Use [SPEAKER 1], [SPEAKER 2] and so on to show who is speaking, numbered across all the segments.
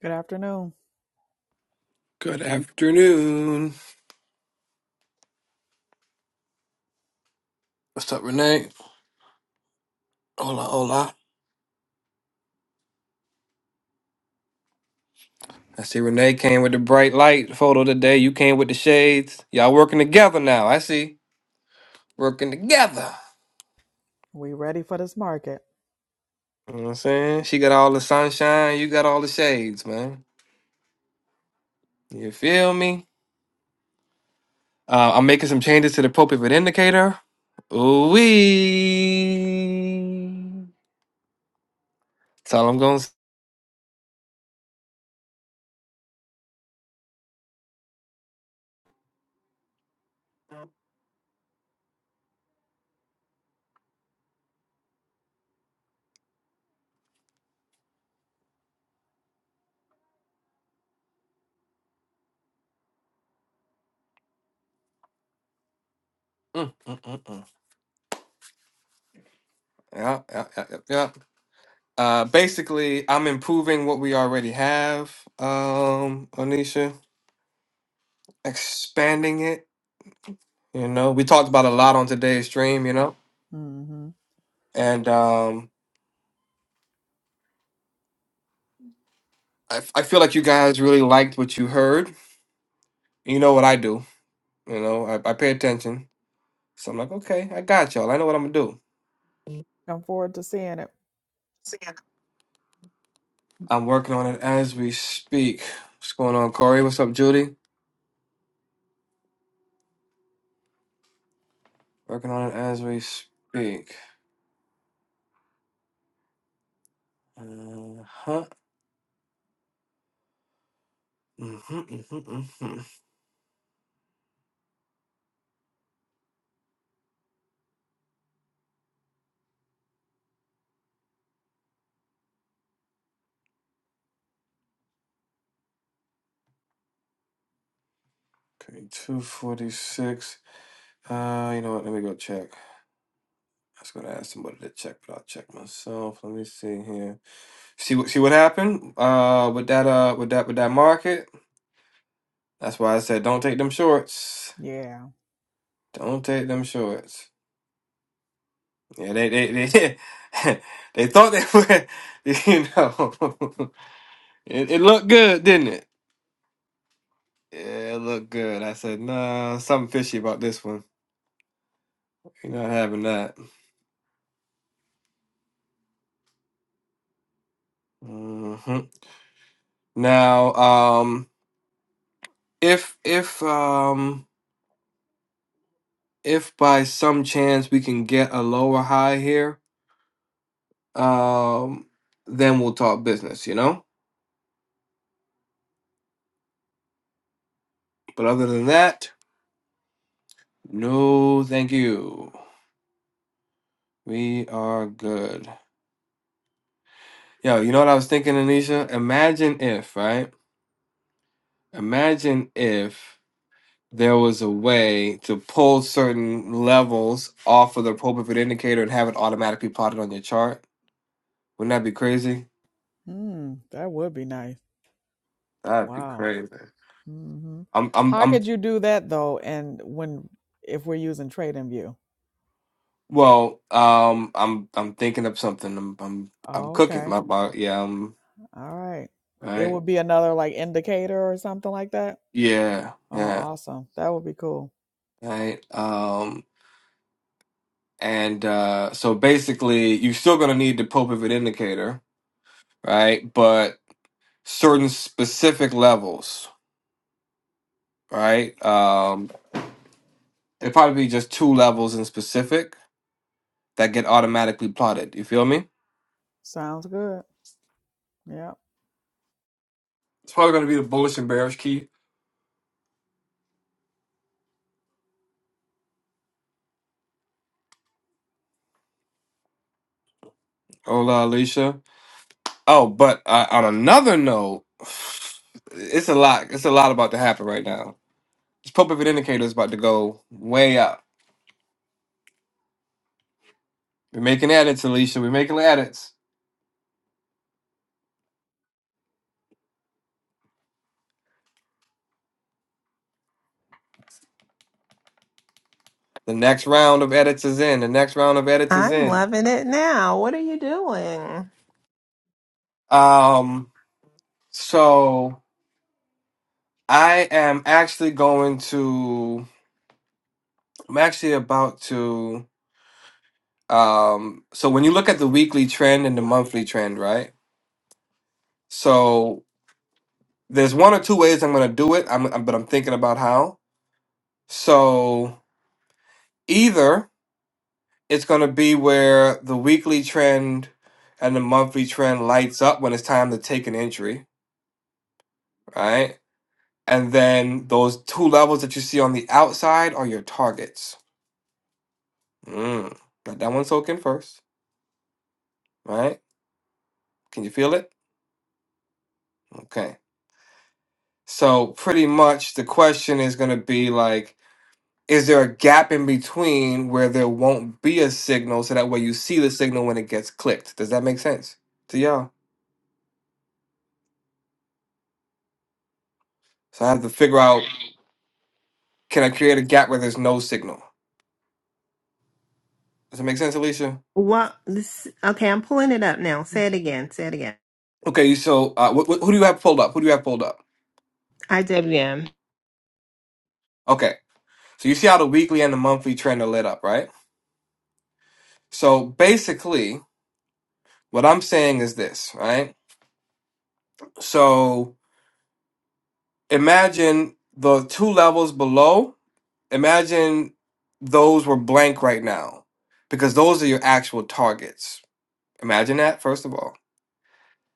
[SPEAKER 1] Good afternoon.
[SPEAKER 2] Good afternoon. What's up, Renee? Hola, hola. I see Renee came with the bright light photo today. You came with the shades. Y'all working together now. I see. Working together.
[SPEAKER 1] We ready for this market?
[SPEAKER 2] You know what I'm saying? She got all the sunshine. You got all the shades, man. You feel me? Uh, I'm making some changes to the pro pivot indicator. Ooh wee. That's all I'm going to say. Mm, mm, mm, mm. Yeah, yeah, yeah, yeah. yeah. Uh, basically, I'm improving what we already have, um, Onisha, expanding it. You know, we talked about a lot on today's stream, you know,
[SPEAKER 1] Mm-hmm.
[SPEAKER 2] and um, I, I feel like you guys really liked what you heard. You know what I do, you know, I, I pay attention. So I'm like, okay, I got y'all. I know what I'm gonna do.
[SPEAKER 1] Come forward to seeing it.
[SPEAKER 2] I'm working on it as we speak. What's going on, Corey? What's up, Judy? Working on it as we speak. Uh huh. hmm hmm hmm Okay, 246. Uh, you know what? Let me go check. I was gonna ask somebody to check, but I'll check myself. Let me see here. See what see what happened? Uh, with that uh, with that with that market. That's why I said don't take them shorts.
[SPEAKER 1] Yeah.
[SPEAKER 2] Don't take them shorts. Yeah, they they they they thought they were. You know, it, it looked good, didn't it? Yeah, it looked good. I said nah, something fishy about this one. You're not having that. hmm Now, um, if if um. if by some chance we can get a lower high here, um, then we'll talk business, you know? But other than that, no, thank you. We are good. Yo, you know what I was thinking, Anisha? Imagine if, right? Imagine if there was a way to pull certain levels off of the appropriate indicator and have it automatically plotted on your chart. Wouldn't that be crazy?
[SPEAKER 1] Mm, that would be nice.
[SPEAKER 2] That'd be
[SPEAKER 1] Wow.
[SPEAKER 2] crazy.
[SPEAKER 1] Mm-hmm.
[SPEAKER 2] I'm I'm
[SPEAKER 1] How
[SPEAKER 2] I'm
[SPEAKER 1] could you do that though? And when if we're using TradingView?
[SPEAKER 2] Well, um, I'm I'm thinking of something. I'm I'm I'm cooking.
[SPEAKER 1] Okay.
[SPEAKER 2] My, my yeah, um,
[SPEAKER 1] All right. It
[SPEAKER 2] right.
[SPEAKER 1] would be another like indicator or something like that.
[SPEAKER 2] Yeah,
[SPEAKER 1] Oh,
[SPEAKER 2] yeah,
[SPEAKER 1] awesome. That would be cool.
[SPEAKER 2] right. Um, and uh, so basically, you're still gonna need the pole pivot indicator, right? But certain specific levels, right? Um, it probably be just two levels in specific that get automatically plotted. You feel me?
[SPEAKER 1] Sounds good. Yeah.
[SPEAKER 2] It's probably gonna be the bullish and bearish key. Hola, Alicia. Oh, but uh, on another note, it's a lot. It's a lot about to happen right now. This pulpit indicator is about to go way up. We're making edits, Alicia. We're making edits. The next round of edits is in. The next round of edits is
[SPEAKER 3] I'm
[SPEAKER 2] in.
[SPEAKER 3] loving it now. What are you doing?
[SPEAKER 2] Um, so I am actually going to. I'm actually about to. Um, so when you look at the weekly trend and the monthly trend, right? So there's one or two ways I'm going to do it. I'm, I'm, but I'm thinking about how. So Either it's going to be where the weekly trend and the monthly trend lights up when it's time to take an entry, right? And then those two levels that you see on the outside are your targets. Mm. Let that one soak in first, right? Can you feel it? Okay. So, pretty much the question is going to be like, is there a gap in between where there won't be a signal so that way you see the signal when it gets clicked? Does that make sense to y'all? So, I have to figure out Can I create a gap where there's no signal? Does it make sense, Alicia?
[SPEAKER 3] What? This, okay, I'm pulling it up now. Say it again. Say it again.
[SPEAKER 2] Okay, so uh, wh- wh- who do you have pulled up? Who do you have pulled up?
[SPEAKER 3] IWM.
[SPEAKER 2] Okay, so you see how the weekly and the monthly trend are lit up, right? So basically, what I'm saying is this, right? So imagine the two levels below. Imagine those were blank right now because those are your actual targets. Imagine that, first of all.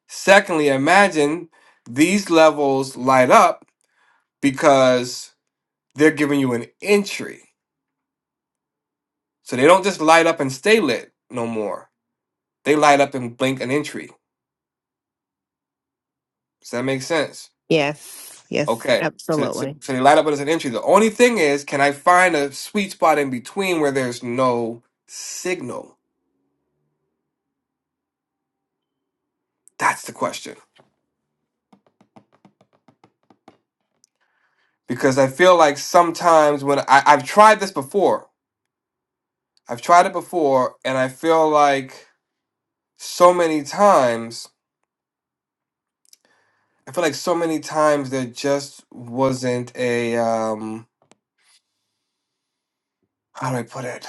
[SPEAKER 2] Secondly, imagine these levels light up because They're giving you an entry. So they don't just light up and stay lit no more. They light up and blink an entry. Does that make sense?
[SPEAKER 3] Yes. Yes.
[SPEAKER 2] Okay. So, so,
[SPEAKER 3] Absolutely.
[SPEAKER 2] so they light up as an entry. The only thing is, can I find a sweet spot in between where there's no signal? That's the question. Because I feel like sometimes when I, I've tried this before, I've tried it before, and I feel like so many times, I feel like so many times there just wasn't a, um, how do I put it?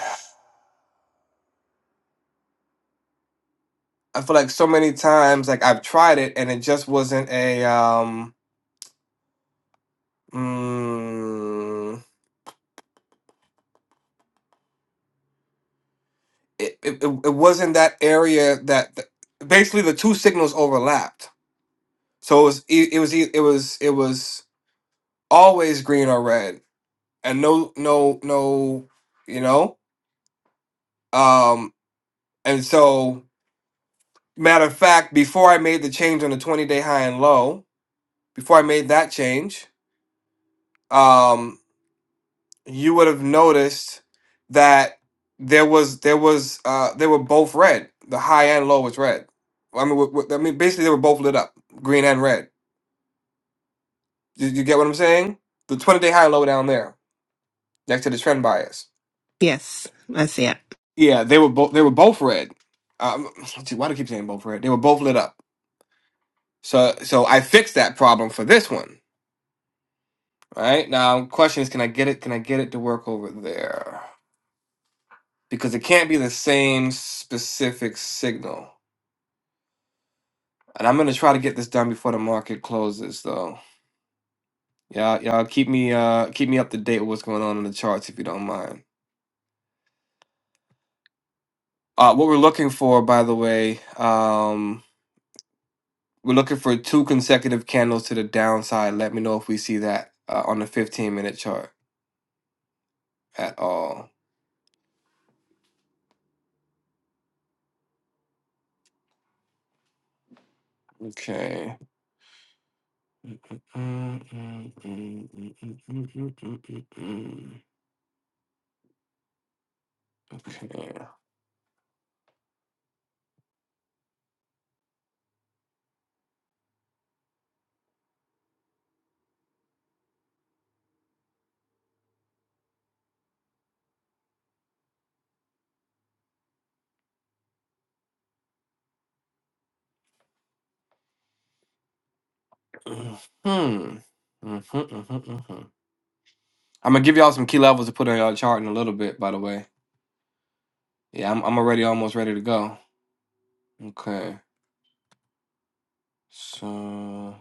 [SPEAKER 2] I feel like so many times like I've tried it and it just wasn't a um mm, it, it it it wasn't that area that th- basically the two signals overlapped. So it was e- it was e- it was it was always green or red and no no no you know um and so matter of fact before I made the change on the 20 day high and low before I made that change um, you would have noticed that there was there was uh they were both red. The high and low was red. I mean, w- w- I mean, basically they were both lit up, green and red. You, you get what I'm saying? The 20 day high and low down there next to the trend bias.
[SPEAKER 3] Yes. I see it.
[SPEAKER 2] Yeah, they were both they were both red. Um, gee, why do I keep saying both red? They were both lit up. So so I fixed that problem for this one. Right now, question is, can I get it? Can I get it to work over there? Because it can't be the same specific signal. And I'm gonna try to get this done before the market closes, though. Y'all, y'all keep me uh keep me up to date with what's going on in the charts if you don't mind. Uh, what we're looking for, by the way, um, we're looking for two consecutive candles to the downside. Let me know if we see that uh, on the 15 minute chart at all. Okay. Okay. Hmm. Mm-hmm, mm-hmm, mm-hmm. I'm gonna give y'all some key levels to put on y'all chart in a little bit, by the way. Yeah, I'm I'm already almost ready to go. Okay. So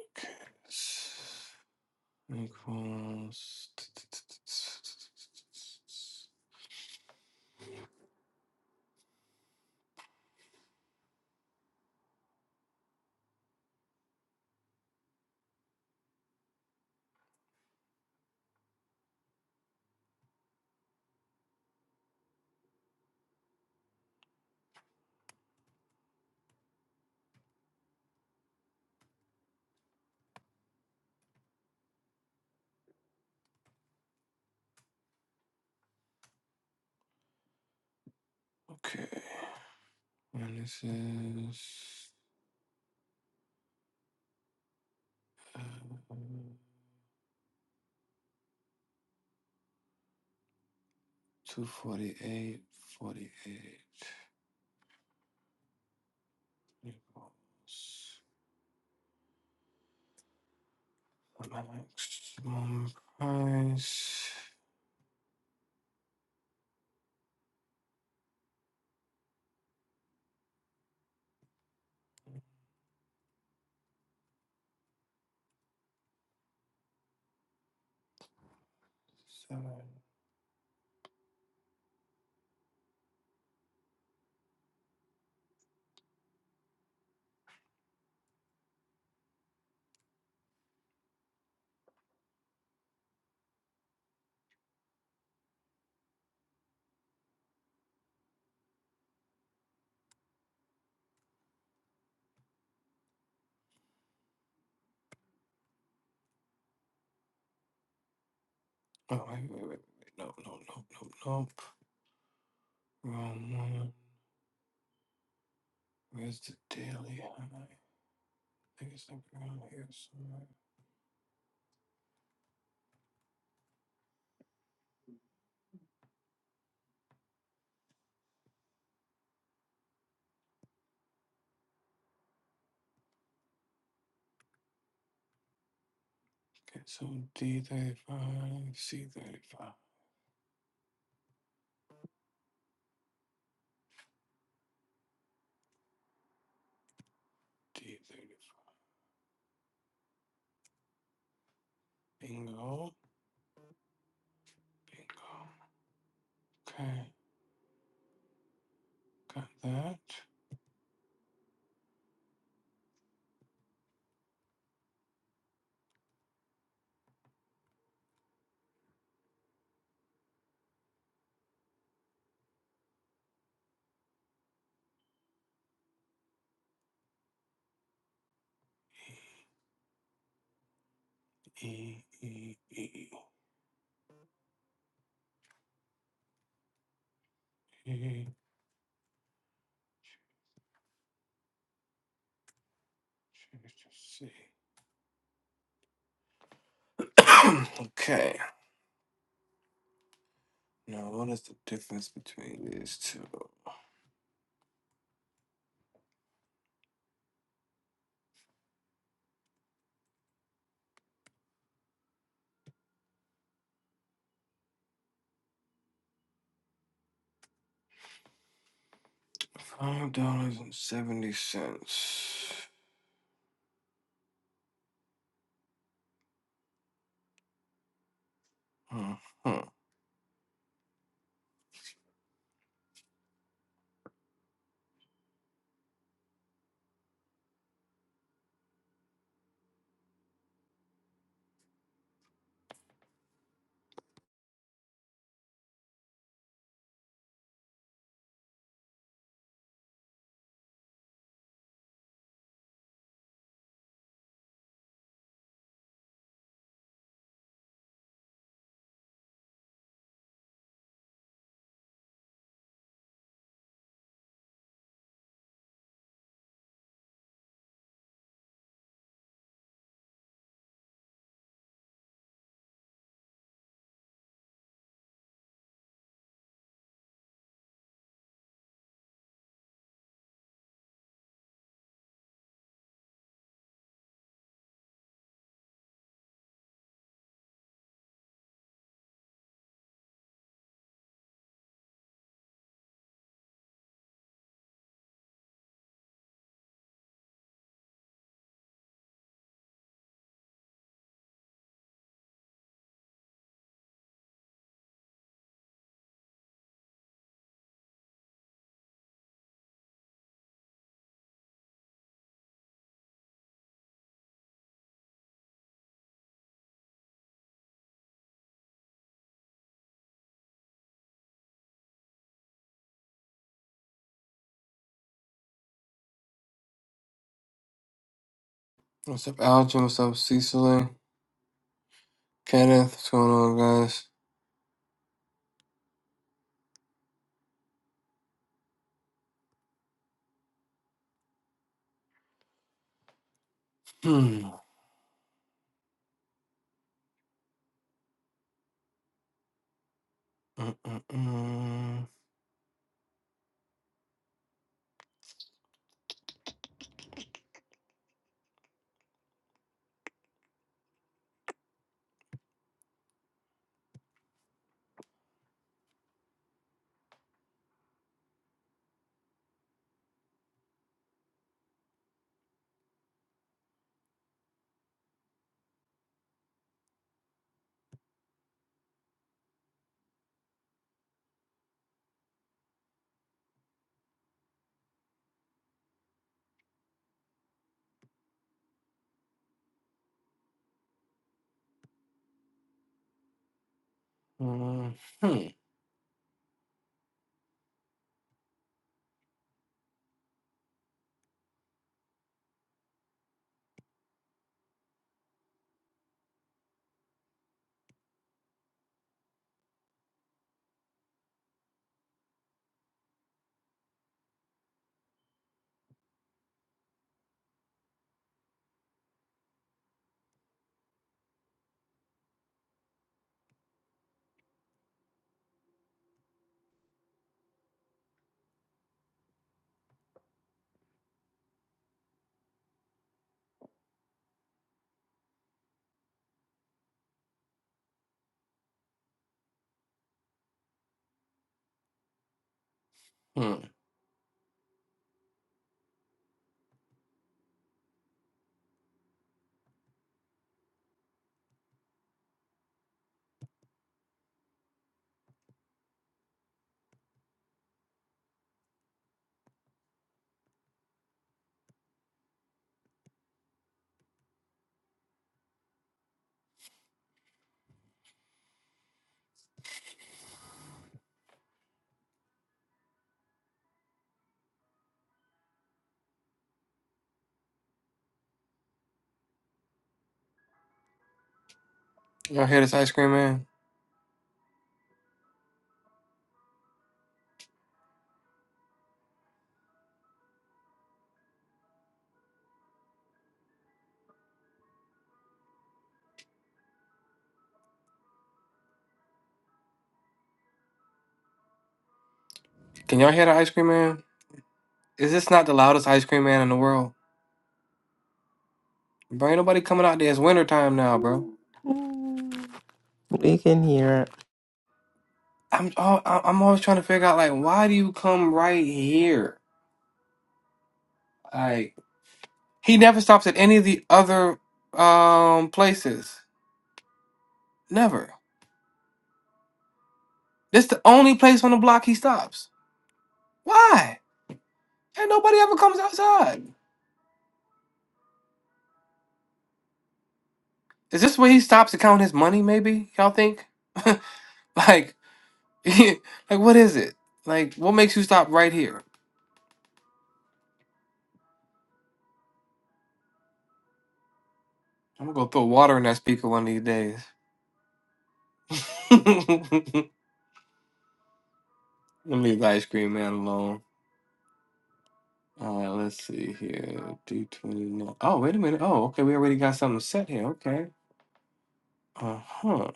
[SPEAKER 2] okay. s- Equals. Okay. And this is uh, 248, equals the maximum price. Seven. Oh, wait, wait, wait, wait. No, no, no, no, no. Wrong one. Where's the daily high? I think it's like around here somewhere. Okay, so D35, C35, D35. Bingo, bingo. Okay, got that. E, E, E, E. Change to C. okay, now what is the difference between these two? Five dollars and seventy cents. Hmm. What's up, Algin? What's up, Cecily? Kenneth? What's going on, guys? Hmm. Mm-mm-mm. Mm, Hmm. Hmm. Y'all hear this ice cream man? Can y'all hear the ice cream man? Is this not the loudest ice cream man in the world? Bro, ain't nobody coming out there. It's winter time now, bro.
[SPEAKER 3] We can hear it.
[SPEAKER 2] I'm all, I'm always trying to figure out like why do you come right here? Like he never stops at any of the other um places. Never. This the only place on the block he stops. Why? Ain't nobody ever comes outside. Is this where he stops to count his money? Maybe y'all think? like like, what is it? Like, what makes you stop right here? I'm gonna go throw water in that speaker one of these days. Let me leave Ice Cream Man alone. All right, let's see here. D29. Oh, wait a minute. Oh, okay. We already got something set here. Okay. Uh huh.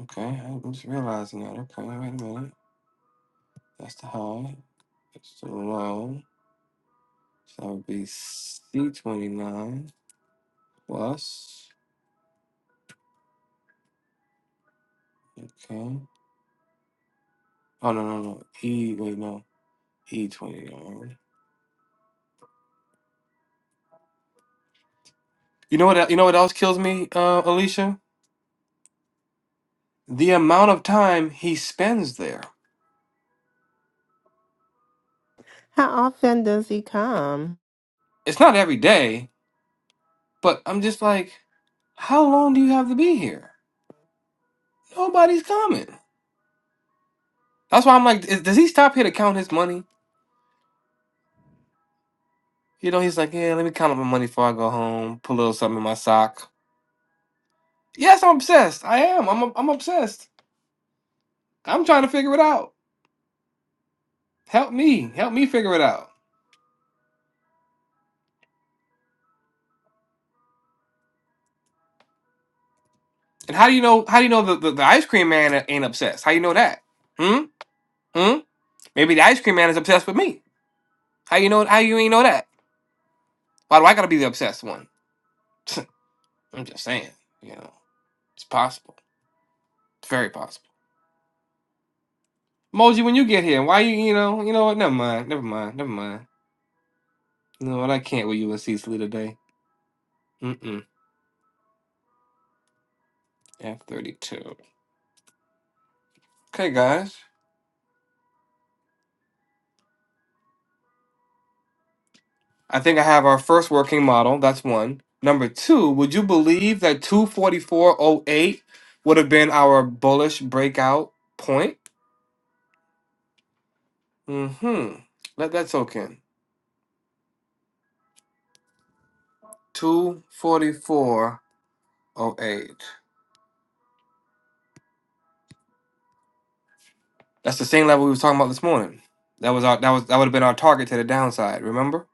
[SPEAKER 2] Okay. I'm just realizing that. Okay. Wait a minute. That's the high. That's the low. So that would be C29 plus. Okay. Oh, no, no, no. E. Wait, no. E29. You know what? You know what else kills me, uh, Alicia? The amount of time he spends there.
[SPEAKER 3] How often does he come?
[SPEAKER 2] It's not every day, but I'm just like, how long do you have to be here? Nobody's coming. That's why I'm like, is, does he stop here to count his money? You know, he's like, yeah, let me count up my money before I go home. Put a little something in my sock. Yes, I'm obsessed. I am. I'm I'm obsessed. I'm trying to figure it out. Help me. Help me figure it out. And how do you know? How do you know the, the, the ice cream man ain't obsessed? How you know that? Hmm. Hmm. Maybe the ice cream man is obsessed with me. How you know? How you ain't know that? Why do I gotta be the obsessed one? I'm just saying. You know, it's possible. It's very possible. Moji, when you get here, why you? You know, you know what? Never mind. Never mind. Never mind. You know what? I can't with you and Cecily today. Mm-mm. F thirty-two. Okay, guys. I think I have our first working model. That's one. Number two. Would you believe that two forty-four oh eight would have been our bullish breakout point? Mm-hmm. Let that soak in. Two forty-four oh eight. That's the same level we was talking about this morning. That was our that was that would have been our target to the downside. Remember?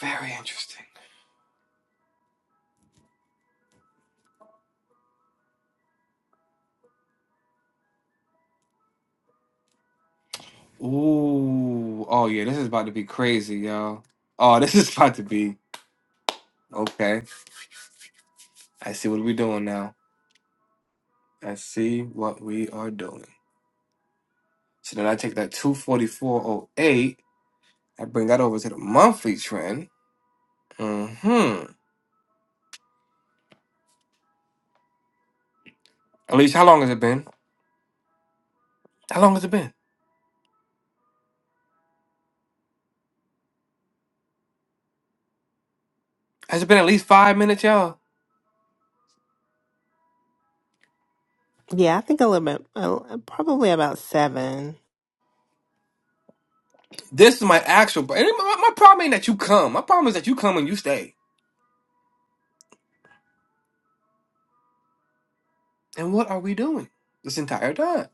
[SPEAKER 2] Very interesting. Ooh. Oh yeah, this is about to be crazy, y'all. Oh, this is about to be okay. I see what we doing now. I see what we are doing. So then I take that 244.08. I bring that over to the monthly trend. Hmm. At least how long has it been? How long has it been? Has it been at least five minutes, y'all?
[SPEAKER 3] Yeah, I think a little bit. Uh, probably about seven.
[SPEAKER 2] This is my actual. and My my problem ain't that you come. My problem is that you come and you stay. And what are we doing this entire time?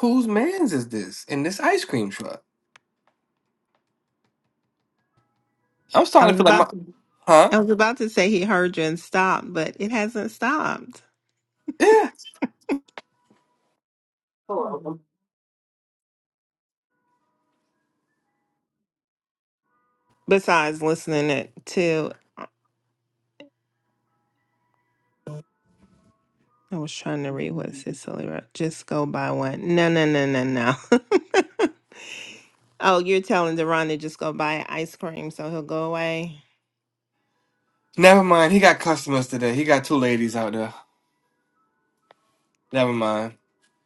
[SPEAKER 2] Whose man's is this in this ice cream truck? I'm
[SPEAKER 3] I
[SPEAKER 2] starting
[SPEAKER 3] was
[SPEAKER 2] to feel
[SPEAKER 3] about.
[SPEAKER 2] like my huh?
[SPEAKER 3] I was about to say he heard you and stopped, but it hasn't stopped.
[SPEAKER 2] Yeah. Hello.
[SPEAKER 3] Besides listening it to. I was trying to read what Cicely wrote. Just go buy one. No, no, no, no, no. oh, you're telling Deron to just go buy ice cream so he'll go away
[SPEAKER 2] Never mind. He got customers today. He got two ladies out there. Never mind.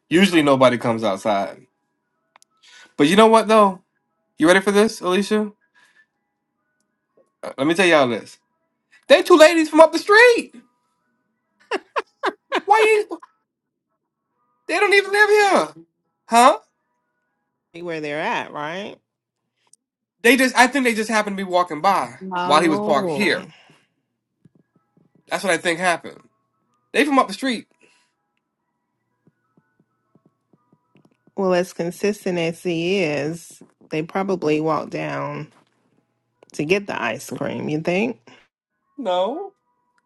[SPEAKER 2] Usually nobody comes outside. But you know what though? You ready for this, Alicia? Uh, let me tell y'all this. They two ladies from up the street. Why you? They don't even live here, huh?
[SPEAKER 3] See where they're at, right?
[SPEAKER 2] They just. I think they just happened to be walking by while he was parked
[SPEAKER 3] Oh.
[SPEAKER 2] here. That's what I think happened. They from up the street.
[SPEAKER 3] Well, as consistent as he is, they probably walk down to get the ice cream, you think?
[SPEAKER 2] No.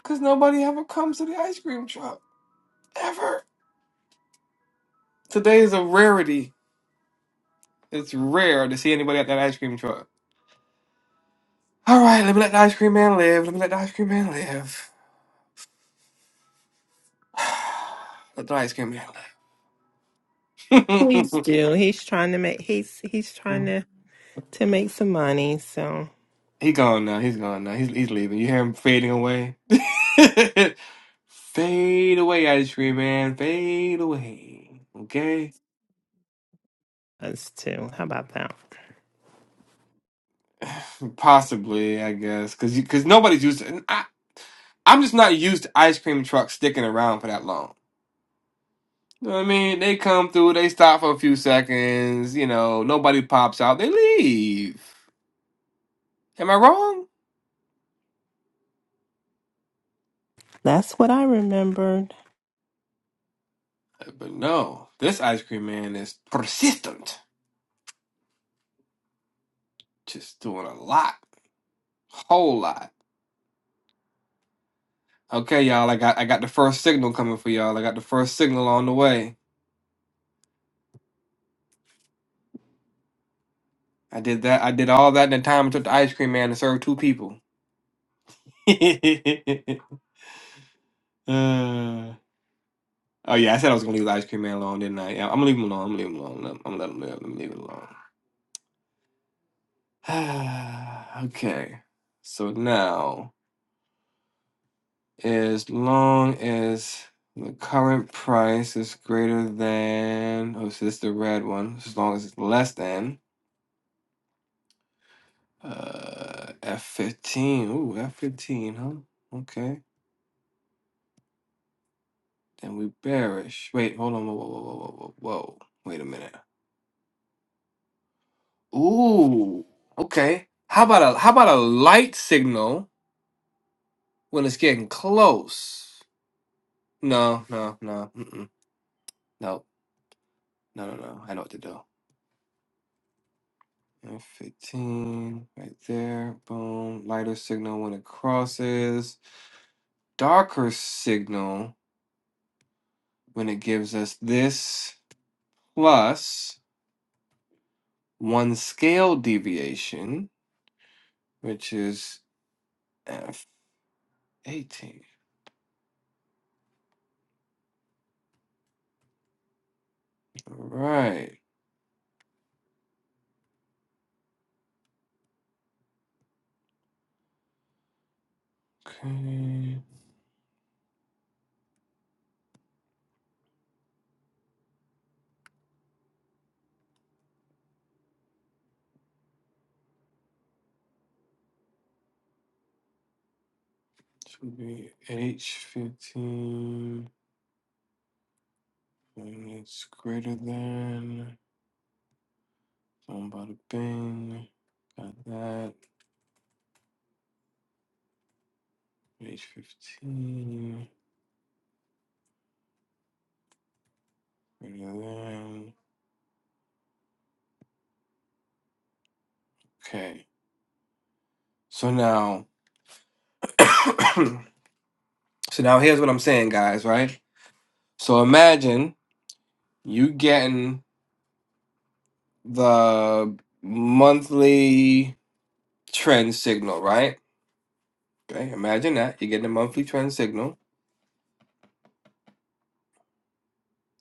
[SPEAKER 2] Because nobody ever comes to the ice cream truck. Ever. Today is a rarity. It's rare to see anybody at that ice cream truck. All right, let me let the ice cream man live. Let me let the ice cream man live. let the ice cream man
[SPEAKER 3] Please
[SPEAKER 2] live.
[SPEAKER 3] do. He's trying to make he's he's trying to to make some money, so
[SPEAKER 2] he gone now. He's gone now. He's, he's leaving. You hear him fading away? Fade away, ice cream man. Fade away. Okay?
[SPEAKER 3] us too. How about that?
[SPEAKER 2] Possibly, I guess. Because cause you- 'cause nobody's used to I, I'm just not used to ice cream trucks sticking around for that long. You know what I mean, they come through, they stop for a few seconds, you know, nobody pops out, they leave. Am I wrong?
[SPEAKER 3] That's what I remembered.
[SPEAKER 2] But no, this ice cream man is persistent. Just doing a lot, whole lot. Okay, y'all, I got I got the first signal coming for y'all. I got the first signal on the way. I did that. I did all that in the time it took the ice cream man to serve two people. Uh, oh yeah, I said I was gonna leave the ice cream man alone, didn't I? Yeah, I'm gonna leave him alone. I'm gonna leave him alone. I'm gonna let him live. I'm gonna leave it alone. okay. So now, as long as the current price is greater than, oh, so this is the red one. As long as it's less than uh, F15. Ooh, F15, huh? Okay. Then we bearish. Wait, hold on. Whoa, whoa, whoa, whoa, whoa, whoa. Wait a minute. Ooh, okay. How about a how about a light signal when it's getting close? No, no, no. Mm-mm. No. No, no, no. I know what to do. And 15 right there. Boom. Lighter signal when it crosses. Darker signal when it gives us this plus one scale deviation, which is F18. All right. Okay. Should be H15. And it's greater than. Boom, bada bing. Got that. H15. Mm, Okay. So now, so now here's what I'm saying, guys, right? So imagine you getting the monthly trend signal, right? Okay, imagine that. You're getting a monthly trend signal.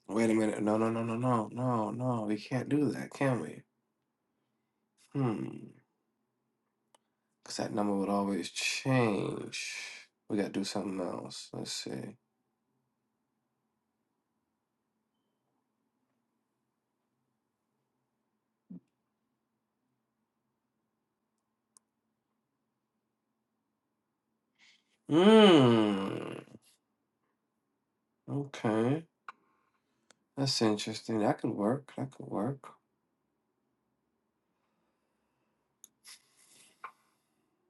[SPEAKER 2] Wait a minute. No, no, no, no, no, no, no. We can't do that, can we? Hmm. Because that number would always change. We got to do something else. Let's see. Hmm. Okay. That's interesting. That could work. That could work.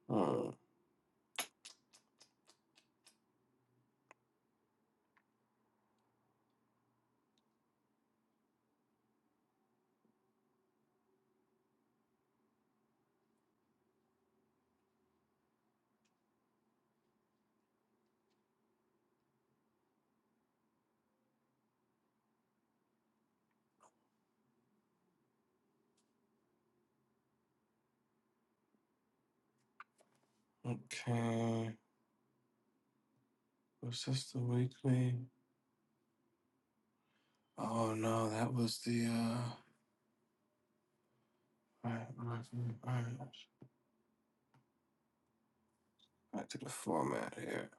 [SPEAKER 2] Hmm. Okay. Was this the weekly? Oh no, that was the uh alright, alright, alright. Back to the format here.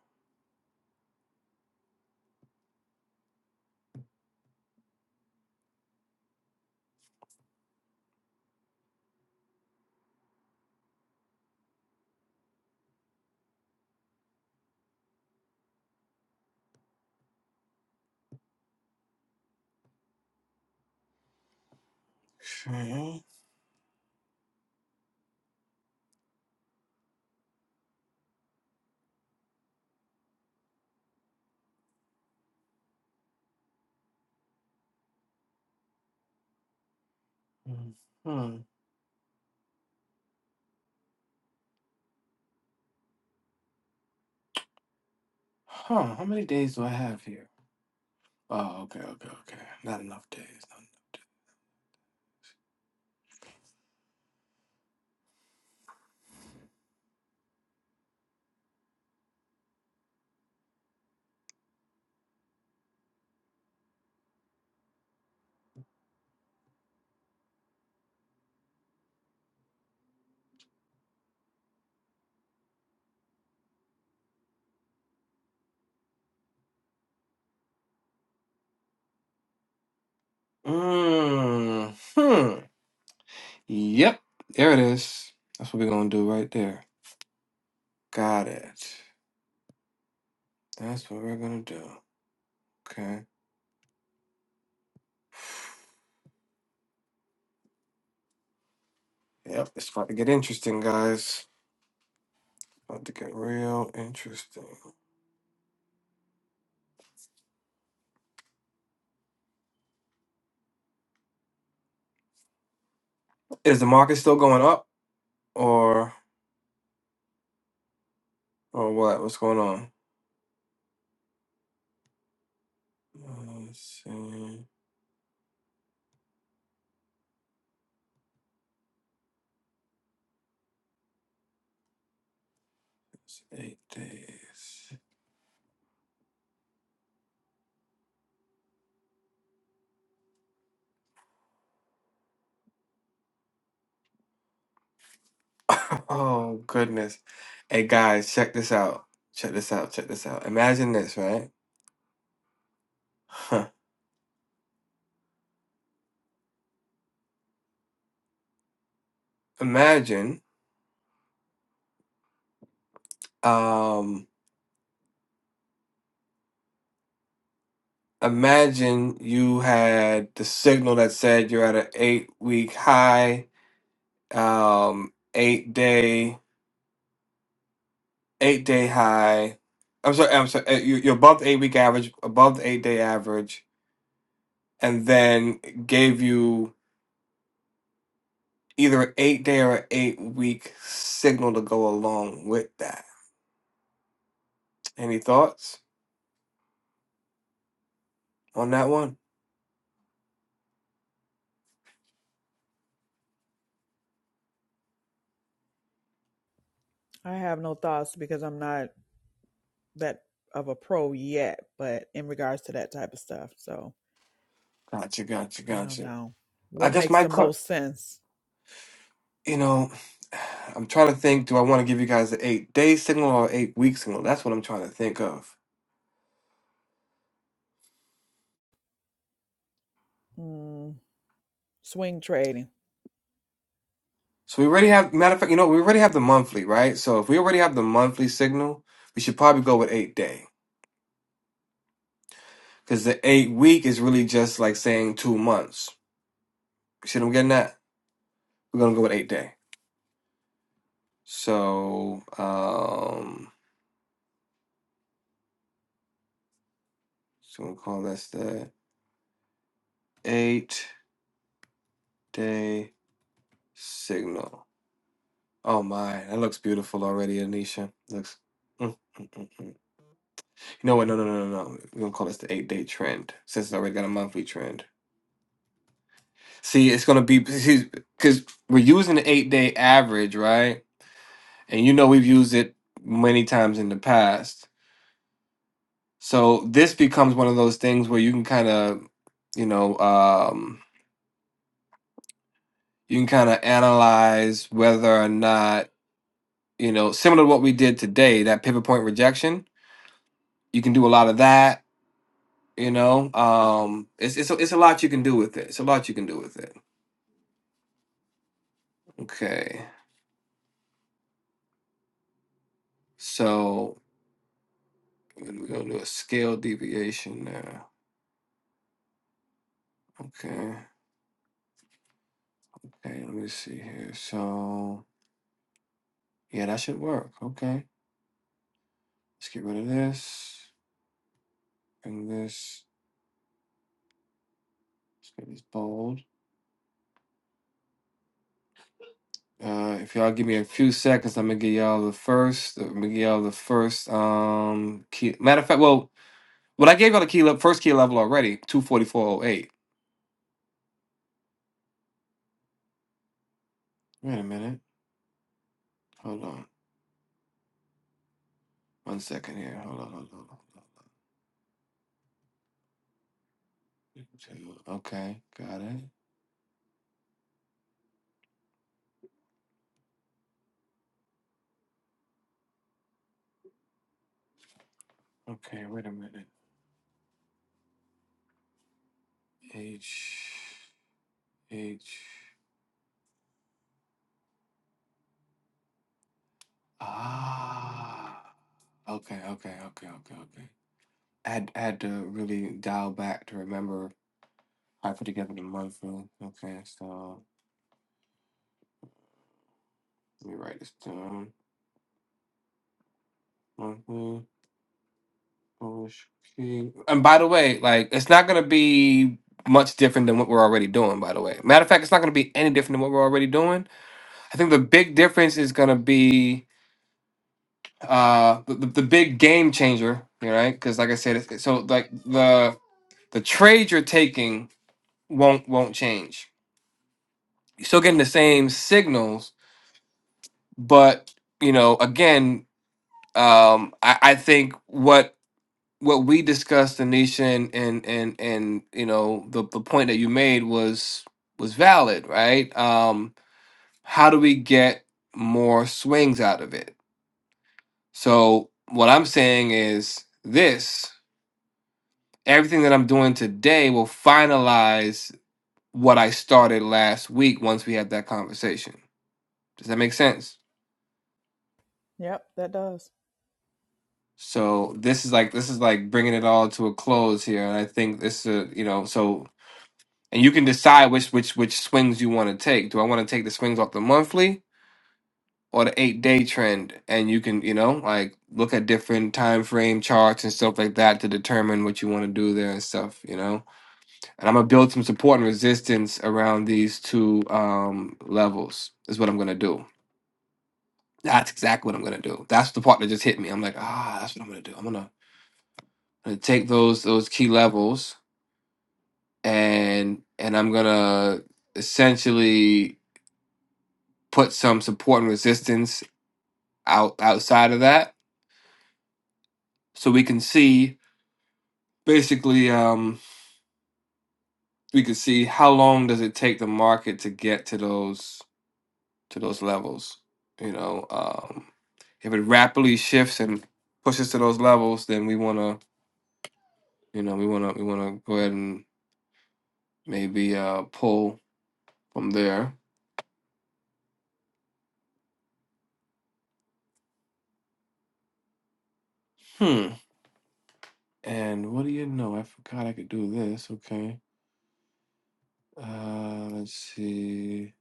[SPEAKER 2] Okay. mm, Hmm. Huh. How many days do I have here? Oh, okay, okay, okay. Not enough days. Not enough. mm, Hmm. Yep. There it is. That's what we're gonna do right there. Got it. That's what we're gonna do. Okay. Yep, it's about to get interesting, guys. About to get real interesting. Is the market still going up, or or what? What's going on? Uh, Let's see. It's eight days. oh goodness! Hey guys, check this out. Check this out. Check this out. Imagine this, right? Huh. Imagine, um, imagine you had the signal that said you're at an eight-week high, um, eight-day eight day high. I'm sorry, I'm sorry. uh, You, you're above the eight week average, above the eight day average, and then gave you either an eight day or an eight week signal to go along with that. Any thoughts on that one?
[SPEAKER 1] I have no thoughts because I'm not that of a pro yet, but in regards to that type of stuff. So
[SPEAKER 2] Gotcha, gotcha,
[SPEAKER 1] I don't
[SPEAKER 2] gotcha.
[SPEAKER 1] know.
[SPEAKER 2] I
[SPEAKER 1] What
[SPEAKER 2] guess
[SPEAKER 1] makes
[SPEAKER 2] my,
[SPEAKER 1] the
[SPEAKER 2] co-
[SPEAKER 1] most sense?
[SPEAKER 2] you know, I'm trying to think. Do I want to give you guys the eight day signal or eight week signal? That's what I'm trying to think of.
[SPEAKER 1] Mm, swing trading.
[SPEAKER 2] So we already have matter of fact, you know, we already have the monthly, right? So if we already have the monthly signal, we should probably go with eight day Because the eight week is really just like saying two months. You see what I'm getting at? We're gonna go with eight day. So um so we'll call this the eight day signal. Oh my, that looks beautiful already, Anisha. Looks mm, mm, mm, mm. you know what? No, no, no, no, no. We're gonna call this the eight day trend since it's already got a monthly trend. See, it's gonna be because we're using the eight day average, right? And you know we've used it many times in the past. So this becomes one of those things where you can kind of, you know, um, you can kind of analyze whether or not, you know, similar to what we did today, that pivot point rejection. You can do a lot of that. You know, um, it's it's a, it's a lot you can do with it. It's a lot you can do with it. Okay, so we're gonna do a scale deviation now. Okay, okay. Let me see here. So yeah, that should work. Okay, let's get rid of this. Bring this. Let's make this bold. Uh, if y'all give me a few seconds, I'm gonna give y'all the first. I'm gonna give y'all the first. Um, key. Matter of fact, well, well, I gave y'all the key level, first key level already. Two forty four oh eight. Wait a minute. Hold on. One second here. Hold on. Hold on. Okay, got it. Okay, wait a minute. H H. Ah. Okay. Okay. Okay. Okay. Okay. I had, I had to really dial back to remember I put together the monthly. Okay, so let me write this down. Monthly Polish key. And by the way, like it's not gonna be much different than what we're already doing. By the way, matter of fact, it's not gonna be any different than what we're already doing. I think the big difference is gonna be uh the, the, the big game changer, you know, right? Because like I said, it's, so like the the trade you're taking won't won't change. You're still getting the same signals, but you know, again, um I, I think what what we discussed Anisha and and and, and you know the, the point that you made was was valid right um how do we get more swings out of it so what I'm saying is this everything that I'm doing today will finalize what I started last week once we had that conversation does that make sense
[SPEAKER 1] Yep, that does.
[SPEAKER 2] so this is like this is like bringing it all to a close here and I think this is a, you know so and you can decide which which which swings you want to take. Do I want to take the swings off the monthly or the eight day trend? And you can you know like look at different time frame charts and stuff like that to determine what you want to do there and stuff. You know, and I'm gonna build some support and resistance around these two um, levels. Is what I'm gonna do. That's exactly what I'm gonna do. That's the part that just hit me. I'm like, ah, that's what I'm gonna do. I'm gonna, I'm gonna take those those key levels and and I'm gonna essentially put some support and resistance out outside of that so we can see basically um we can see how long does it take the market to get to those to those levels you know um if it rapidly shifts and pushes to those levels then we want to you know we want to we want to go ahead and maybe uh pull from there hmm and what do you know i forgot i could do this okay uh let's see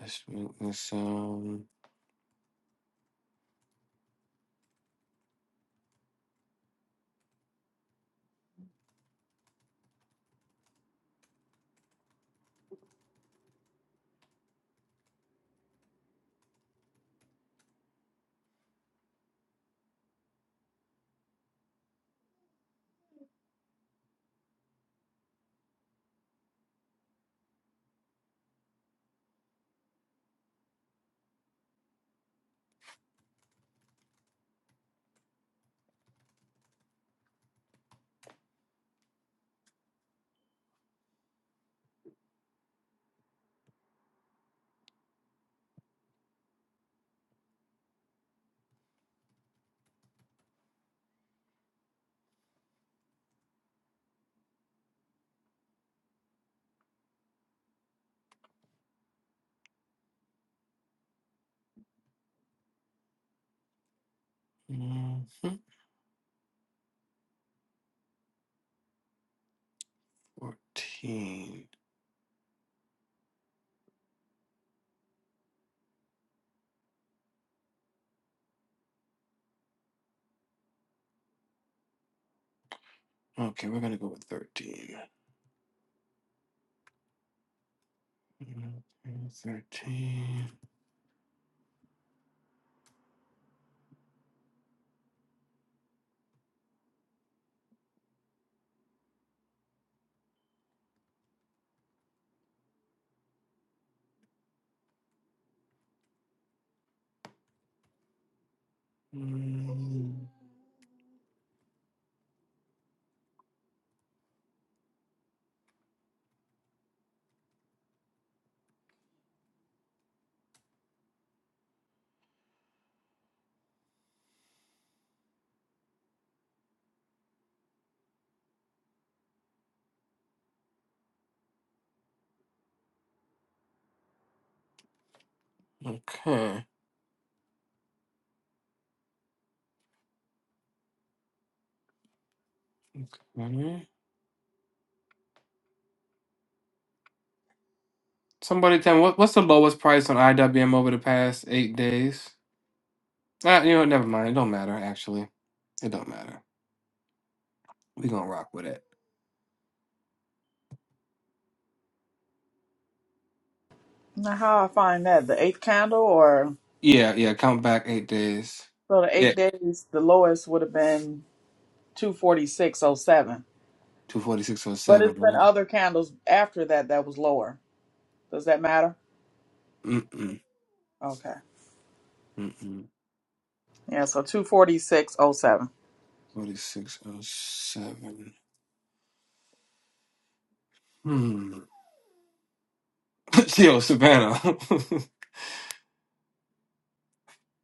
[SPEAKER 2] let's make this Um, Mhm. 14. Okay, we're going to go with 13. Mhm. 13. Mm, Okay. okay. Somebody tell me, what, what's the lowest price on IWM over the past eight days? Ah, you know, what, never mind. It don't matter, actually. It don't matter. we going to rock with it.
[SPEAKER 1] Now, how I find that the eighth candle, or
[SPEAKER 2] Yeah, yeah, count back eight days.
[SPEAKER 1] so the
[SPEAKER 2] Yeah,
[SPEAKER 1] eight days, the lowest would have been two forty six oh seven. But
[SPEAKER 2] 246.07,
[SPEAKER 1] it's been
[SPEAKER 2] right?
[SPEAKER 1] other candles after that that was lower. Does that matter?
[SPEAKER 2] Mm-mm,
[SPEAKER 1] Okay.
[SPEAKER 2] mm-mm.
[SPEAKER 1] Yeah. So two forty six oh seven.
[SPEAKER 2] 46.07. Hmm. Yo, Savannah.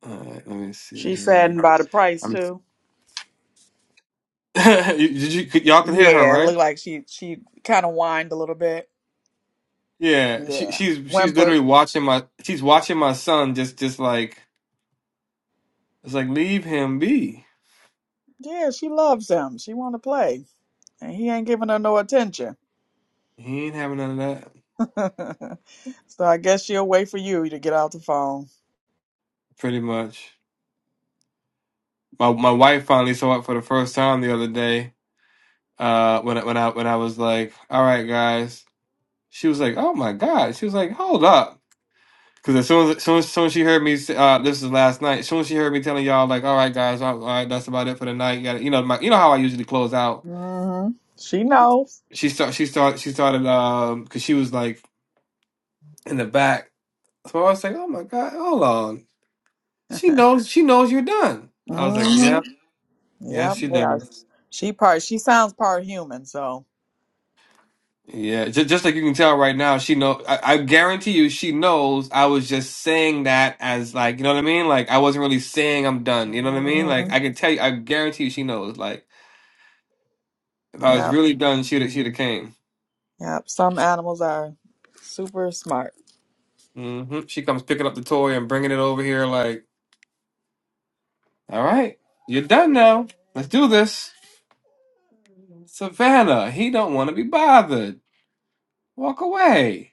[SPEAKER 2] All right, let me see
[SPEAKER 1] She
[SPEAKER 2] here.
[SPEAKER 1] saddened by the price
[SPEAKER 2] I'm.
[SPEAKER 1] too.
[SPEAKER 2] Did you? Y'all can hear her,
[SPEAKER 1] Yeah, it
[SPEAKER 2] right?
[SPEAKER 1] looked like she she kind of whined a little bit.
[SPEAKER 2] Yeah, she
[SPEAKER 1] Yeah,
[SPEAKER 2] she's she's
[SPEAKER 1] whimpered.
[SPEAKER 2] literally watching my she's watching my son just just like it's like leave him be.
[SPEAKER 1] Yeah, she loves him. She want to play. And he ain't giving her no attention.
[SPEAKER 2] He ain't having none of that.
[SPEAKER 1] so I guess she'll wait for you to get off the phone.
[SPEAKER 2] Pretty much. My my wife finally saw it for the first time the other day. Uh, when I when I when I was like, all right, guys. She was like, oh my god. She was like, hold up. Because as soon as, as soon as soon as she heard me, say- uh, this is last night. As soon as she heard me telling y'all, like, all right, guys, all all right, that's about it for the night. You, gotta, you know, my, you know how I usually close out.
[SPEAKER 1] hmm She knows.
[SPEAKER 2] She start, she start, she started, um, because she was like in the back. So I was like, oh my god, hold on. She knows, she knows you're done. I was like,
[SPEAKER 1] hmm
[SPEAKER 2] yeah, yeah,
[SPEAKER 1] Yep.
[SPEAKER 2] she
[SPEAKER 1] Yeah.
[SPEAKER 2] does.
[SPEAKER 1] She part. She sounds part human. So.
[SPEAKER 2] Yeah, just, just like you can tell right now, she know. I, I guarantee you, she knows. I was just saying that as like, you know what I mean? Like, I wasn't really saying I'm done. You know what I mean? Like,
[SPEAKER 1] hmm
[SPEAKER 2] I can tell you, I guarantee you, she knows. Like. If I was
[SPEAKER 1] Yep.
[SPEAKER 2] really done, she'd have, she'd have came.
[SPEAKER 1] Yep. Some animals are super smart.
[SPEAKER 2] hmm She comes picking up the toy and bringing it over here. Like, all right, you're done now. Let's do this. Savannah, he don't want to be bothered. Walk away.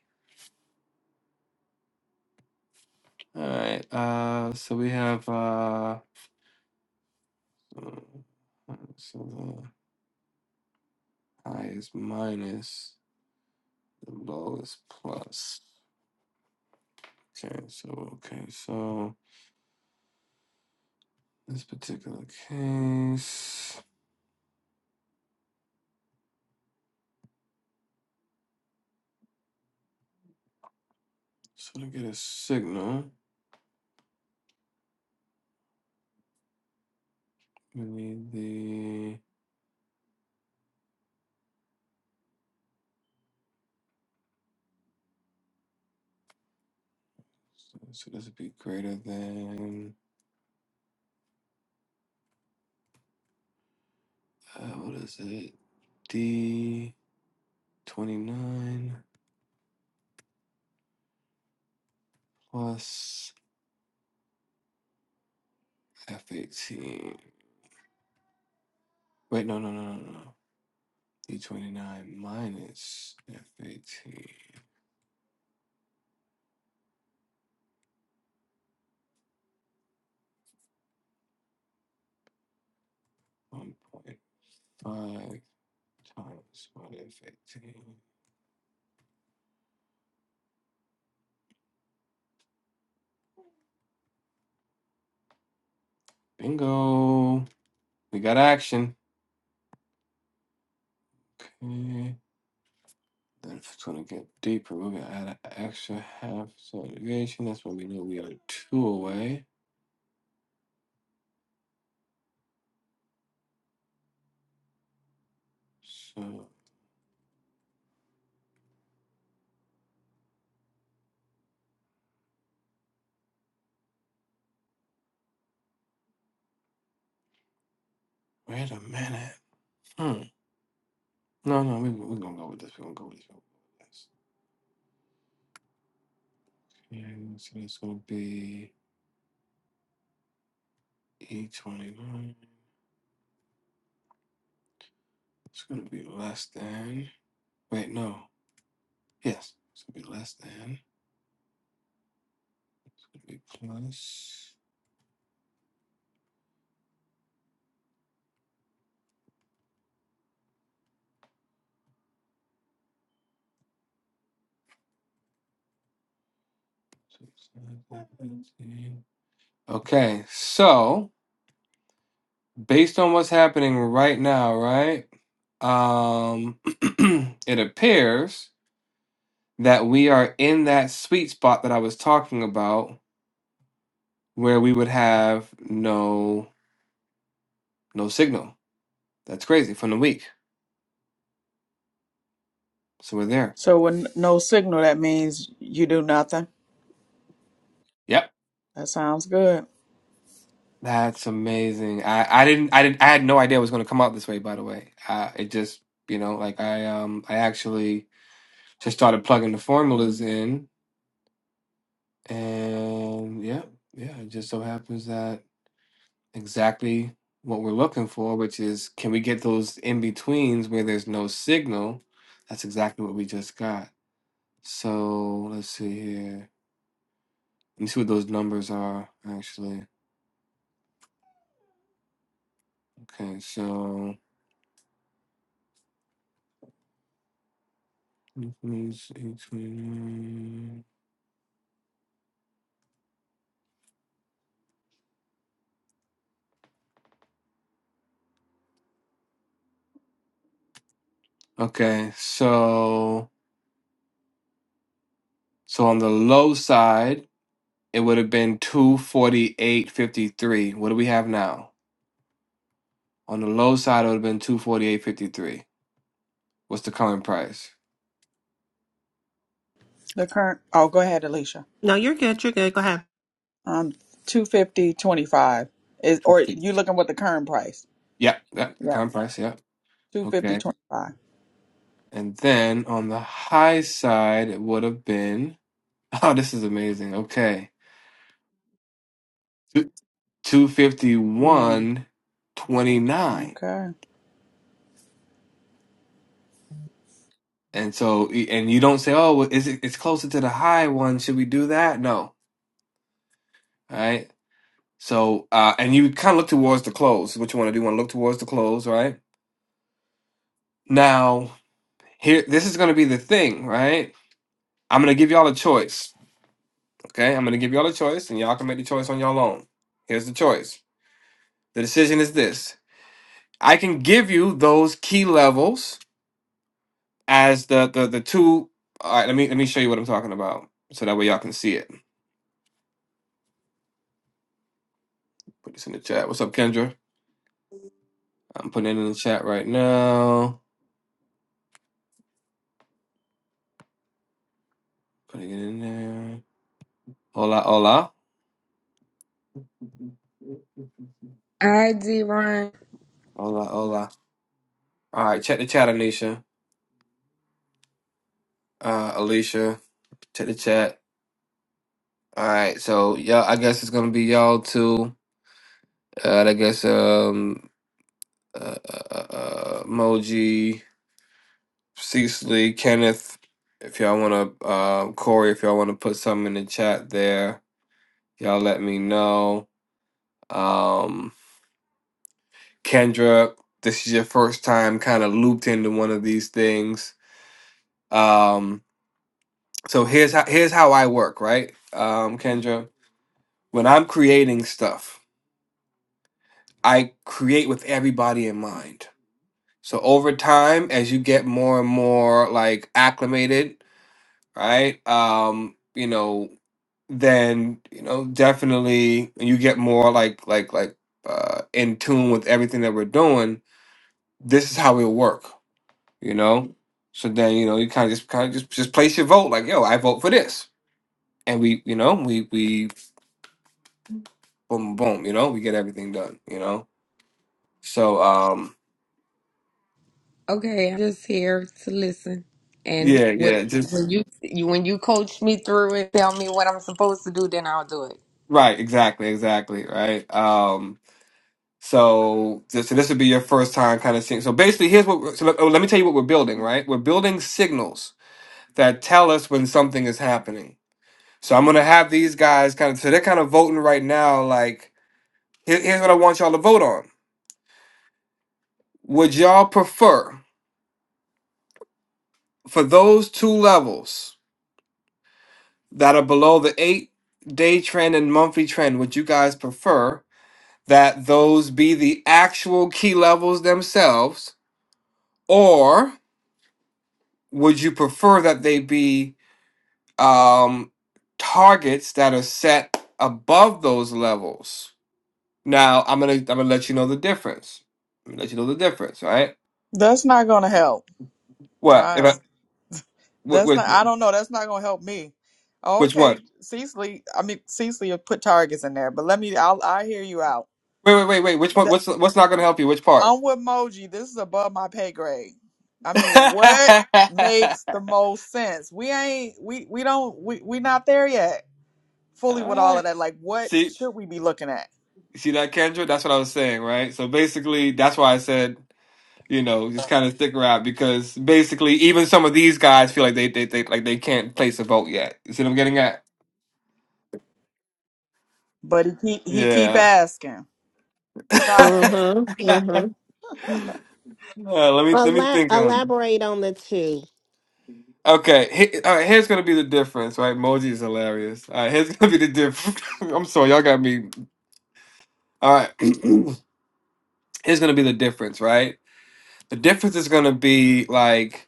[SPEAKER 2] All right. Uh, so we have uh, so the high is minus, the low is plus. Okay. So okay. So this particular case, so to get a signal, we need the So this would be greater than, uh, what is it? D29 plus F18. Wait, no, no, no, no, no. D29 minus F18. 1.5 times minus F18. Bingo! We got action. Okay. Then if it's gonna get deeper, we're gonna add an extra half subdivision. That's when we know we are two away. So wait a minute. Hmm. No, no, we, we're gonna go with this. We're gonna go with this. We're gonna go with this. And so it's gonna be E twenty nine. It's gonna be less than. Wait, no. Yes, it's gonna be less than. It's gonna be plus. six, nine, ten, fifteen. Okay, so based on what's happening right now, right? Um, it appears that we are in that sweet spot that I was talking about, where we would have no No signal. That's crazy from the week. So we're there.
[SPEAKER 1] So with no signal, that means you do nothing.
[SPEAKER 2] Yep.
[SPEAKER 1] That sounds good.
[SPEAKER 2] That's amazing. I, I didn't I didn't I had no idea it was going to come out this way by the way. Uh, it just, you know, like I um I actually just started plugging the formulas in and yeah, yeah, it just so happens that exactly what we're looking for, which is can we get those in betweens where there's no signal? That's exactly what we just got. So, let's see here. Let me see what those numbers are actually. Okay, so Okay, so so on the low side, it would have been 248.53. What do we have now? On the low side, it would have been 248.53. What's the current price?
[SPEAKER 1] The current. Oh, go ahead, Alicia.
[SPEAKER 3] No, you're good. You're good. Go ahead.
[SPEAKER 1] Um, two fifty twenty five is, or you
[SPEAKER 2] 250.
[SPEAKER 1] looking what the current price?
[SPEAKER 2] Yeah, yeah, that the
[SPEAKER 1] Yeah.
[SPEAKER 2] current price, yeah.
[SPEAKER 1] Two fifty
[SPEAKER 2] Okay.
[SPEAKER 1] twenty five.
[SPEAKER 2] And then on the high side, it would have been Oh, this is amazing. Okay.
[SPEAKER 1] Mm,
[SPEAKER 2] 251.29.
[SPEAKER 1] okay.
[SPEAKER 2] And so, and you don't say, "Oh, well, is it? It's closer to the high one. Should we do that?" No, All right? So, uh, and you kind of look towards the close. What you want to do? You want to look towards the close, right? Now, here, this is going to be the thing, right? I'm going to give y'all a choice. Okay, I'm going to give y'all a choice, and y'all can make the choice on y'all own. Here's the choice. The decision is this: I can give you those key levels as the the the two. All right, let me let me show you what I'm talking about, so that way y'all can see it. Put this in the chat. What's up, Kendra? I'm putting it in the chat right now. Putting it in there. Hola, hola.
[SPEAKER 4] I did, Ron.
[SPEAKER 2] Hola, hola. All right, check the chat, Anisha. Uh, Alicia, check the chat. All right, so y'all, I guess it's gonna be y'all too. Uh, I guess um, uh, uh, uh, Moji, Cecily, Kenneth. If y'all wanna, uh, Corey, if y'all wanna put something in the chat there, y'all let me know. Um, Kendra, this is your first time kind of looped into one of these things. Um, so here's how here's how I work, right? Um, Kendra, when I'm creating stuff, I create with everybody in mind. So over time, as you get more and more like acclimated, right? Um, you know, then you know definitely you get more like like like uh, in tune with everything that we're doing. This is how it'll work you know. So then you know you kind of just kind of just just place your vote like yo I vote for this, and we you know we we boom boom you know we get everything done you know. So um
[SPEAKER 4] Okay, I'm just here to listen. And
[SPEAKER 2] yeah
[SPEAKER 4] what,
[SPEAKER 2] yeah just
[SPEAKER 4] when you, you when you coach me through it, tell me what I'm supposed to do, then I'll do it.
[SPEAKER 2] right exactly exactly right um so this, so this would be your first time kind of seeing so basically here's what we're- so let, oh, let me tell you what we're building right we're building signals that tell us when something is happening. So I'm gonna have these guys kind of so they're kind of voting right now like here- here's what I want y'all to vote on Would y'all prefer for those two levels that are below the eight day trend and monthly trend? Would you guys prefer that those be the actual key levels themselves, or would you prefer that they be um, targets that are set above those levels? Now, I'm gonna I'm gonna let you know the difference. I'm gonna let you know the difference, right?
[SPEAKER 1] That's not gonna help. So
[SPEAKER 2] What? If
[SPEAKER 1] I,
[SPEAKER 2] I,
[SPEAKER 1] that's
[SPEAKER 2] which,
[SPEAKER 1] not I don't know, that's not gonna help me. Oh,
[SPEAKER 2] which one?
[SPEAKER 1] Okay, Cecily, I mean Cecily will put targets in there, but let me I'll I hear you out.
[SPEAKER 2] Wait, wait, wait, wait. Which one?
[SPEAKER 1] The,
[SPEAKER 2] What's what's not gonna help you? Which part?
[SPEAKER 1] I'm with Moji, this is above my pay grade. I mean, what makes the most sense? We ain't we we don't we we not there yet
[SPEAKER 2] All
[SPEAKER 1] fully with all of
[SPEAKER 2] right.
[SPEAKER 1] that. Like what
[SPEAKER 2] See,
[SPEAKER 1] should we be looking at?
[SPEAKER 2] see that Kendra? That's what I was saying, right? So basically, that's why I said, you know, just kind of stick around because basically, even some of these guys feel like they they, they like they can't place a vote yet. You see what I'm getting at?
[SPEAKER 1] But he keep he keep
[SPEAKER 2] Yeah.
[SPEAKER 1] asking. Stop
[SPEAKER 3] Uh
[SPEAKER 1] it.
[SPEAKER 3] huh. Uh huh.
[SPEAKER 2] Uh, let me let me
[SPEAKER 3] Elab-
[SPEAKER 2] think of.
[SPEAKER 3] elaborate on the two.
[SPEAKER 2] Okay, he, all right, here's gonna be the difference, right? Moji is hilarious. All right, here's gonna be the difference. I'm sorry, y'all got me. All right, here's gonna be the difference, right? The difference is gonna be like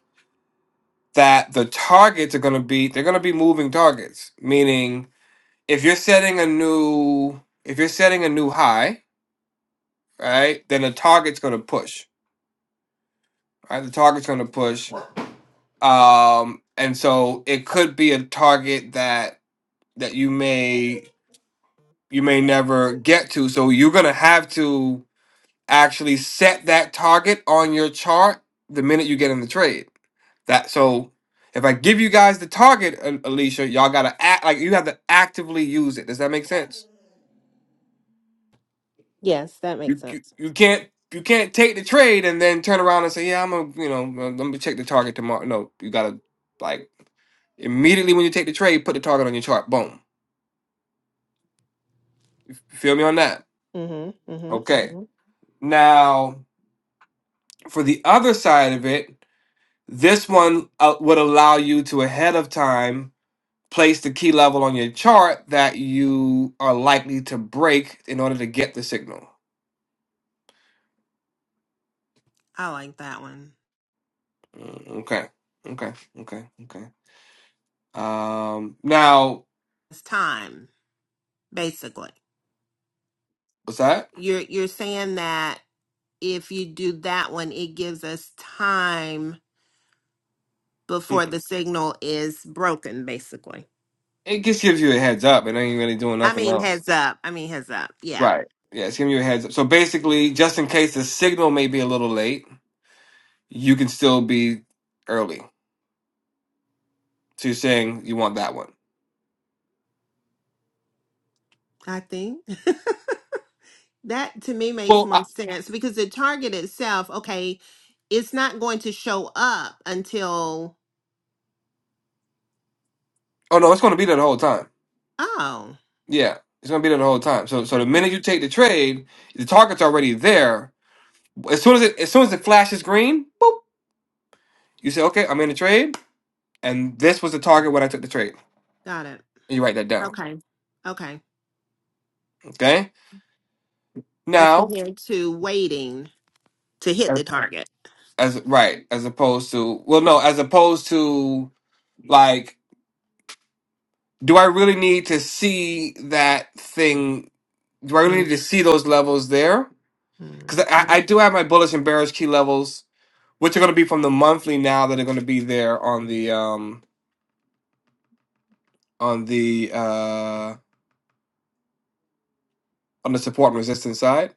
[SPEAKER 2] that the targets are going to be they're going to be moving targets meaning if you're setting a new if you're setting a new high right then the target's going to push right the target's going to push um and so it could be a target that that you may you may never get to so you're going to have to actually set that target on your chart the minute you get in the trade That so if I give you guys the target, A- Alicia, y'all gotta act like you have to actively use it. Does that make sense?
[SPEAKER 3] Yes, that makes
[SPEAKER 2] You you,
[SPEAKER 3] sense.
[SPEAKER 2] you can't you can't take the trade and then turn around and say, yeah, I'm gonna you know uh, let me check the target tomorrow. No, you gotta like immediately when you take the trade, put the target on your chart. Boom. You feel me on that?
[SPEAKER 3] Mm hmm. Mm hmm. Mm
[SPEAKER 2] Okay.
[SPEAKER 3] hmm.
[SPEAKER 2] Now for the other side of it, this one uh, would allow you to ahead of time place the key level on your chart that you are likely to break in order to get the signal.
[SPEAKER 3] I like that one.
[SPEAKER 2] Mm, Okay. Okay. Okay. Okay. Um now
[SPEAKER 3] It's time, basically.
[SPEAKER 2] what's that?
[SPEAKER 3] You're you're saying that if you do that one, it gives us time before
[SPEAKER 2] Mm-mm.
[SPEAKER 3] the signal is broken, basically.
[SPEAKER 2] It just gives you a heads up. It ain't really doing
[SPEAKER 3] I
[SPEAKER 2] nothing
[SPEAKER 3] mean,
[SPEAKER 2] else.
[SPEAKER 3] heads up. I mean, heads up. Yeah,
[SPEAKER 2] Right. Yeah, it's giving you a heads up. So basically, just in case the signal may be a little late, you can still be early. So you're saying you want that one.
[SPEAKER 3] I think that to me makes
[SPEAKER 2] Well,
[SPEAKER 3] more
[SPEAKER 2] I,
[SPEAKER 3] sense because the target itself, okay, it's not going to show up until
[SPEAKER 2] oh no, it's going to be there the whole time.
[SPEAKER 3] Oh,
[SPEAKER 2] Yeah, it's going to be there the whole time. So so the minute you take the trade, the target's already there As soon as it as soon as it flashes green, boop, you say, okay, I'm in a trade, and this was the target when I took the trade.
[SPEAKER 3] got it.
[SPEAKER 2] And you write that down.
[SPEAKER 3] Okay. Okay.
[SPEAKER 2] Okay.
[SPEAKER 3] As
[SPEAKER 2] Now,
[SPEAKER 3] compared to waiting to hit the target.
[SPEAKER 2] as right, as opposed to well, no, as opposed to like, do I really need to see that thing? Do I really
[SPEAKER 3] Mhm.
[SPEAKER 2] need to see those levels there? Because I, I do have my bullish and bearish key levels, which are going to be from the monthly now that are going to be there on the um on the uh on the support and resistance side.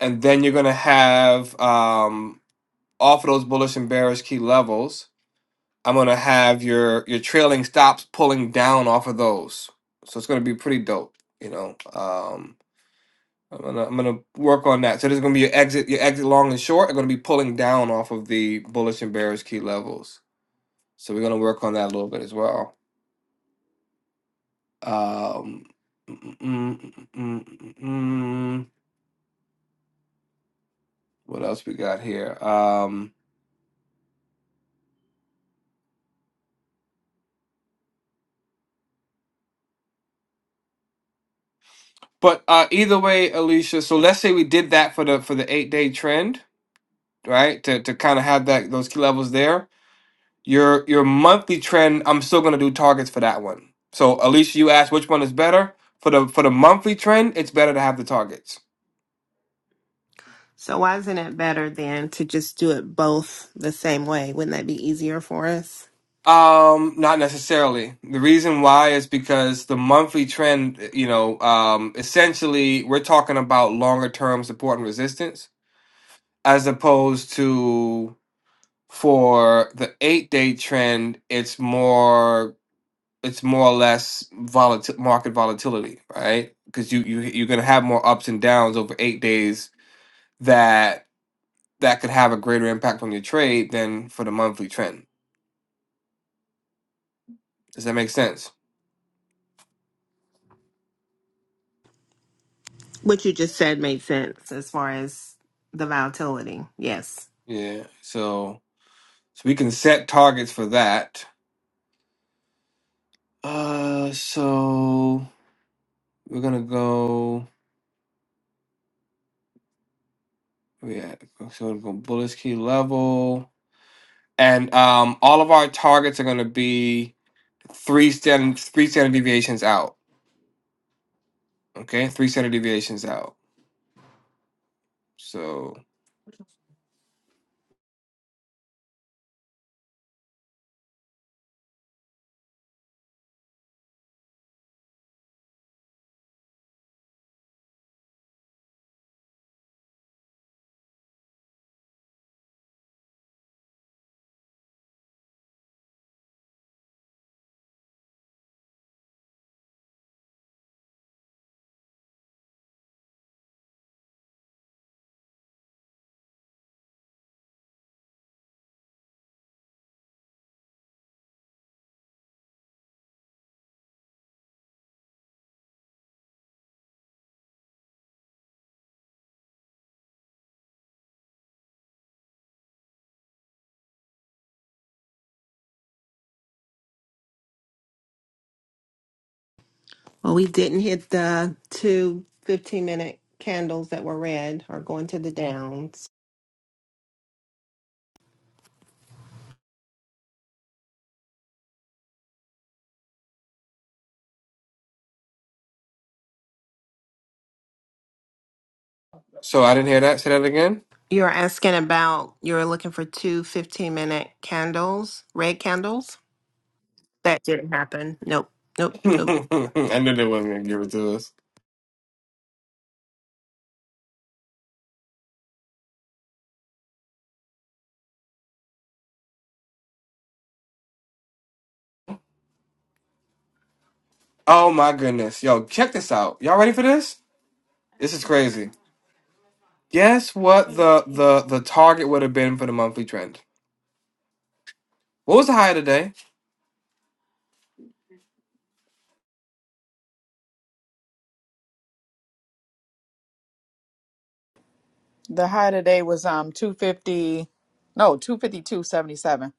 [SPEAKER 2] and then you're gonna have um, off of those bullish and bearish key levels. I'm gonna have your your trailing stops pulling down off of those, so it's gonna be pretty dope. You know, um, I'm gonna I'm gonna work on that. So there's gonna be your exit your exit long and short are gonna be pulling down off of the bullish and bearish key levels. So we're gonna work on that a little bit as well. Um, mm, mm, mm, mm, mm, mm, mm. mm. what else we got here? Um, But uh, either way, Alicia. So let's say we did that for the for the eight day trend, right? To to kind of have that those key levels there. Your your monthly trend. I'm still gonna do targets for that one. So Alicia, you asked which one is better for the for the monthly trend. It's better to have the targets.
[SPEAKER 3] So why isn't it better then to just do it both the same way? Wouldn't that be easier for us?
[SPEAKER 2] Um, not necessarily. The reason why is because the monthly trend. You know, um, essentially we're talking about longer term support and resistance as opposed to For the eight day trend, it's more it's more or less volatil market volatility, right? Because you you you're gonna have more ups and downs over eight days that that could have a greater impact on your trade than for the monthly trend. Does that make sense?
[SPEAKER 3] What you just said made sense as far as the volatility. Yes.
[SPEAKER 2] Yeah. So so we can set targets for that. Uh, so we're gonna go. Yeah, so we're gonna go bullish key level, and um, all of our targets are gonna be three stand three standard deviations out. Okay, three standard deviations out. So
[SPEAKER 3] Well, we didn't hit the two fifteen minute candles that were red or going to the downs.
[SPEAKER 2] so I didn't hear that. Say that again.
[SPEAKER 3] You're asking about, you're looking for two fifteen minute candles, red candles? That didn't happen. Nope. Nope. Nope.
[SPEAKER 2] I knew they wasn't gonna give it to us. Oh my goodness, yo, check this out. Y'all ready for this? This is crazy. Guess what the the the target would have been for the monthly trend? What was the high today?
[SPEAKER 1] The high today was um 250, no, 252.77.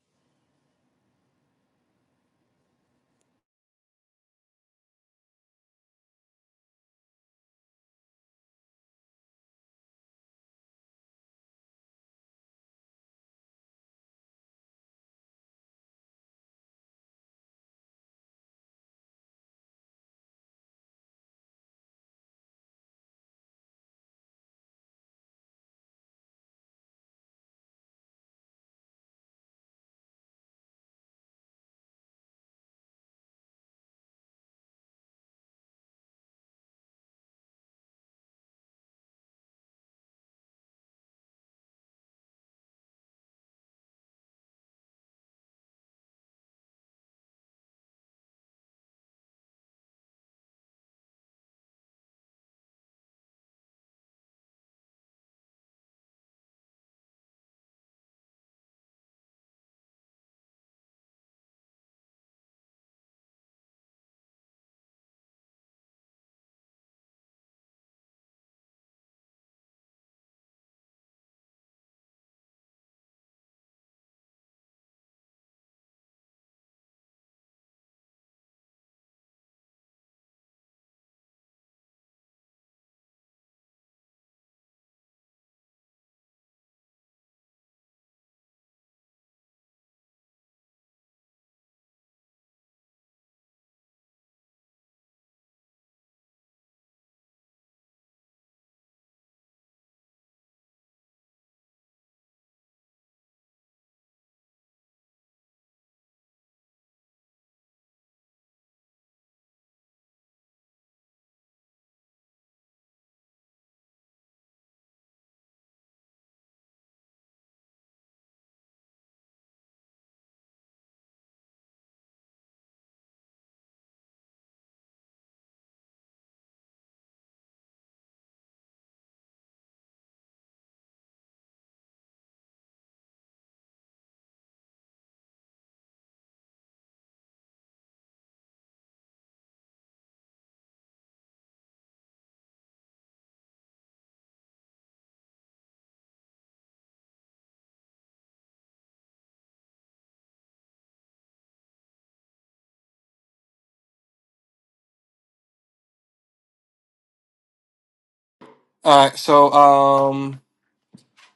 [SPEAKER 2] All right, so um,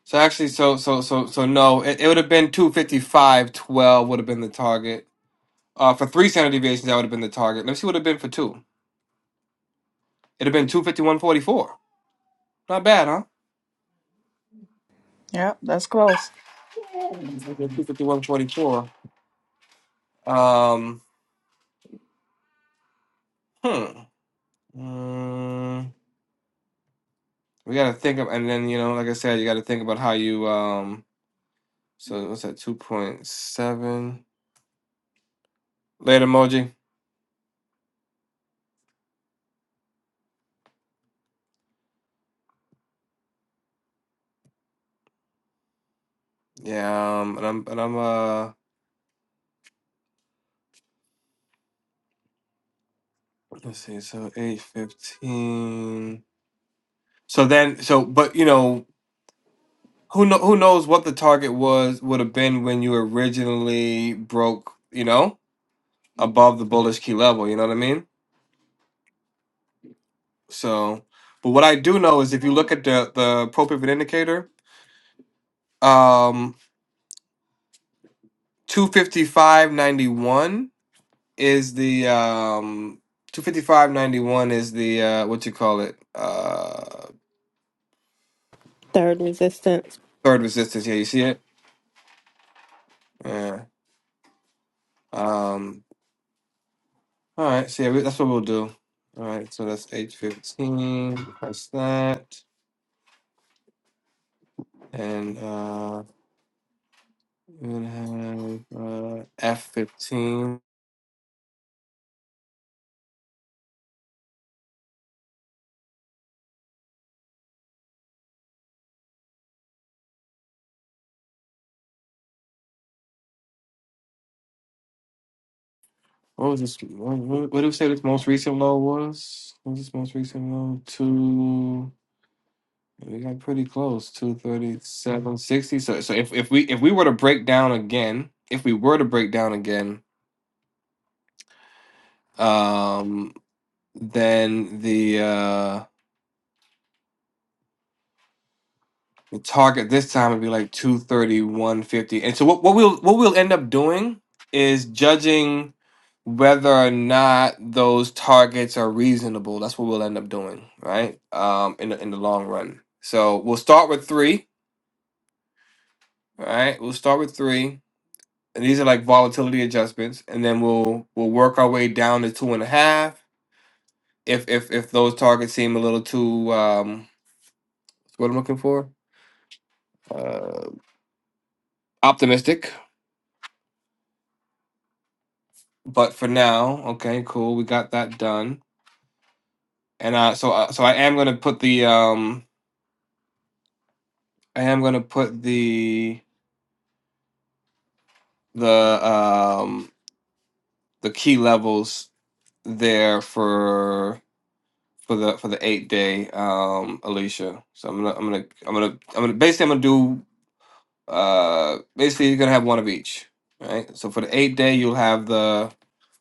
[SPEAKER 2] so actually, so so so so no, it, it would have been two fifty five twelve would have been the target. Uh, for three standard deviations, that would have been the target. Let's see what it would have been for two. It'd have been two fifty one forty four. Not bad, huh?
[SPEAKER 1] Yep, that's close.
[SPEAKER 2] Two fifty one forty four. Um, hmm. Mm, we got to think of, and then you know, like I said, you got to think about how you. Um, so what's that? Two point seven. Later emoji. Yeah. Um, and I'm and I'm uh. Let's see. So eight fifteen. So then, so but you know. Who, know, who knows what the target was would have been when you originally broke you know above the bullish key level you know what i mean So, but what I do know is if you look at the the pro pivot indicator, um, two fifty five ninety one is the um two fifty five ninety one is the uh what you call it uh
[SPEAKER 3] Third resistance.
[SPEAKER 2] third resistance. Yeah, you see it. Yeah. Um. All right. So yeah, we, that's what we'll do. All right. So that's H fifteen. Press that and uh F fifteen. What was this? What, what what did we say this most recent low was? What was this most recent low? Two. We got pretty close. Two thirty-seven sixty. So, so if if we if we were to break down again, if we were to break down again, um, then the uh the target this time would be like two thirty-one fifty. And so what what we'll what we'll end up doing is judging. whether or not those targets are reasonable. That's what we'll end up doing, right? Um, in the, in the long run. So we'll start with three, all right? We'll start with three, and these are like volatility adjustments, and then we'll we'll work our way down to two and a half. If if if those targets seem a little too um, what's what I'm looking for, uh, optimistic. But for now, okay, cool, we got that done. And uh, so uh, so I am gonna put the um, I am gonna put the the um the key levels there for for the for the eight day um Alicia. So I'm gonna I'm gonna I'm gonna I'm gonna basically I'm gonna do uh basically you're gonna have one of each. Right? So for the eight day you'll have the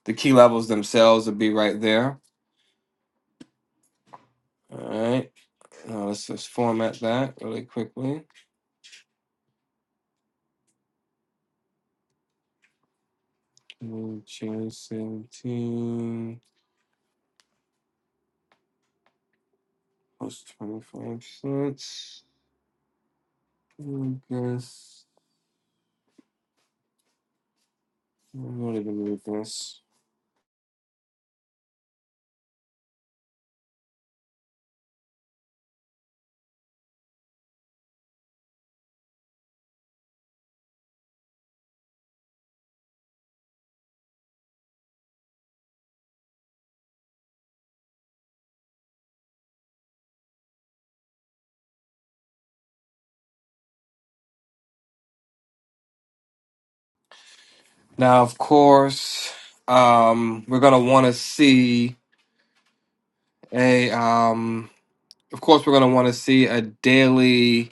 [SPEAKER 2] the key levels themselves will be right there. Alright. Now let's just format that really quickly. Mm, Change seventeen plus twenty five cents. I guess I don't even need this. Now, of course, um, we're gonna want to see a. Um, of course, we're gonna want to see a daily,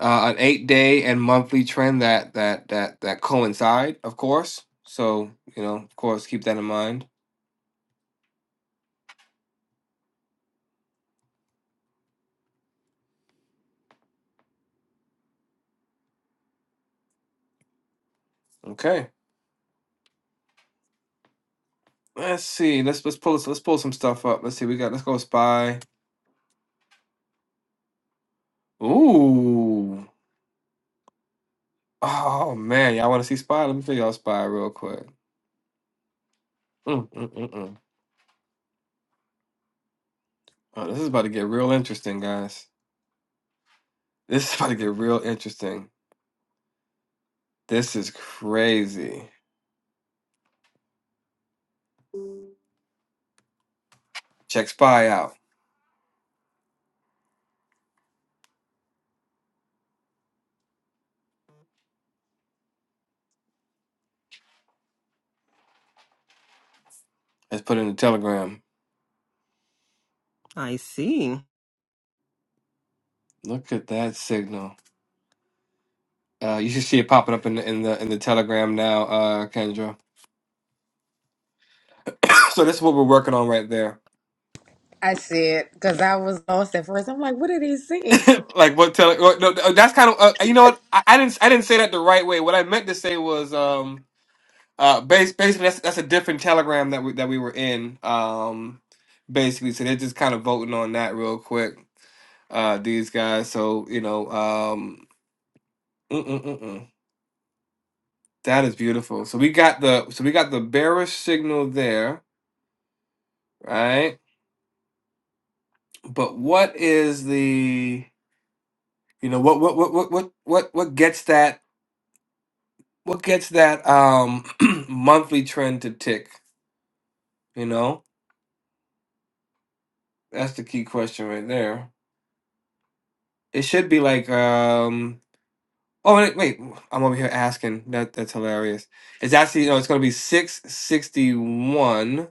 [SPEAKER 2] uh, an eight-day and monthly trend that that that that coincide. Of course, so you know, of course, keep that in mind. Okay, let's see. Let's let's pull let's pull some stuff up. Let's see. We got. Let's go spy. Ooh. Oh man, y'all want to see spy? Let me figure out spy real quick. Mm, mm, mm, mm. Oh, this is about to get real interesting, guys. This is about to get real interesting. This is crazy. Check Spy out. Let's put it in the Telegram.
[SPEAKER 3] I see.
[SPEAKER 2] Look at that signal. Uh, you should see it popping up in the in the in the Telegram now, uh, Kendra. so this is what we're working on right there.
[SPEAKER 4] I said because I was lost at first. I'm like, what did he say?
[SPEAKER 2] like what tele? What, no, no, that's kind of uh, you know what I, I didn't I didn't say that the right way. What I meant to say was um Uh, bas basically, that's that's a different telegram that we that we were in. Um, basically, so they're just kind of voting on that real quick. Uh, these guys. So you know, um, mm, mm, mm, mm. that is beautiful. So we got the so we got the bearish signal there, right? But what is the you know what what what what what what what gets that what gets that um monthly trend to tick? You know, that's the key question right there. It should be like um. Oh wait, wait, I'm over here asking. That that's hilarious. It's actually no, it's gonna be six sixty one,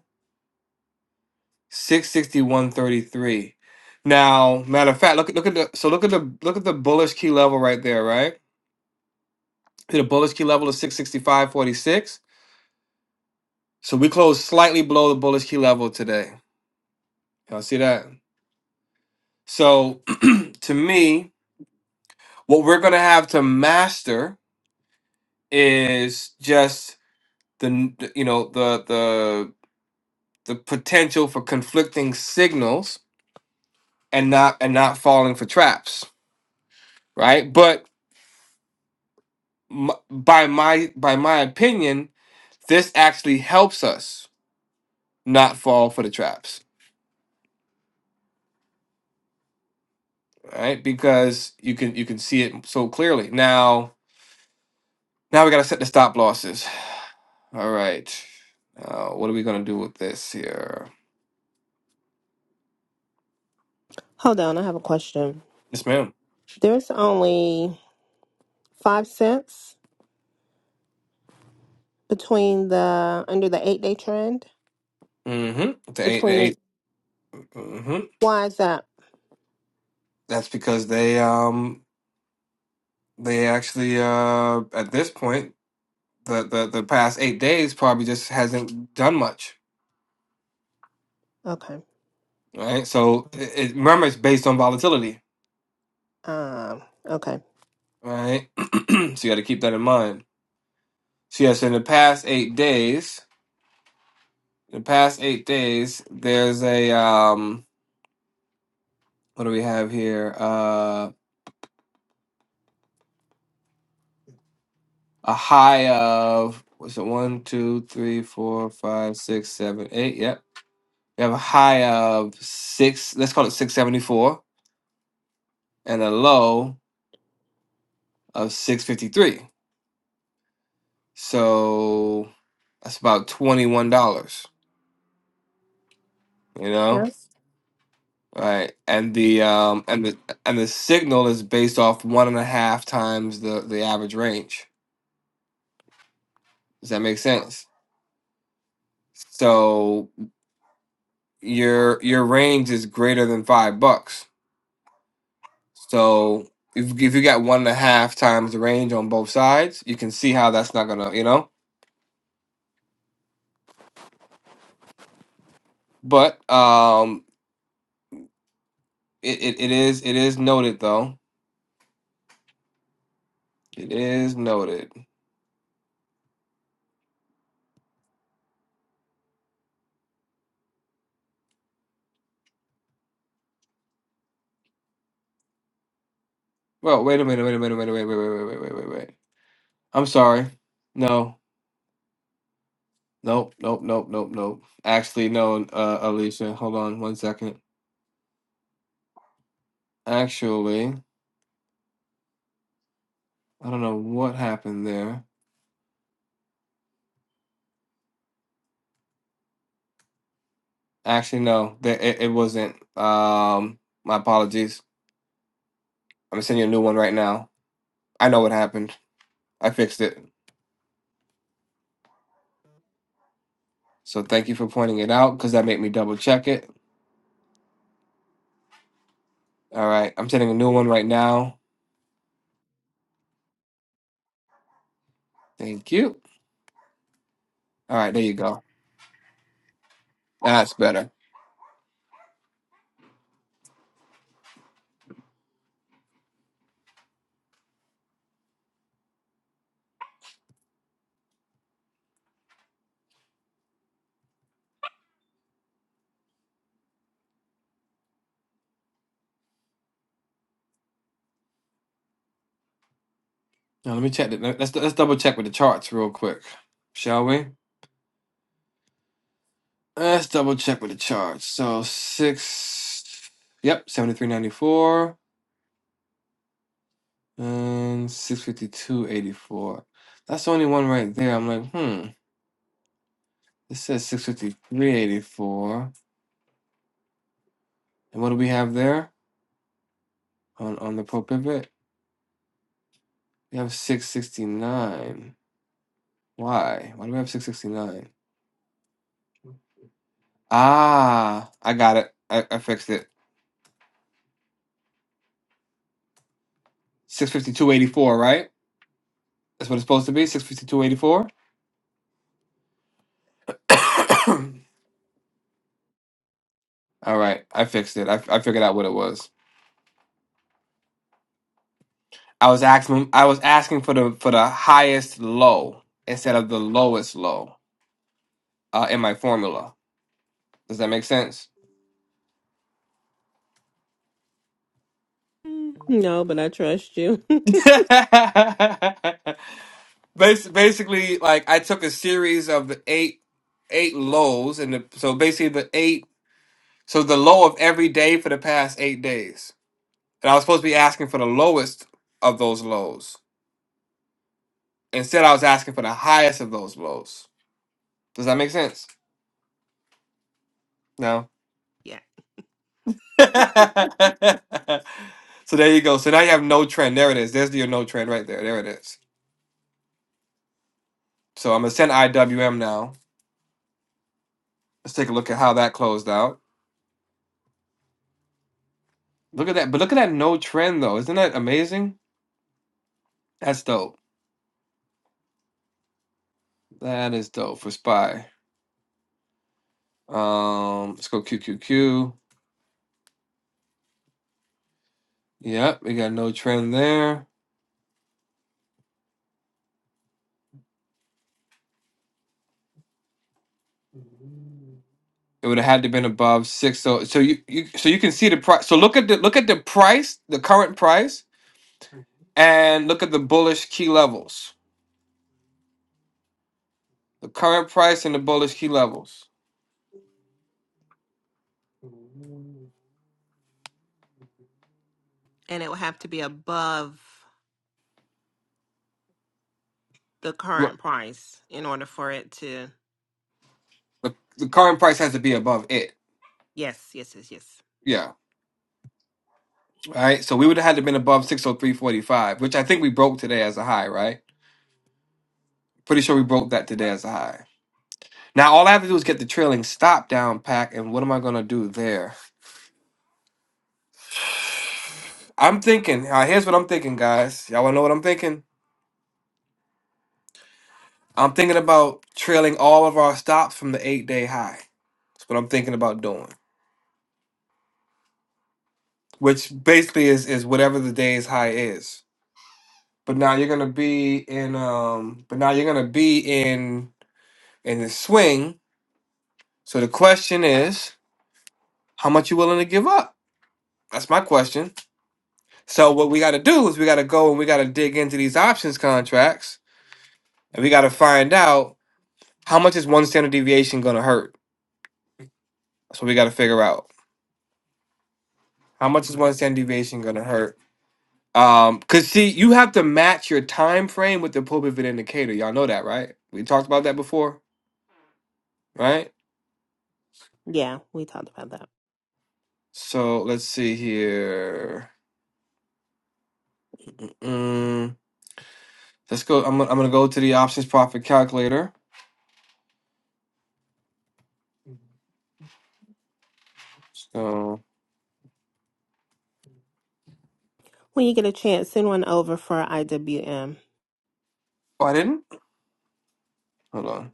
[SPEAKER 2] six sixty one thirty three. Now, matter of fact, look at look at the so look at the look at the bullish key level right there, right? See The bullish key level is six sixty five forty six. So we closed slightly below the bullish key level today. Y'all see that? So to me, what we're gonna have to master is just the n- the- you know the the the potential for conflicting signals and not and not falling for traps right but m- by my by my opinion this actually helps us not fall for the traps right because you can you can see it so clearly now now we got to set the stop losses all right now what are we going to do with this here
[SPEAKER 3] Hold on, I have a question.
[SPEAKER 2] yes ma'am
[SPEAKER 3] There's only five cents between the under the eight day trend
[SPEAKER 2] mm-hmm the eight the
[SPEAKER 3] between the
[SPEAKER 2] 8 mm-hmm
[SPEAKER 3] why is that?
[SPEAKER 2] that's because they um they actually uh at this point the, the the past eight days probably just hasn't done much,
[SPEAKER 3] Okay.
[SPEAKER 2] right? So it, it remember it's based on volatility,
[SPEAKER 3] Um. Okay.
[SPEAKER 2] right? so you got to keep that in mind. So yes, in the past eight days, the past eight days, there's a um, what do we have here? Uh, a high of what's it? One, two, three, four, five, six, seven, eight. Yep, we have a high of six. Let's call it six seventy four, and a low of six fifty three So that's about twenty one dollars. You know,
[SPEAKER 3] Yes.
[SPEAKER 2] right? And the um and the and the signal is based off one and a half times the the average range. Does that make sense? So your your range is greater than five bucks. So if if you got one and a half times the range on both sides, you can see how that's not gonna you know. But um, it, it, it is it is noted though. It is noted. Well, wait a minute, wait a minute, wait a minute, wait, wait, wait, wait, wait, wait, wait, wait. I'm sorry. No, nope, nope, nope, nope, nope. Actually, no, uh, Alicia, hold on one second. Actually, I don't know what happened there. Actually, no, that it, it wasn't. Um, my apologies. I'm sending you a new one right now. I know what happened. I fixed it. So thank you for pointing it out because that made me double check it. All right, I'm sending a new one right now. Thank you. All right, there you go. That's better. Now let me check. The, let's let's double check with the charts real quick, shall we? Let's double check with the charts. So six, yep, seventy three ninety four and six fifty two eighty four. That's the only one right there. I'm like, hmm. This says six fifty three eighty four. And what do we have there on on the pro pivot? We have six sixty nine. Why? Why do we have six sixty nine? Ah, I got it. I, I fixed it. Six fifty two eighty four, right? That's what it's supposed to be. Six fifty two eighty four. All right, I fixed it. I, I figured out what it was. I was asking. I was asking for the for the highest low instead of the lowest low uh, in my formula. Does that make sense?
[SPEAKER 3] Mm, No, but I trust you.
[SPEAKER 2] Bas- basically, like I took a series of the eight eight lows, and the, so basically the eight. So the low of every day for the past eight days, and I was supposed to be asking for the lowest of those lows. Instead, I was asking for the highest of those blows. Does that make sense? No. so
[SPEAKER 3] Yeah.
[SPEAKER 2] there you go. So now you have no trend. There it is. There's your no trend right there. There it is. So I'm gonna send IWM now. Let's take a look at how that closed out. Look at that. But look at that no trend though. Isn't that amazing? That's dope. That is dope for spy. Um, let's go QQQ. Yep, we got no trend there. It would have had to been above six. So so you, you so you can see the price. So look at the look at the price, the current price and look at the bullish key levels. The current price and the bullish key levels.
[SPEAKER 3] And it will have to be above the
[SPEAKER 2] Right.
[SPEAKER 3] current price in order for it to.
[SPEAKER 2] The, the current price has to be above it.
[SPEAKER 3] Yes. Yes. Yes. Yes.
[SPEAKER 2] Yeah. Right. So we would have had to been above 603.45, which I think we broke today as a high, right? Pretty sure we broke that today as a high. Now all I have to do is get the trailing stop down pack, and what am I gonna do there? I'm thinking, uh, here's what I'm thinking, guys. Y'all wanna know what I'm thinking? I'm thinking about trailing all of our stops from the eight day high. That's what I'm thinking about doing. Which basically is is whatever the day's high is. but now you're gonna be in um but now you're gonna be in in the swing so the question is how much you willing to give up that's my question so what we gotta do is we gotta go and we gotta dig into these options contracts and we gotta find out how much is one standard deviation gonna hurt that's what we gotta figure out how much is one standard deviation gonna hurt um because see you have to match your time frame with the pull pivot indicator y'all know that right we talked about that before right
[SPEAKER 3] yeah, we talked about that.
[SPEAKER 2] so let's see here Mm, let's go. I'm, gonna- I'm gonna go to the options profit calculator. So,
[SPEAKER 3] When you get a chance, send one over for IWM.
[SPEAKER 2] oh, I didn't. Hold on.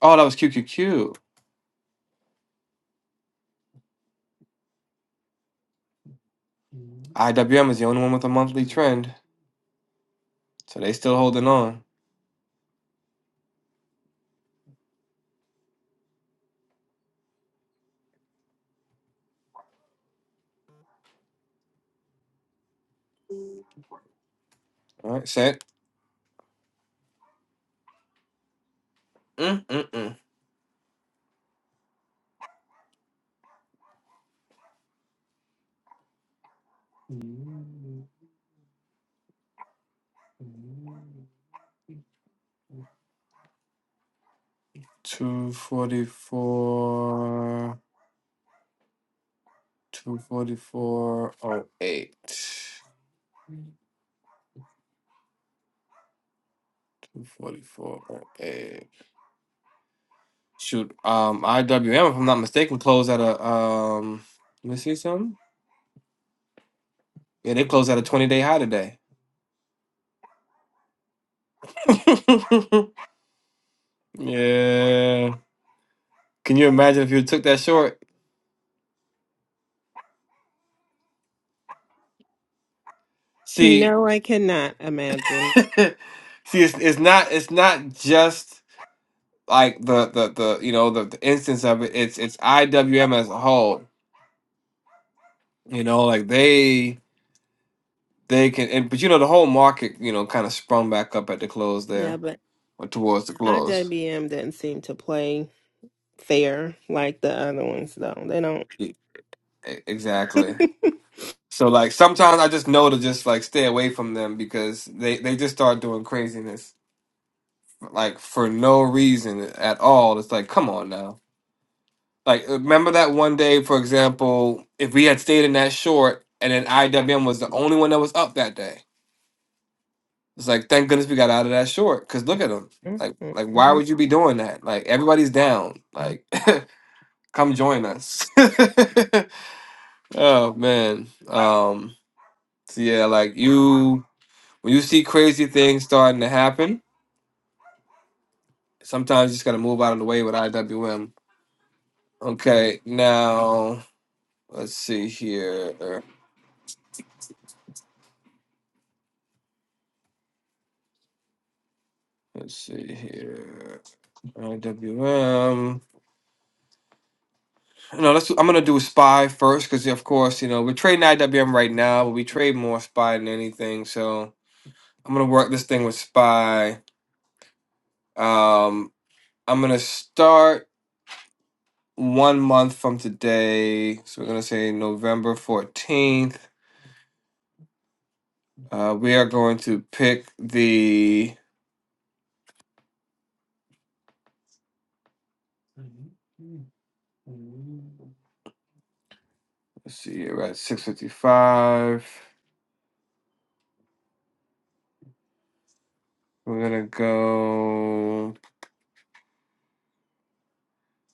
[SPEAKER 2] Oh, that was QQQ. IWM is the only one with a monthly trend, so they still holding on. All right, set. Mm, mm, mm. Two forty four. Two forty four oh eight. Two forty four oh eight. Shoot. Um, IWM, if I'm not mistaken, closed at a um. Let me see something. Yeah, they closed at a 20 day high today. yeah. Can you imagine if you took that short? See,
[SPEAKER 3] No, I cannot imagine.
[SPEAKER 2] see, it's, it's not it's not just like the the the you know the, the instance of it. It's it's IWM as a whole. You know, like they they can, and, but you know the whole market you know kind of sprung back up at the close
[SPEAKER 3] Yeah,
[SPEAKER 2] there
[SPEAKER 3] but
[SPEAKER 2] or towards the close.
[SPEAKER 3] IWM doesn't seem to play fair like the other ones, though. They don't.
[SPEAKER 2] E- e- Exactly. So like sometimes I just know to just like stay away from them because they they just start doing craziness. like for no reason at all. It's like, come on now. Like, uh, remember that one day, for example, if we had stayed in that short and then IWM was the only one that was up that day. It's like, thank goodness we got out of that short. Cause look at them.
[SPEAKER 3] Mhm.
[SPEAKER 2] Like, like why
[SPEAKER 3] mhm.
[SPEAKER 2] would you be doing that? Like, everybody's down. Like, come join us. oh man. Um. So yeah, like you, when you see crazy things starting to happen, sometimes you just gotta move out of the way with IWM. Okay, now Let's see here. Let's see here. IWM. No, let's. I'm gonna do spy first because, of course, you know we're trading IWM right now, but we trade more spy than anything. So I'm gonna work this thing with spy. Um, I'm gonna start one month from today. So we're gonna say November 14th. Uh, we are going to pick the. Let's see. We're at 6:55. We're gonna go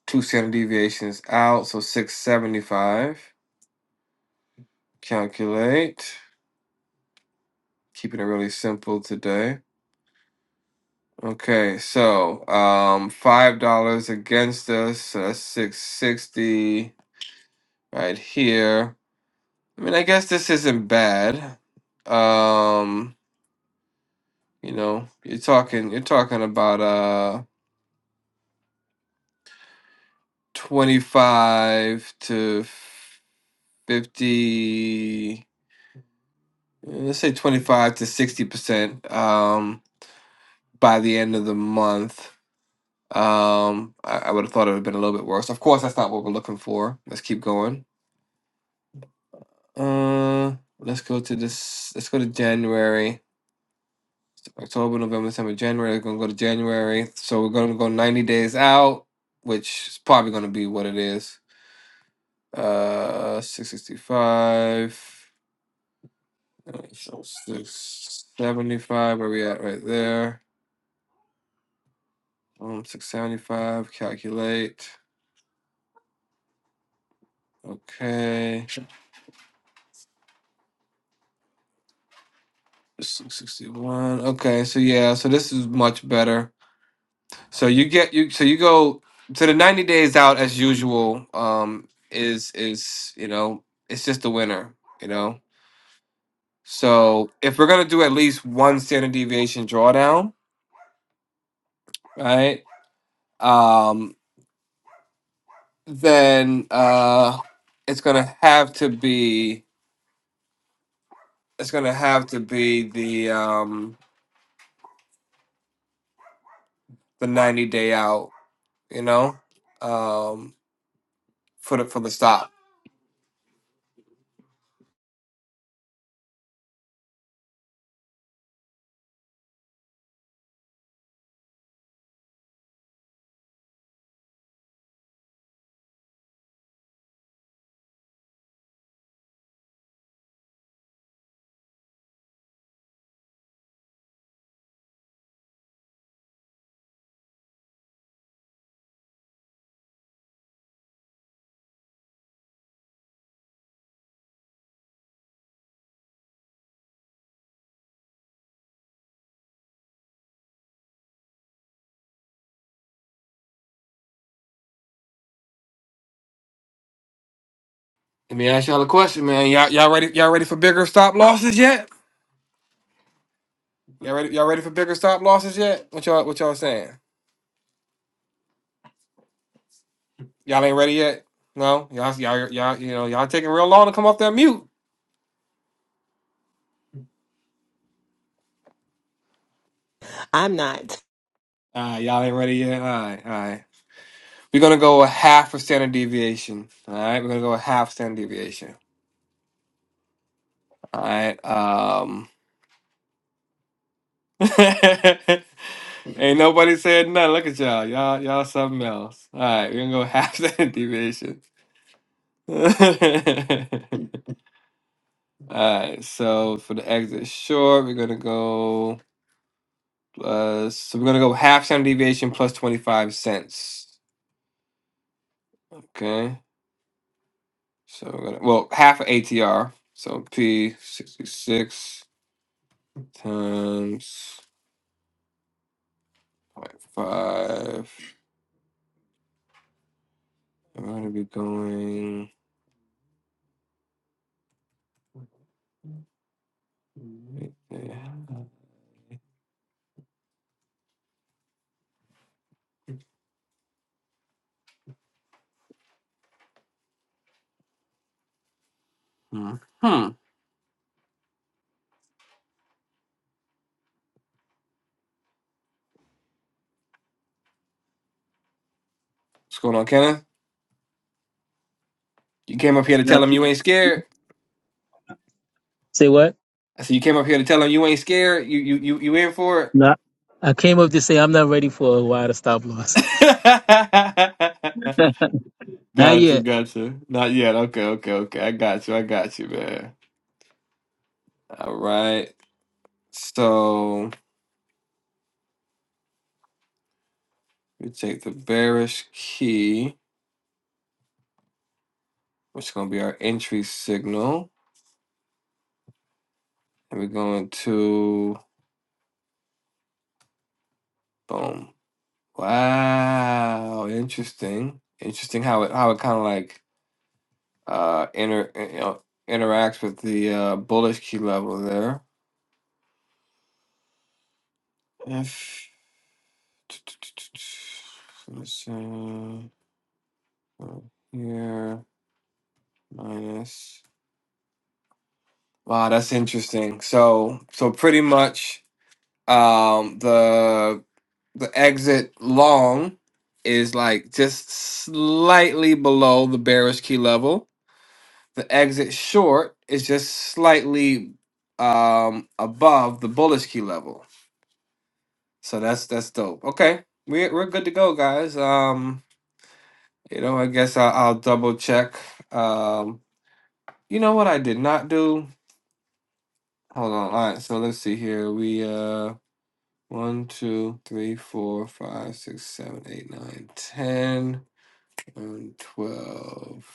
[SPEAKER 2] two standard deviations out, so 675. Calculate. Keeping it really simple today. Okay, so um five dollars against us, so that's six sixty right here. I mean I guess this isn't bad. Um, you know, you're talking you're talking about uh twenty five to fifty Yeah, let's say 25 to 60 percent um by the end of the month um i, I would have thought it would have been a little bit worse of course that's not what we're looking for let's keep going uh let's go to this let's go to january october november december january we're gonna go to january so we're gonna go 90 days out which is probably gonna be what it is uh 665 uh, so 675 where we at right there Um, 675, calculate. Okay. 661. Okay, so yeah, so this is much better. So you get you so you go to the 90 days out as usual um is is, you know, it's just a winner, you know. So if we're going to do at least one standard deviation drawdown, right? Um then uh it's going to have to be it's going to have to be the um the 90 day out you know, um, for the for the stop. Let me ask y'all a question, man. Y'all y'all ready? Y'all ready for bigger stop losses yet? Y'all ready? Y'all ready for bigger stop losses yet? What y'all what y'all saying? Y'all ain't ready yet? No, y'all y'all y'all you know y'all taking real long to come off that mute.
[SPEAKER 3] I'm not.
[SPEAKER 2] Uh, y'all ain't ready yet. All right, all right. We're gonna go a half a standard deviation. All right, we're gonna go a half standard deviation. All right. Um. Ain't nobody said nothing. Look at y'all. Y'all y'all something else. All right, we're gonna go half standard deviation. Alright, so for the exit short, we're gonna go plus so we're gonna go half standard deviation plus 25 cents. Okay. So we're gonna well half of ATR. So P 66 times zero point 0.5. I'm gonna be going right there. Hmm. What's going on, Kenna? You came up here to
[SPEAKER 5] Not
[SPEAKER 2] tell him you ain't
[SPEAKER 5] to-
[SPEAKER 2] scared.
[SPEAKER 5] say what?
[SPEAKER 2] I said you came up here to tell him you ain't scared. You you you you in for it?
[SPEAKER 5] No, I came up to say I'm not ready for a wide stop loss. Not
[SPEAKER 2] gotcha,
[SPEAKER 5] yet.
[SPEAKER 2] gotcha. Not yet. Okay, okay, okay. I got you. I got you, man. All right. So we take the bearish key, which is gonna be our entry signal, and we're going to boom. Wow, interesting. Interesting how it how it kind of like uh inter uh, you know, interacts with the uh bullish key level there. If let's see here minus wow that's interesting. So so pretty much um the the exit long is like just slightly below the bearish key level. The exit short is just slightly um above the bullish key level. So that's that's dope. Okay, we're we're good to go, guys. Um, you know, I guess I'll, I'll double check. Um, you know what I did not do? Hold on. All right, so let's see here. We uh, one, two, three, four, five, six, seven, eight, nine, ten, and twelve.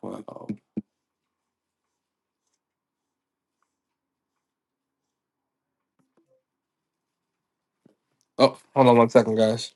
[SPEAKER 2] Twelve. Oh, hold on one second, guys.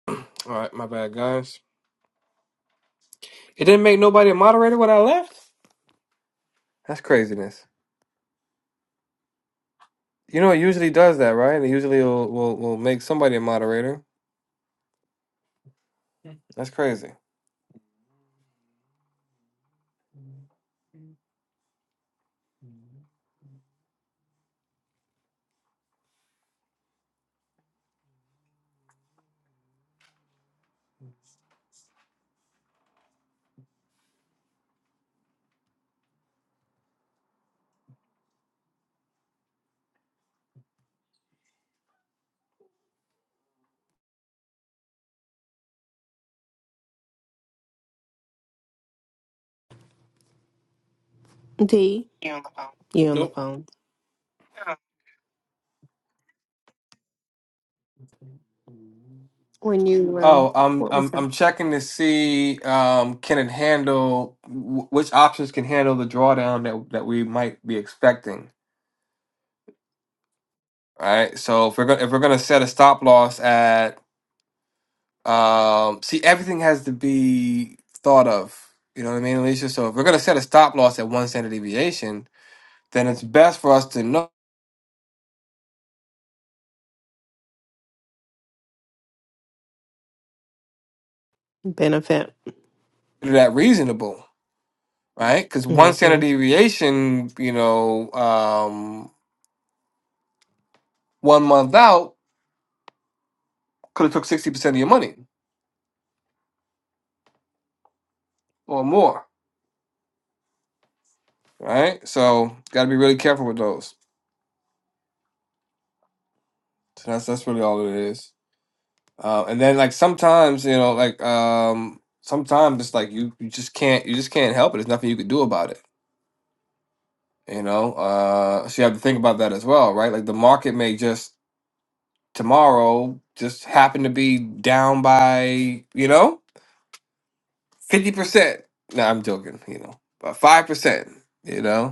[SPEAKER 2] All right, my bad, guys. It didn't make nobody a moderator when I left. That's craziness. You know, it usually does that, right? It usually will will, will make somebody a moderator. That's crazy.
[SPEAKER 3] D, you on the
[SPEAKER 2] Nope.
[SPEAKER 3] phone. When you were,
[SPEAKER 2] Oh, I'm
[SPEAKER 3] what was
[SPEAKER 2] I'm
[SPEAKER 3] that?
[SPEAKER 2] I'm checking to see um can it handle wh- which options can handle the drawdown that that we might be expecting. Right. So if we're gonna if we're gonna set a stop loss at um see everything has to be thought of. You know what I mean, Alicia? So if we're gonna set a stop loss at one standard deviation, then it's best for us to know
[SPEAKER 3] Benefit.
[SPEAKER 2] whether that reasonable, right? Because one standard
[SPEAKER 3] Mm-hmm.
[SPEAKER 2] deviation, you know, um, one month out. could have took sixty percent of your money or more, right? So got to be really careful with those. So that's that's really all it is. Uh, and then like sometimes you know like um sometimes it's like you you just can't you just can't help it. There's nothing you could do about it. You know, uh, so you have to think about that as well, right? Like the market may just tomorrow just happen to be down by you know fifty percent. No, I'm joking. You know, by five percent. You know,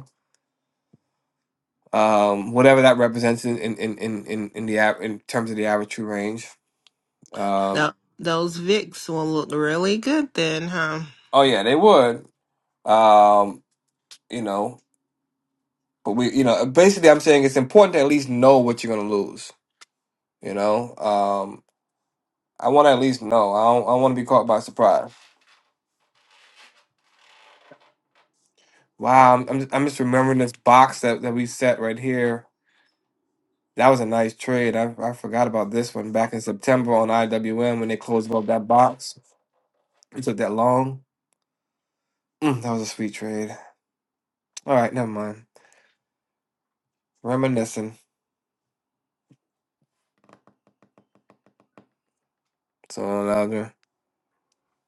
[SPEAKER 2] um, whatever that represents in in in in in in the av- in terms of the average true range. Um,
[SPEAKER 3] those Vicks will look really good then, huh?
[SPEAKER 2] oh yeah, they would. Um, you know, but we, you know, uh, basically, I'm saying it's important to at least know what you're gonna lose. You know, um, I want to at least know. I don't, I want to be caught by surprise. Wow, I'm I'm just, I'm just remembering this box that that we set right here. That was a nice trade. I, I forgot about this one back in September on IWM when they closed up that box. It took that long. Mm, that was a sweet trade. All right, never mind. Reminiscing. So louder.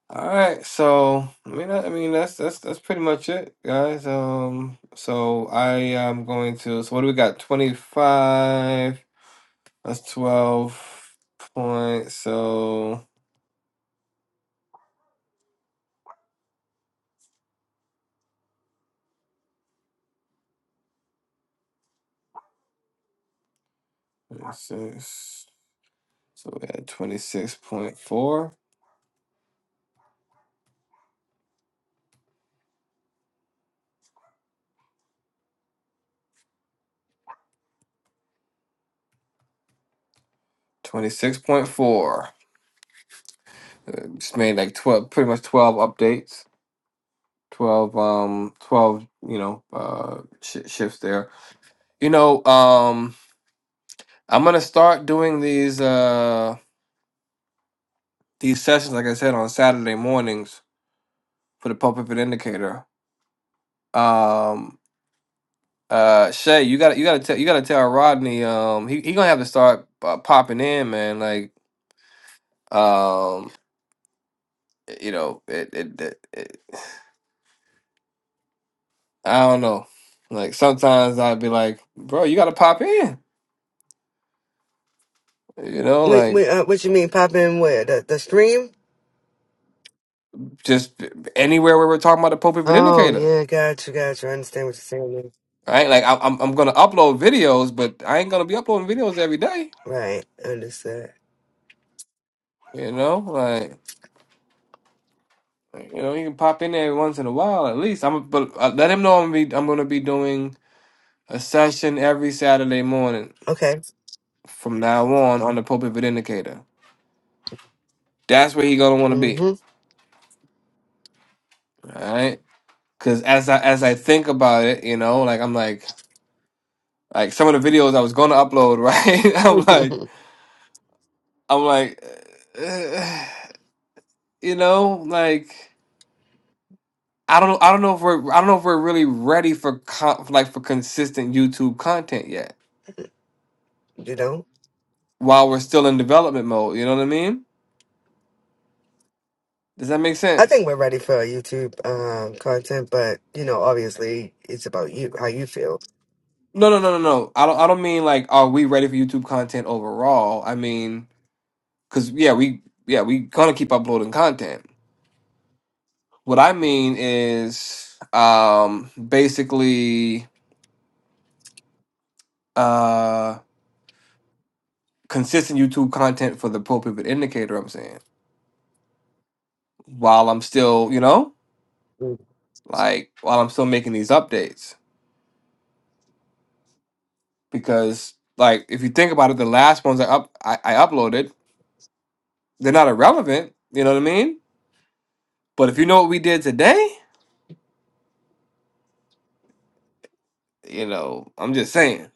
[SPEAKER 2] All right, so I mean, I I mean that's that's that's pretty much it, guys. Um, so I am going to. So what do we got? Twenty five. That's twelve point. So six. So we had twenty six point four. Twenty six point four. Just made like twelve, pretty much twelve updates. Twelve, um, twelve. You know, uh, sh- shifts there. You know, um. I'm gonna start doing these uh these sessions, like I said, on Saturday mornings for the Pulpit Fit Indicator. Um, uh, Shay, you got to you got to tell you got to tell Rodney. Um, he he gonna have to start uh, popping in, man. Like, um, you know, it, it it it- I don't know. Like sometimes I'd be like, bro, you got to pop in. You know,
[SPEAKER 6] Wait,
[SPEAKER 2] like
[SPEAKER 6] wait, uh, what you mean pop in where? The, the stream?
[SPEAKER 2] just anywhere where we're talking about the Pulpit Fit
[SPEAKER 6] Oh,
[SPEAKER 2] Indicator.
[SPEAKER 6] yeah, got you, got you. I understand what you're saying.
[SPEAKER 2] Right, like I- I'm I'm gonna upload videos, but I ain't gonna be uploading videos every day.
[SPEAKER 6] Right, understood.
[SPEAKER 2] You know, like you know, you can pop in there every once in a while at least. I'm but uh, let him know I'm be I'm gonna be doing a session every Saturday morning
[SPEAKER 6] Okay.
[SPEAKER 2] from now on on the Pulpit Vid Indicator. That's where he gonna want to be,
[SPEAKER 6] Mm-hmm.
[SPEAKER 2] all right? Because as I as I think about it, you know, like I'm like like some of the videos I was gonna upload, right? I'm like
[SPEAKER 6] you
[SPEAKER 2] I'm like, uh, you know, like. I don't know. I don't know if we're. I don't know if we're really ready for con- like for consistent YouTube content yet.
[SPEAKER 6] know?
[SPEAKER 2] while we're still in development mode. You know what I mean? Does that make
[SPEAKER 6] I
[SPEAKER 2] sense?
[SPEAKER 6] think we're ready for YouTube um, content, but, you know, obviously it's about you, how you feel.
[SPEAKER 2] No, no, no, no, no. I don't. I don't mean like are we ready for YouTube content overall? I mean, cause yeah, we yeah we gonna keep uploading content. What I mean is, um, basically, uh, consistent YouTube content for the pro pivot indicator. I'm saying while I'm still, you know,
[SPEAKER 6] mm-hmm.
[SPEAKER 2] like while I'm still making these updates because. Like if you think about it, the last ones I up I, I uploaded They're not irrelevant, you know what I mean? But if you know what we did today, you know, I'm just saying.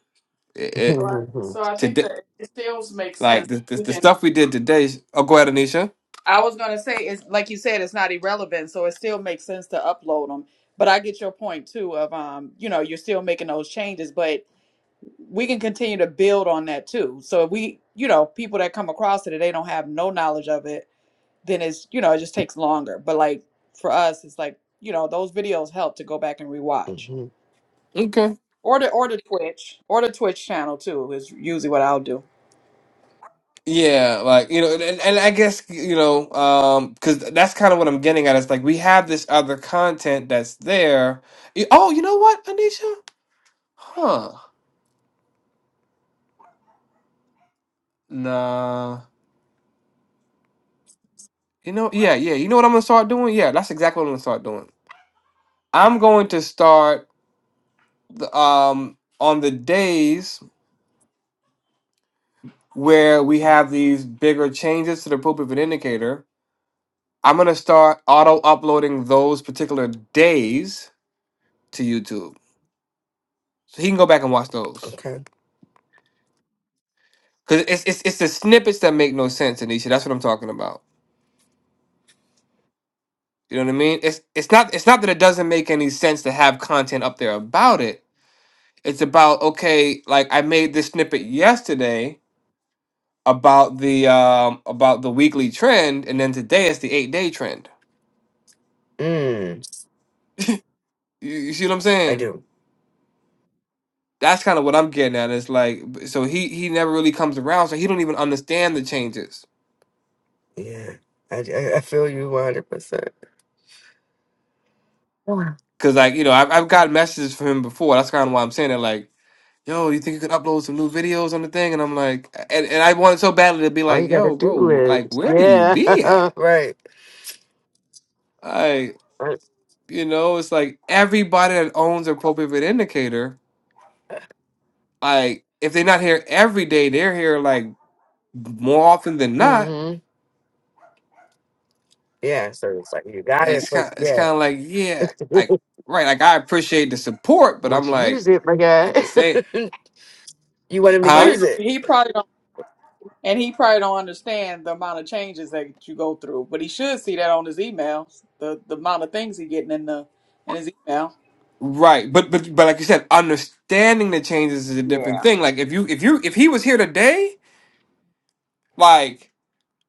[SPEAKER 2] It,
[SPEAKER 1] So
[SPEAKER 2] it
[SPEAKER 1] I, so I think that
[SPEAKER 2] today
[SPEAKER 1] it still makes sense.
[SPEAKER 2] like the, the
[SPEAKER 1] We
[SPEAKER 2] the
[SPEAKER 1] can.
[SPEAKER 2] stuff we did today. Oh, go ahead, Anisha.
[SPEAKER 1] I was gonna say it's like you said, it's not irrelevant, so it still makes sense to upload them. But I get your point too of um, you know, you're still making those changes, but we can continue to build on that too. So if we, you know, people that come across it and they don't have no knowledge of it, then it's you know, it just takes longer. But like for us, it's like you know, those videos help to go back and rewatch. Or the or the Twitch or the Twitch channel too is usually what I'll do.
[SPEAKER 2] Yeah, like you know, and, and I guess you know, um, because that's kind of what I'm getting at. It's like we have this other content that's there. Y- Oh, you know what, Anisha? Huh? Nah. You know, yeah, yeah. You know what I'm gonna start doing? Yeah, that's exactly what I'm gonna start doing. I'm going to start the, um on the days where we have these bigger changes to the poop pivot indicator. I'm gonna start auto uploading those particular days to YouTube, so he can go back and watch those.
[SPEAKER 6] Okay.
[SPEAKER 2] Cause it's it's it's the snippets that make no sense, Anisha. That's what I'm talking about. You know what I mean? It's it's not it's not that it doesn't make any sense to have content up there about it It's about okay, like I made this snippet yesterday about the um about the weekly trend, and then today it's the eight day trend.
[SPEAKER 6] Mm,
[SPEAKER 2] You, you see what I'm
[SPEAKER 6] I
[SPEAKER 2] saying?
[SPEAKER 6] do.
[SPEAKER 2] That's kind of what I'm getting at. It's like b- so he he never really comes around, so he don't even understand the changes.
[SPEAKER 6] Yeah. I, I, I feel you 100%. Wow.
[SPEAKER 2] Cause like you know I've I've got messages from him before. That's kind of why I'm saying that. Like yo, you think you could upload some new videos on the thing? And I'm like, and, and I wanted so badly to be
[SPEAKER 6] All
[SPEAKER 2] like,
[SPEAKER 6] you got to
[SPEAKER 2] yo,
[SPEAKER 6] do
[SPEAKER 2] bro,
[SPEAKER 6] is,
[SPEAKER 2] like where do you
[SPEAKER 6] yeah,
[SPEAKER 2] be at?
[SPEAKER 6] right.
[SPEAKER 2] Like, You know, it's like everybody that owns a co-pivot indicator, like if they're not here every day, they're here like more often than not.
[SPEAKER 6] Mm-hmm. Yeah, so it's like you got it
[SPEAKER 2] It's
[SPEAKER 6] for
[SPEAKER 2] kind it's
[SPEAKER 6] yeah.
[SPEAKER 2] kind of like, yeah, like right, like I appreciate the support, but
[SPEAKER 6] Once
[SPEAKER 2] I'm
[SPEAKER 6] you use
[SPEAKER 2] like
[SPEAKER 6] it, my guy,
[SPEAKER 2] at the same,
[SPEAKER 6] you want him to
[SPEAKER 1] But he,
[SPEAKER 2] huh?
[SPEAKER 6] use it.
[SPEAKER 1] he probably don't, and he probably don't understand the amount of changes that you go through. But he should see that on his emails, the the amount of things he getting in the in his email.
[SPEAKER 2] Right, but but but like you said, understanding the changes is a different
[SPEAKER 1] Yeah.
[SPEAKER 2] thing. Like if you if you if he was here today, like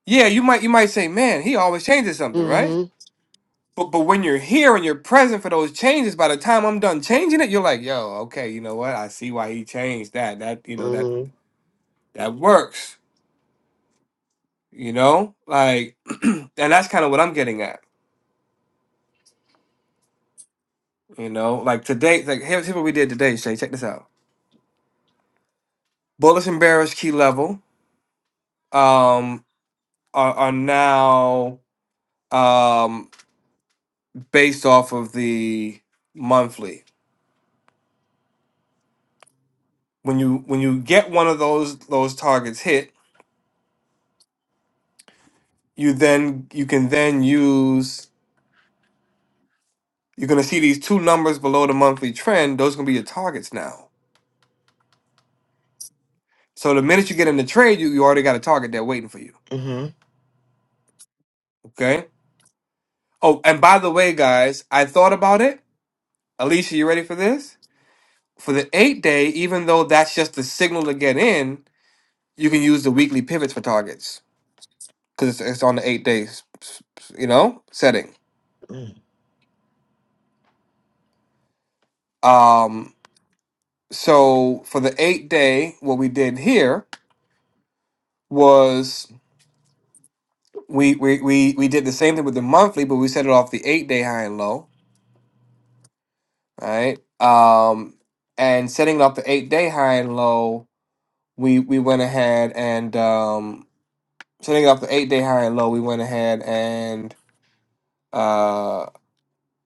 [SPEAKER 2] yeah, you might you might say, man, he always changes something, right?
[SPEAKER 6] Mm-hmm.
[SPEAKER 2] But but when you're here and you're present for those changes, by the time I'm done changing it, you're like, yo, okay, you know what? I see why he changed that. That you know that
[SPEAKER 6] Mm-hmm.
[SPEAKER 2] that works. You know, like, and that's kind of what I'm getting at. You know, like today, like here's, here's what we did today, Shay. Check this out. Bullets and Barrels key level um are, are now um based off of the monthly. When you when you get one of those those targets hit, you then you can then use You're going to see these two numbers below the monthly trend. Those are going to be your targets now. So the minute you get in the trade, you, you already got a target there waiting for you.
[SPEAKER 6] Mm-hmm.
[SPEAKER 2] Okay. Oh, and by the way, guys, I thought about it. Alicia, you ready for this? For the eight day, even though that's just the signal to get in, you can use the weekly pivots for targets because it's, it's on the eight days, you know, setting. Um, so for the eight day, what we did here was we we we we did the same thing with the monthly, but we set it off the eight day high and low, right? Um, and setting it off the eight day high and low, we we went ahead and um, setting it off the eight day high and low, we went ahead and uh,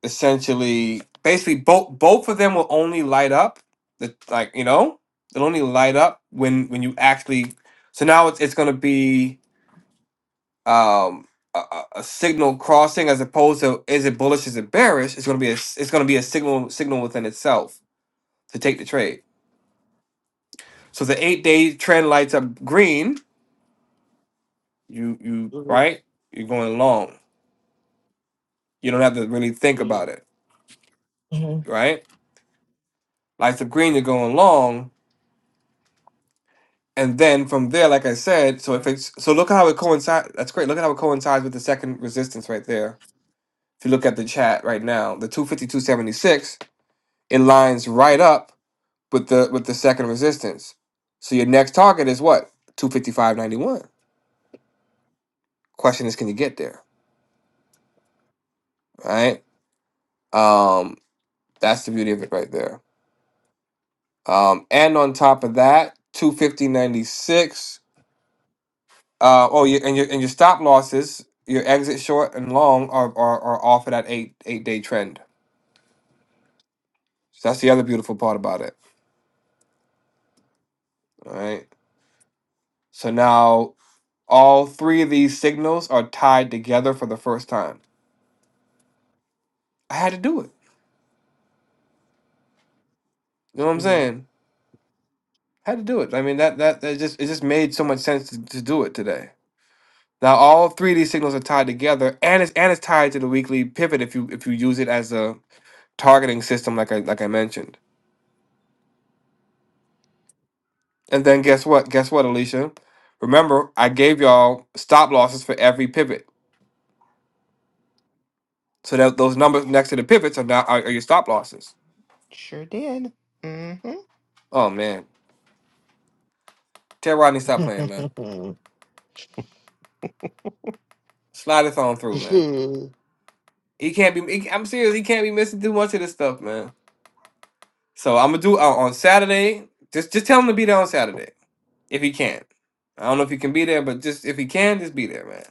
[SPEAKER 2] essentially, basically, both both of them will only light up the like you know they'll only light up when when you actually. So now it's it's gonna be um a, a a signal crossing as opposed to is it bullish is it bearish it's going to be a s- it's going to be a signal signal within itself to take the trade so the eight day trend lights up green you you right you're going long you don't have to really think
[SPEAKER 6] Mm-hmm.
[SPEAKER 2] about it right lights up green you're going long and then from there like i said so if it's so look how it coincides that's great look at how it coincides with the second resistance right there if you look at the chat right now the 252.76 it lines right up with the with the second resistance. So your next target is what? 255.91. Question is can you get there? Right? Um that's the beauty of it right there. Um and on top of that, 250.96 uh oh you and your and your stop losses, your exit short and long are are, are off of that 8 8 day trend. So that's the other beautiful part about it, all right? So now all three of these signals are tied together for the first time. I had to do it. You know what I'm
[SPEAKER 6] Mm-hmm.
[SPEAKER 2] saying? had to do it. I mean that that, that just it just made so much sense to, to do it today. Now all three of these signals are tied together, and it's and it's tied to the weekly pivot if you if you use it as a targeting system, like I like I mentioned. And then guess what? Guess what, Alicia? Remember, I gave y'all stop losses for every pivot, so that those numbers next to the pivots are now are, are your stop losses.
[SPEAKER 3] Sure did. Mm-hmm.
[SPEAKER 2] Oh man, tell Rodney stop playing, man. Slide this on through, man. He can't be. He, I'm serious. He can't be missing too much of this stuff, man. So I'm gonna do uh, on Saturday. Just just tell him to be there on Saturday if he can. I don't know if he can be there, but just if he can, just be there, man.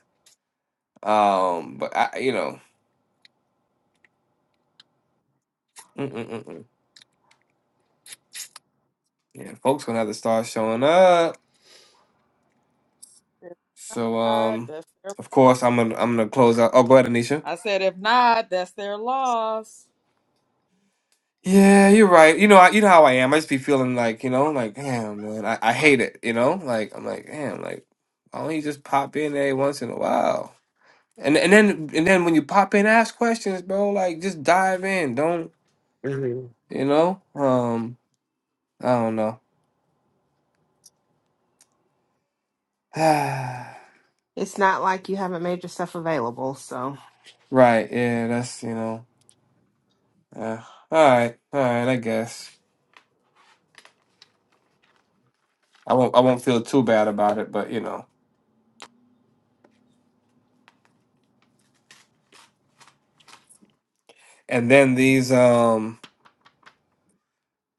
[SPEAKER 2] Um, but I, you know, mm-mm-mm-mm. yeah, folks gonna have to start showing up.
[SPEAKER 1] If
[SPEAKER 2] So
[SPEAKER 1] not,
[SPEAKER 2] um,
[SPEAKER 1] that's their
[SPEAKER 2] of
[SPEAKER 1] loss.
[SPEAKER 2] course I'm gonna I'm gonna close out. Oh, go ahead, Anisha.
[SPEAKER 1] I said if not, that's their loss.
[SPEAKER 2] Yeah, you're right. You know, I, you know how I am. I just be feeling like you know, like damn, man, I, I hate it. You know, like I'm like damn, like why don't you just pop in every once in a while? And and then and then when you pop in, ask questions, bro. Like just dive in. Don't
[SPEAKER 6] Mm-hmm.
[SPEAKER 2] you know? Um, I don't know. right?
[SPEAKER 3] It's not like you haven't made yourself available, so.
[SPEAKER 2] Yeah, that's you know. Uh, all right, all right. I guess I won't. I won't feel too bad about it, but you know. And then these um,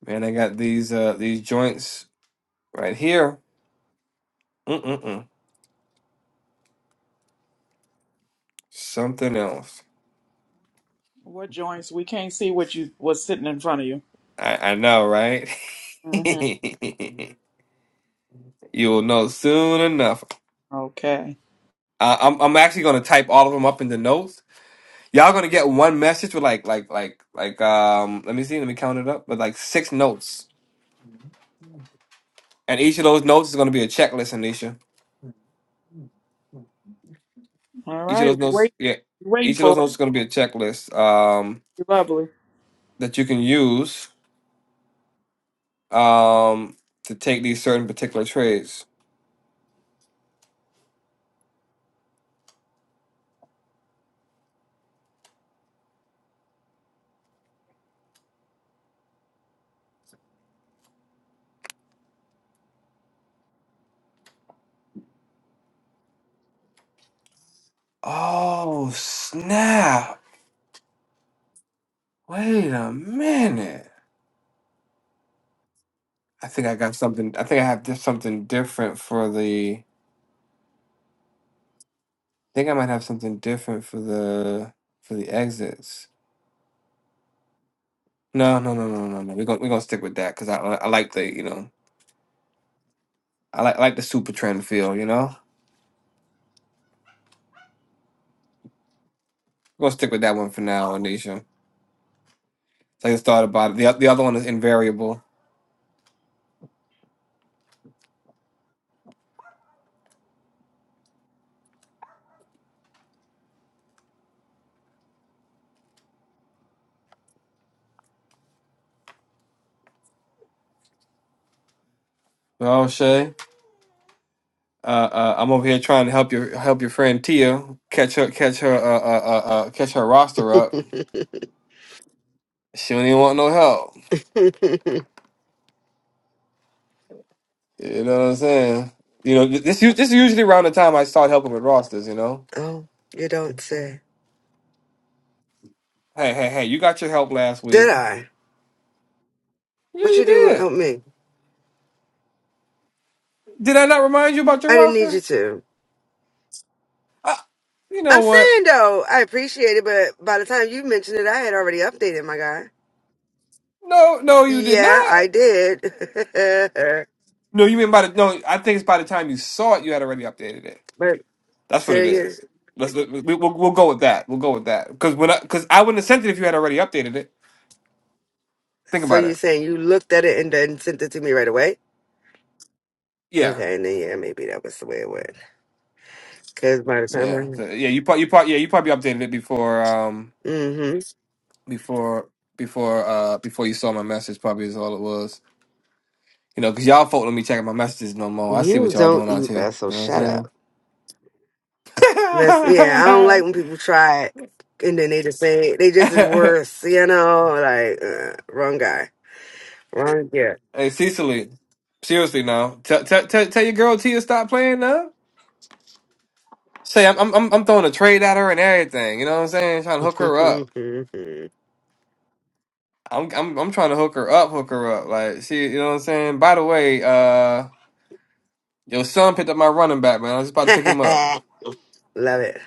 [SPEAKER 2] man, I got these uh these joints right here. Mm-mm-mm. Something else.
[SPEAKER 1] What joints? We can't see what you what's sitting in front of you.
[SPEAKER 2] I I know, right?
[SPEAKER 1] hmm
[SPEAKER 2] You'll know soon enough.
[SPEAKER 1] Okay.
[SPEAKER 2] Uh, I'm I'm actually gonna type all of them up in the notes Y'all gonna get one message with like like like like um let me see, let me count it up. With like six notes. And each of those notes is gonna be a checklist, Anisha.
[SPEAKER 1] All
[SPEAKER 2] Each of
[SPEAKER 1] right.
[SPEAKER 2] those notes
[SPEAKER 1] Wait.
[SPEAKER 2] yeah.
[SPEAKER 1] Waiting
[SPEAKER 2] Each of those
[SPEAKER 1] for
[SPEAKER 2] notes is gonna be a checklist um
[SPEAKER 1] it. Lovely.
[SPEAKER 2] that you can use um to take these certain particular trades. Oh snap. Wait a minute. I think I got something I think I have di- something different for the I think I might have something different for the for the exits. No, no, no, no, no, no. We're gonna we're gonna stick with that because I I I like the you know I like I like the super trend feel. You know, we're gonna stick with that one for now, Anisha. So I just thought about it. The oth- the other one is invariable. Well, Shay, uh, uh, I'm over here trying to help your help your friend Tia catch her catch her uh, uh, uh, uh, catch her roster up. She don't even want no help. You know what I'm saying? You know th- this u- this is usually around the time I start helping with rosters. You know,
[SPEAKER 6] oh, you don't say.
[SPEAKER 2] hey hey hey, you got your help last
[SPEAKER 6] Did
[SPEAKER 2] week.
[SPEAKER 6] I?
[SPEAKER 2] Yeah,
[SPEAKER 6] What
[SPEAKER 2] you
[SPEAKER 6] you do
[SPEAKER 2] did.
[SPEAKER 6] help me?
[SPEAKER 2] Did I not remind you about
[SPEAKER 6] I
[SPEAKER 2] your
[SPEAKER 6] didn't need
[SPEAKER 2] roster?
[SPEAKER 6] you to.
[SPEAKER 2] Uh, you know
[SPEAKER 6] I'm
[SPEAKER 2] what?
[SPEAKER 6] saying though, I appreciate it, but by the time you mentioned it, I had already updated my guy.
[SPEAKER 2] No, no, you did
[SPEAKER 6] Yeah,
[SPEAKER 2] not.
[SPEAKER 6] I did.
[SPEAKER 2] No, you mean by the no? I think it's by the time you saw it, you had already updated it.
[SPEAKER 6] but
[SPEAKER 2] That's what
[SPEAKER 6] So
[SPEAKER 2] it
[SPEAKER 6] you
[SPEAKER 2] is. Let's we, we'll, we'll go with that. We'll go with that because when because I, 'cause I wouldn't have sent it if you had already updated it. Think
[SPEAKER 6] so
[SPEAKER 2] about it.
[SPEAKER 6] you're saying you looked at it and then sent it to me right away?
[SPEAKER 2] Yeah,
[SPEAKER 6] Okay, and then yeah, maybe that was the way it went. Because by the time
[SPEAKER 2] yeah, So,
[SPEAKER 6] I,
[SPEAKER 2] yeah. You probably you probably yeah you probably updated it before um
[SPEAKER 6] mm-hmm,
[SPEAKER 2] before before uh before you saw my message. Probably is all it was. You know, because y'all folk let me checking my messages no more. I see
[SPEAKER 6] you
[SPEAKER 2] what y'all
[SPEAKER 6] don't
[SPEAKER 2] doing out
[SPEAKER 6] eat
[SPEAKER 2] here.
[SPEAKER 6] that, so
[SPEAKER 2] You know what
[SPEAKER 6] shut up. That's yeah. I
[SPEAKER 2] I'm
[SPEAKER 6] don't like when people try it and then they just say they just is
[SPEAKER 2] saying?
[SPEAKER 6] worse. You know, like uh, wrong guy, wrong yeah.
[SPEAKER 2] Hey Cecily, seriously now, tell tell tell tell your girl Tia stop playing now. Say I'm I'm I'm I'm throwing a trade at her and everything. You know what I'm saying? Trying to hook her up. I'm I'm I'm trying to hook her up, hook her up. Like she, you know what I'm saying. By the way, uh, your son picked up my running back, man. I was just about to pick him up.
[SPEAKER 6] Love it.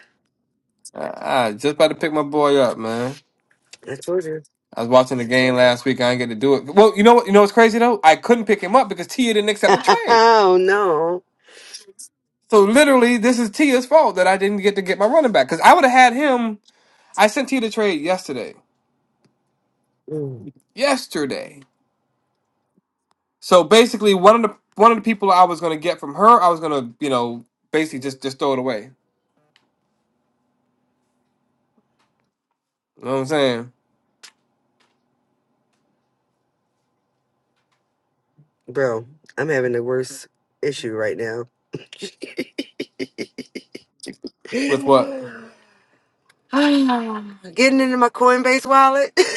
[SPEAKER 2] I, I just about to pick my boy up, man.
[SPEAKER 6] I told you.
[SPEAKER 2] I was watching the game last week. I didn't get to do it. Well, you know what? You know what's crazy though? I couldn't pick him up because Tia didn't accept the trade.
[SPEAKER 6] oh no,
[SPEAKER 2] So literally, this is Tia's fault that I didn't get to get my running back because I would have had him. I sent you the trade yesterday.
[SPEAKER 6] Mm,
[SPEAKER 2] Yesterday. So basically, one of the one of the people I was gonna get from her, I was gonna you know basically just just throw it away. You know what I'm saying?
[SPEAKER 6] bro, I'm having the worst issue right now.
[SPEAKER 2] With what?
[SPEAKER 6] Getting into my Coinbase wallet.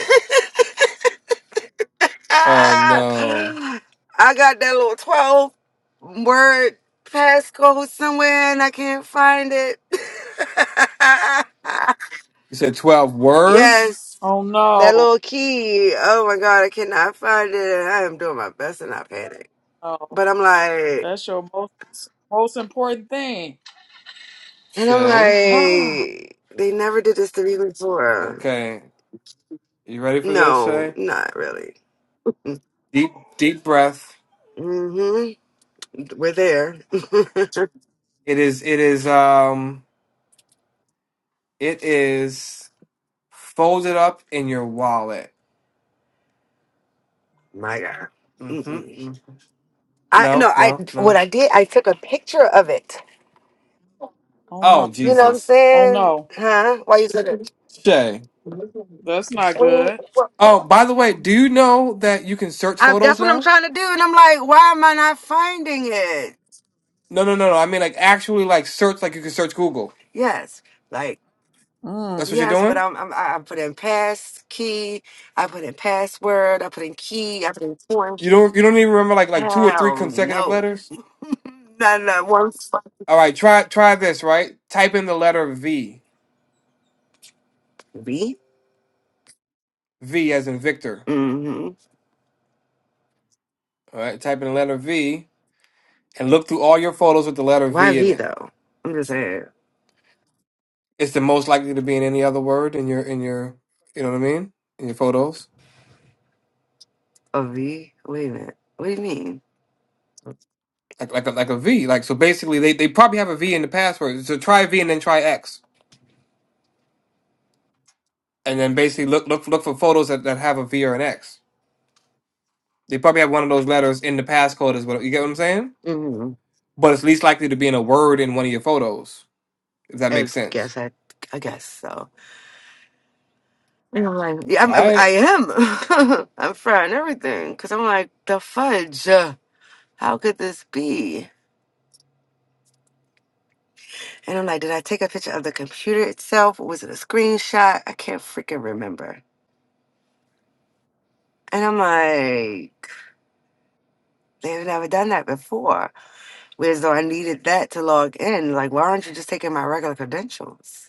[SPEAKER 2] Oh
[SPEAKER 6] Ah,
[SPEAKER 2] no!
[SPEAKER 6] I got that little 12 word passcode somewhere and I can't find it.
[SPEAKER 2] You said twelve words,
[SPEAKER 6] yes.
[SPEAKER 1] Oh
[SPEAKER 6] That
[SPEAKER 1] no.
[SPEAKER 6] little key. Oh my God, I cannot find it. I am doing my best and I panic.
[SPEAKER 1] No.
[SPEAKER 6] But I'm like,
[SPEAKER 1] That's your most. Most important thing.
[SPEAKER 6] and I'm
[SPEAKER 2] Shay.
[SPEAKER 1] Ah,
[SPEAKER 6] like, they never did this to me before.
[SPEAKER 2] Okay, you ready for this,
[SPEAKER 6] No,
[SPEAKER 2] Shay?
[SPEAKER 6] not really.
[SPEAKER 2] Deep deep breath.
[SPEAKER 6] Mm-hmm. We're there.
[SPEAKER 2] It is it is um it is folded up in your wallet.
[SPEAKER 6] My God.
[SPEAKER 2] Mm-hmm.
[SPEAKER 6] Mm-mm.
[SPEAKER 2] mm-hmm.
[SPEAKER 6] I no.
[SPEAKER 2] No
[SPEAKER 6] I
[SPEAKER 2] no
[SPEAKER 6] what
[SPEAKER 2] no.
[SPEAKER 6] I did. I took a picture of it.
[SPEAKER 1] oh no.
[SPEAKER 2] Oh
[SPEAKER 6] You know what I'm
[SPEAKER 2] Jesus,
[SPEAKER 1] Oh
[SPEAKER 6] saying?
[SPEAKER 1] no.
[SPEAKER 6] Huh? Why you took it?
[SPEAKER 2] Shay.
[SPEAKER 6] Well,
[SPEAKER 1] That's not good.
[SPEAKER 6] what-
[SPEAKER 2] Oh,
[SPEAKER 6] what-
[SPEAKER 2] by the way, do you know that you can search
[SPEAKER 6] I, that's
[SPEAKER 2] photos
[SPEAKER 6] what I'm
[SPEAKER 2] now?
[SPEAKER 6] trying to do, and I'm like, why am I not finding it?
[SPEAKER 2] No, no, no, no. I mean, like actually, like search, like you can search Google.
[SPEAKER 6] Yes, like
[SPEAKER 1] Mm.
[SPEAKER 2] That's what you're
[SPEAKER 6] yes, but
[SPEAKER 2] doing.
[SPEAKER 6] I'm, I'm I I put in pass key, I put in password, I put in key, I put in form.
[SPEAKER 2] You don't, you don't even remember like like two or three
[SPEAKER 6] Hell
[SPEAKER 2] consecutive
[SPEAKER 6] no,
[SPEAKER 2] letters.
[SPEAKER 6] not not one.
[SPEAKER 2] All right, try try this. Right, type in the letter V,
[SPEAKER 6] Me?
[SPEAKER 2] V as in Victor. All right, type in the letter V and look through all your photos with the letter
[SPEAKER 6] Why
[SPEAKER 2] V in
[SPEAKER 6] V
[SPEAKER 2] it.
[SPEAKER 6] though? I'm just saying.
[SPEAKER 2] It's the most likely to be in any other word in your in your, you know what I mean, in your photos.
[SPEAKER 6] A V? Wait a minute. What do you mean?
[SPEAKER 2] Like like a, like a V. Like so, basically, they they probably have a V in the password. So try V and then try X. and then basically look look look for photos that, that have a V or an X. They probably have one of those letters in the passcode as well. You get what I'm saying?
[SPEAKER 6] hmm
[SPEAKER 2] But it's least likely to be in a word in one of your photos, if that
[SPEAKER 6] I
[SPEAKER 2] makes sense.
[SPEAKER 6] guess I, I guess so. And I'm like, yeah, I'm,
[SPEAKER 2] Try
[SPEAKER 6] I'm,
[SPEAKER 2] it.
[SPEAKER 6] I am. I'm frying everything because I'm like, the fudge. uh, How could this be? And I'm like, did I take a picture of the computer itself? Was it a screenshot? I can't freaking remember. And I'm like, they've never done that before. Whereas though I needed that to log in. Like, why aren't you just taking my regular credentials?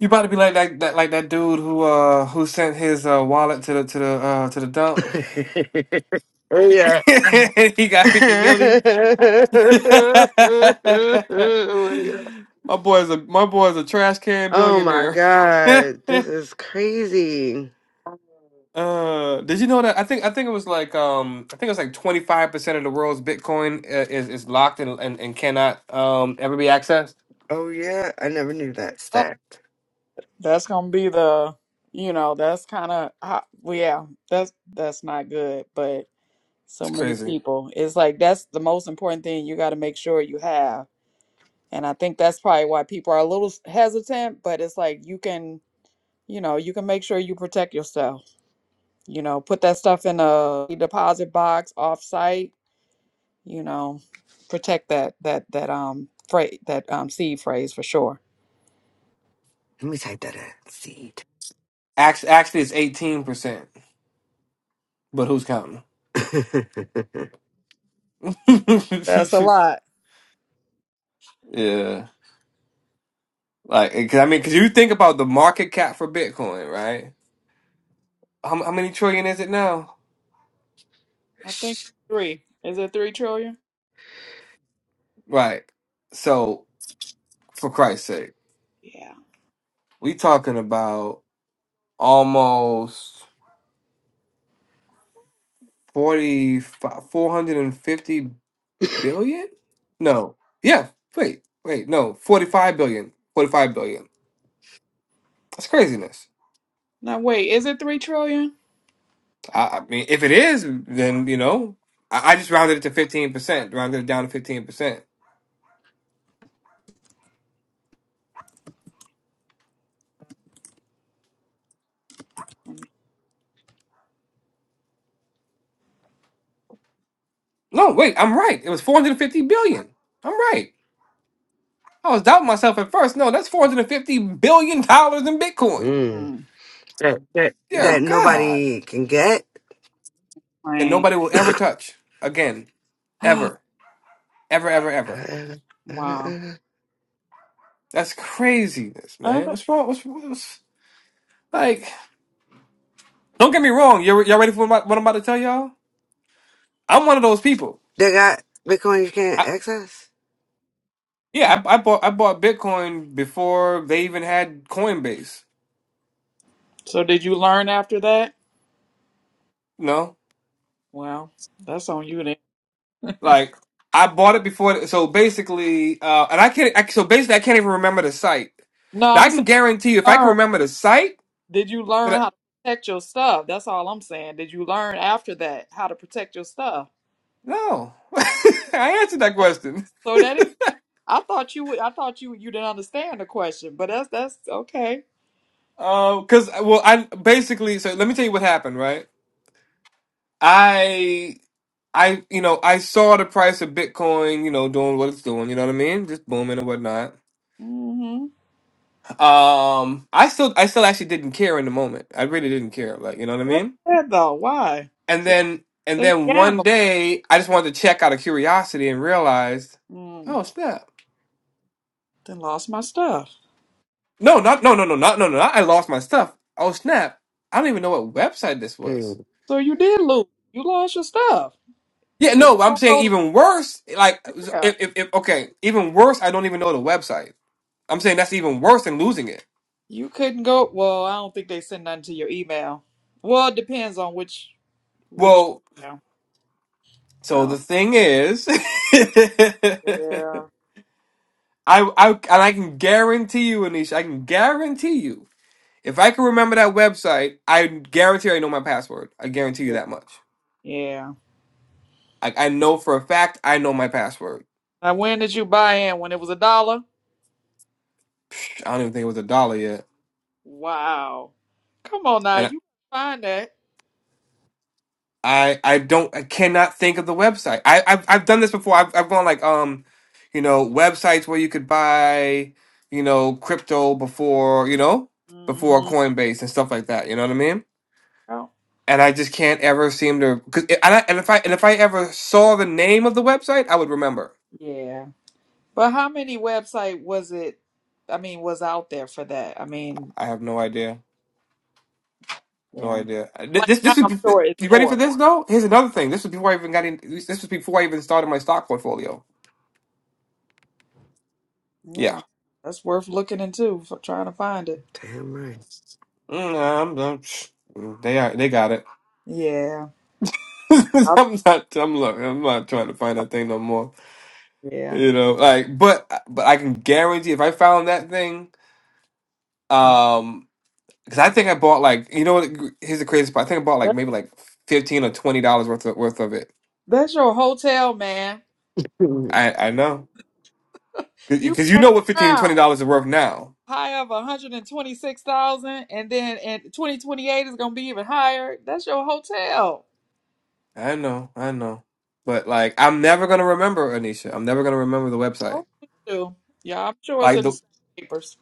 [SPEAKER 2] You about to be like that, that like that dude who uh who sent his uh wallet to the to the uh to the dump.
[SPEAKER 6] yeah.
[SPEAKER 2] he got
[SPEAKER 6] oh
[SPEAKER 2] fifty milli.
[SPEAKER 6] my god.
[SPEAKER 2] my boy's a my boy's a trash can
[SPEAKER 6] Oh my
[SPEAKER 2] billionaire.
[SPEAKER 6] god. This is crazy.
[SPEAKER 2] Uh, did you know that? I think I think it was like um I think it was like twenty five percent of the world's Bitcoin uh, is is locked and, and and cannot um ever be accessed.
[SPEAKER 6] Oh yeah. I never knew that stat.
[SPEAKER 1] That's gonna be the you know, that's kinda ah, well, yeah, that's that's not good, but so
[SPEAKER 2] It's
[SPEAKER 1] many
[SPEAKER 2] crazy.
[SPEAKER 1] people. It's like that's the most important thing you gotta make sure you have. And I think that's probably why people are a little hesitant, but it's like you can you know, you can make sure you protect yourself. You know, put that stuff in a deposit box off site you know, protect that that that um phrase that um seed phrase for sure.
[SPEAKER 6] Let me type that in. Seed.
[SPEAKER 2] Act actually, it's eighteen percent. But who's counting? yeah,
[SPEAKER 1] That's a lot.
[SPEAKER 2] like eh, 'cause I mean, cause you think about the market cap for Bitcoin, right? How how many trillion is it now?
[SPEAKER 1] I think three. Is it three trillion?
[SPEAKER 2] Right. So for Christ's sake,
[SPEAKER 1] Yeah.
[SPEAKER 2] we talking about almost forty four hundred and fifty. billion? No. Yeah. Wait. Wait. No. Forty-five billion. Forty-five billion. That's craziness.
[SPEAKER 1] Now wait. Is it three trillion?
[SPEAKER 2] I, I mean, if it is, then you know, I, I just rounded it to fifteen percent. Rounded it down to fifteen percent. No, wait. I'm right. It was four hundred fifty billion. I'm right. I was doubting myself at first. No, that's four hundred fifty billion dollars in Bitcoin.
[SPEAKER 6] mm.
[SPEAKER 1] Mm,
[SPEAKER 6] that, that
[SPEAKER 2] Dear
[SPEAKER 1] wow.
[SPEAKER 6] that
[SPEAKER 2] God.
[SPEAKER 6] nobody can get.
[SPEAKER 2] That
[SPEAKER 1] Man.
[SPEAKER 2] nobody will ever touch again, ever, ever, ever, ever.
[SPEAKER 6] Uh, uh,
[SPEAKER 1] wow.
[SPEAKER 6] uh,
[SPEAKER 2] That's craziness, man.
[SPEAKER 1] Uh,
[SPEAKER 2] What's wrong? What's, what's like? Don't get me wrong. You're, y'all ready for what I'm what I'm about to tell y'all? I'm one of those people.
[SPEAKER 6] They got Bitcoin you can't
[SPEAKER 2] I,
[SPEAKER 6] access.
[SPEAKER 2] yeah, I, I bought I bought Bitcoin before they even had Coinbase.
[SPEAKER 1] So did you learn after that?
[SPEAKER 2] You know,
[SPEAKER 1] Well, that's on you then.
[SPEAKER 2] like I bought it before. So basically, uh, and I can't. I, so basically, I can't even remember the site.
[SPEAKER 1] No,
[SPEAKER 2] Now I
[SPEAKER 1] I'm
[SPEAKER 2] can
[SPEAKER 1] saying
[SPEAKER 2] guarantee you, if I can
[SPEAKER 1] learn.
[SPEAKER 2] remember the site,
[SPEAKER 1] Did you
[SPEAKER 2] that
[SPEAKER 1] learn
[SPEAKER 2] I,
[SPEAKER 1] how to protect your stuff? That's all I'm saying. Did you learn after that how to protect your stuff?
[SPEAKER 2] no, I answered that
[SPEAKER 1] Yep.
[SPEAKER 2] question.
[SPEAKER 1] So that I thought you would. I thought you you didn't understand the question, but that's that's okay.
[SPEAKER 2] Um, Because well, I basically. So let me tell you what happened. Right, I I, you know, I saw the price of Bitcoin, you know, doing what it's doing. You know what I mean? Just booming and whatnot.
[SPEAKER 1] Mm-hmm.
[SPEAKER 2] Um, I still, I still actually didn't care in the moment. I really didn't care. Like, you know what I
[SPEAKER 1] That's
[SPEAKER 2] mean?
[SPEAKER 1] sad though. Why?
[SPEAKER 2] And
[SPEAKER 1] So
[SPEAKER 2] then,
[SPEAKER 1] so
[SPEAKER 2] and
[SPEAKER 1] you
[SPEAKER 2] then one
[SPEAKER 1] gambled.
[SPEAKER 2] day, I just wanted to check out of curiosity and realized,
[SPEAKER 1] Mm,
[SPEAKER 2] oh snap!
[SPEAKER 1] then lost my stuff.
[SPEAKER 2] No, not no no no not no no. Not, I lost my stuff. Oh snap! I don't even know what website this was.
[SPEAKER 6] Mm.
[SPEAKER 1] So you did lose. You lost your stuff.
[SPEAKER 2] Yeah,
[SPEAKER 1] If you
[SPEAKER 2] no, I'm
[SPEAKER 1] don't
[SPEAKER 2] saying
[SPEAKER 1] know,
[SPEAKER 2] even worse. Like,
[SPEAKER 1] the,
[SPEAKER 2] so,
[SPEAKER 1] yeah,
[SPEAKER 2] if, if, if okay, even worse, I don't even know the website. I'm saying that's even worse than losing it.
[SPEAKER 1] you couldn't go. Well, I don't think they send nothing to your email. Well, it depends on which which.
[SPEAKER 2] Well,
[SPEAKER 1] Yeah, I
[SPEAKER 2] So the
[SPEAKER 1] don't.
[SPEAKER 2] thing is, I,
[SPEAKER 1] Yeah,
[SPEAKER 2] I and I can guarantee you, Anisha, I can guarantee you, if I can remember that website, I guarantee I know my password. I guarantee you
[SPEAKER 1] yeah.
[SPEAKER 2] that much.
[SPEAKER 1] yeah.
[SPEAKER 2] I, I know for a fact I know my password.
[SPEAKER 1] Now, when did you buy in? When it was a dollar?
[SPEAKER 2] I don't even think it was a dollar yet,
[SPEAKER 1] Wow. Come on now,
[SPEAKER 2] and
[SPEAKER 1] you find that.
[SPEAKER 2] I I don't I cannot think of the website. I I've, I've done this before. I've I've gone like um, you know, websites where you could buy you know crypto before you know before
[SPEAKER 1] hmm
[SPEAKER 2] Coinbase and stuff like that. You know what I mean?
[SPEAKER 1] Oh,
[SPEAKER 2] and I just can't ever seem to. Cause it, and, I, and if I and if I ever saw the name of the website, I would remember.
[SPEAKER 1] yeah. But how many website was it? I mean, was out there for that? I mean,
[SPEAKER 2] I have no idea, no
[SPEAKER 1] yeah.
[SPEAKER 2] idea. Uh, th-
[SPEAKER 1] Like
[SPEAKER 2] This
[SPEAKER 1] now,
[SPEAKER 2] this is
[SPEAKER 1] I'm sure it's
[SPEAKER 2] you ready for
[SPEAKER 1] more.
[SPEAKER 2] this though? Here's another thing. This was before I even got in. This was before I even started my stock portfolio. Yeah,
[SPEAKER 1] Yeah, that's worth looking into for trying to find it.
[SPEAKER 6] Damn
[SPEAKER 2] Mm, I'm- I'm- psh, mm, they are, they got it.
[SPEAKER 1] Yeah, I'll,
[SPEAKER 2] I'm not. I'm look. I'm not trying to find
[SPEAKER 1] I'll-
[SPEAKER 2] that thing no more.
[SPEAKER 1] yeah.
[SPEAKER 2] You know, like, but but I can guarantee if I found that thing. Um, Because I think I bought like you know what? Here's the craziest part. I think I bought like
[SPEAKER 1] That-
[SPEAKER 2] maybe like fifteen or twenty dollars worth of, worth of it.
[SPEAKER 1] that's your hotel, man.
[SPEAKER 2] I I know
[SPEAKER 1] You
[SPEAKER 2] because you
[SPEAKER 1] ran
[SPEAKER 2] know what fifteen and twenty
[SPEAKER 1] around
[SPEAKER 2] dollars are worth now.
[SPEAKER 1] high of one hundred and twenty six thousand, and then in twenty twenty eight is gonna be even higher. That's your hotel.
[SPEAKER 2] I know, I know. But like, I'm never gonna remember Anisha. I'm never gonna remember the website.
[SPEAKER 1] Oh, you. do. Yeah, I'm sure it's
[SPEAKER 2] Like
[SPEAKER 1] in
[SPEAKER 2] the
[SPEAKER 1] the papers.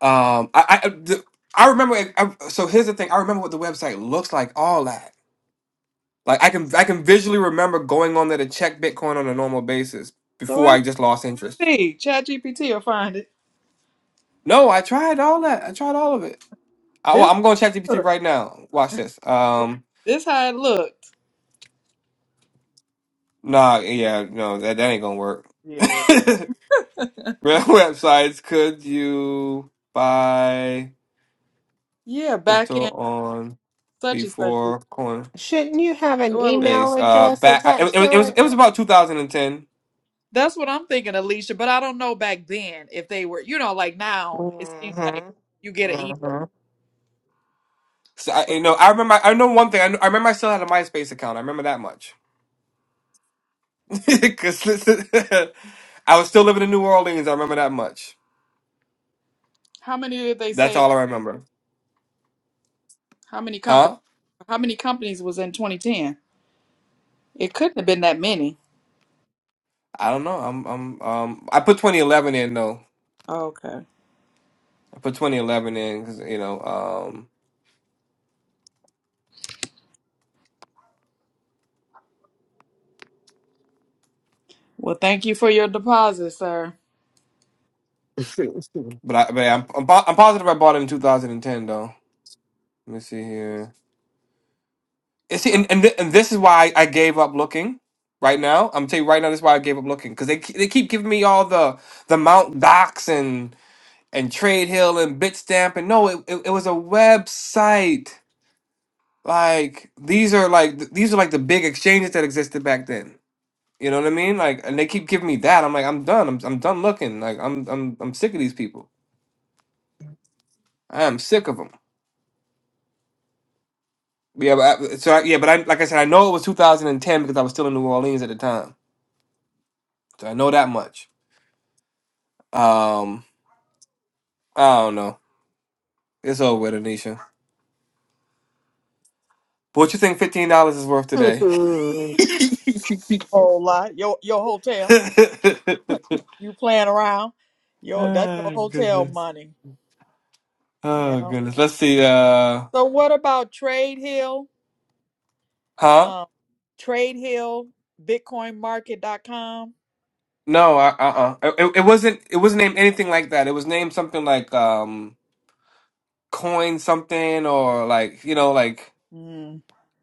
[SPEAKER 2] um, I I I- the, I remember. It, I, so here's the thing. I remember what the website looks like. All that. Like I can I can visually remember going on there to check Bitcoin on a normal basis
[SPEAKER 1] So
[SPEAKER 2] before I just lost interest.
[SPEAKER 1] See, Chat GPT will find it.
[SPEAKER 2] No, I tried all that. I tried all of it. I,
[SPEAKER 1] This
[SPEAKER 2] am going to chat GPT
[SPEAKER 1] look,
[SPEAKER 2] right now. Watch this. Um,
[SPEAKER 1] this how it looked.
[SPEAKER 2] nah, yeah, no, that, that ain't gonna work. Real
[SPEAKER 1] Yeah.
[SPEAKER 2] websites, could you buy
[SPEAKER 1] Yeah, back
[SPEAKER 2] crypto
[SPEAKER 1] in
[SPEAKER 2] on
[SPEAKER 1] such and such. year.
[SPEAKER 2] before Coinbase?
[SPEAKER 3] Shouldn't you have an
[SPEAKER 1] Go.
[SPEAKER 3] email
[SPEAKER 2] Uh,
[SPEAKER 3] address
[SPEAKER 2] back I- it,
[SPEAKER 3] attached
[SPEAKER 2] it
[SPEAKER 3] to
[SPEAKER 2] was it
[SPEAKER 3] it?
[SPEAKER 2] was about 2010.
[SPEAKER 1] That's what I'm thinking, Alicia. But I don't know back then if they were, you know, like now it seems like
[SPEAKER 3] Mm-hmm.
[SPEAKER 1] you get an email.
[SPEAKER 3] Mm-hmm.
[SPEAKER 2] So I, you know, I remember. I know one thing. I, kn- I remember I still had a MySpace account. I remember that much because I was still living in New Orleans. I remember that much.
[SPEAKER 1] How many did they
[SPEAKER 2] That's
[SPEAKER 1] say?
[SPEAKER 2] all I remember.
[SPEAKER 1] How many companies?
[SPEAKER 2] Huh?
[SPEAKER 1] How many companies was in 2010? It couldn't have been that many.
[SPEAKER 2] I don't know. I'm I'm um I put 2011 in though.
[SPEAKER 1] Okay.
[SPEAKER 2] I put 2011 in because you know, um,
[SPEAKER 1] Well, thank you for your deposit, sir.
[SPEAKER 2] but I, but I'm, I'm po- I'm positive I bought it in 2010 though. Let me see here. And see, and and, th- and this is why I gave up looking. Right now, I'm gonna tell you right now, this is why I gave up looking because they ke- they keep giving me all the the Mount Docs and and Trade Hill and Bitstamp and no, it, it it was a website. Like these are like th- these are like the big exchanges that existed back then. You know what I mean? Like, and they keep giving me that. I'm like, I'm done. I'm I'm done looking. Like, I'm I'm I'm sick of these people. I'm sick of them. Yeah, but I, so I, yeah, but I like I said, I know it was 2010 because I was still in New Orleans at the time, so I know that much. Um, I don't know. It's over with, Anisha. But what you think fifteen dollars is worth today?
[SPEAKER 6] right.
[SPEAKER 1] Whole lot. Your your hotel. You playing around. Your that's your
[SPEAKER 2] oh
[SPEAKER 1] hotel
[SPEAKER 2] goodness.
[SPEAKER 1] money.
[SPEAKER 2] Oh
[SPEAKER 1] Yeah.
[SPEAKER 2] goodness. Let's see. Uh,
[SPEAKER 1] So what about Trade Hill?
[SPEAKER 2] huh?
[SPEAKER 1] Um, Trade Hill, BitcoinMarket.com.
[SPEAKER 2] No. Uh. Uh. uh. It, it wasn't. It wasn't named anything like that. It was named something like um, coin something or like you know like
[SPEAKER 1] Mm,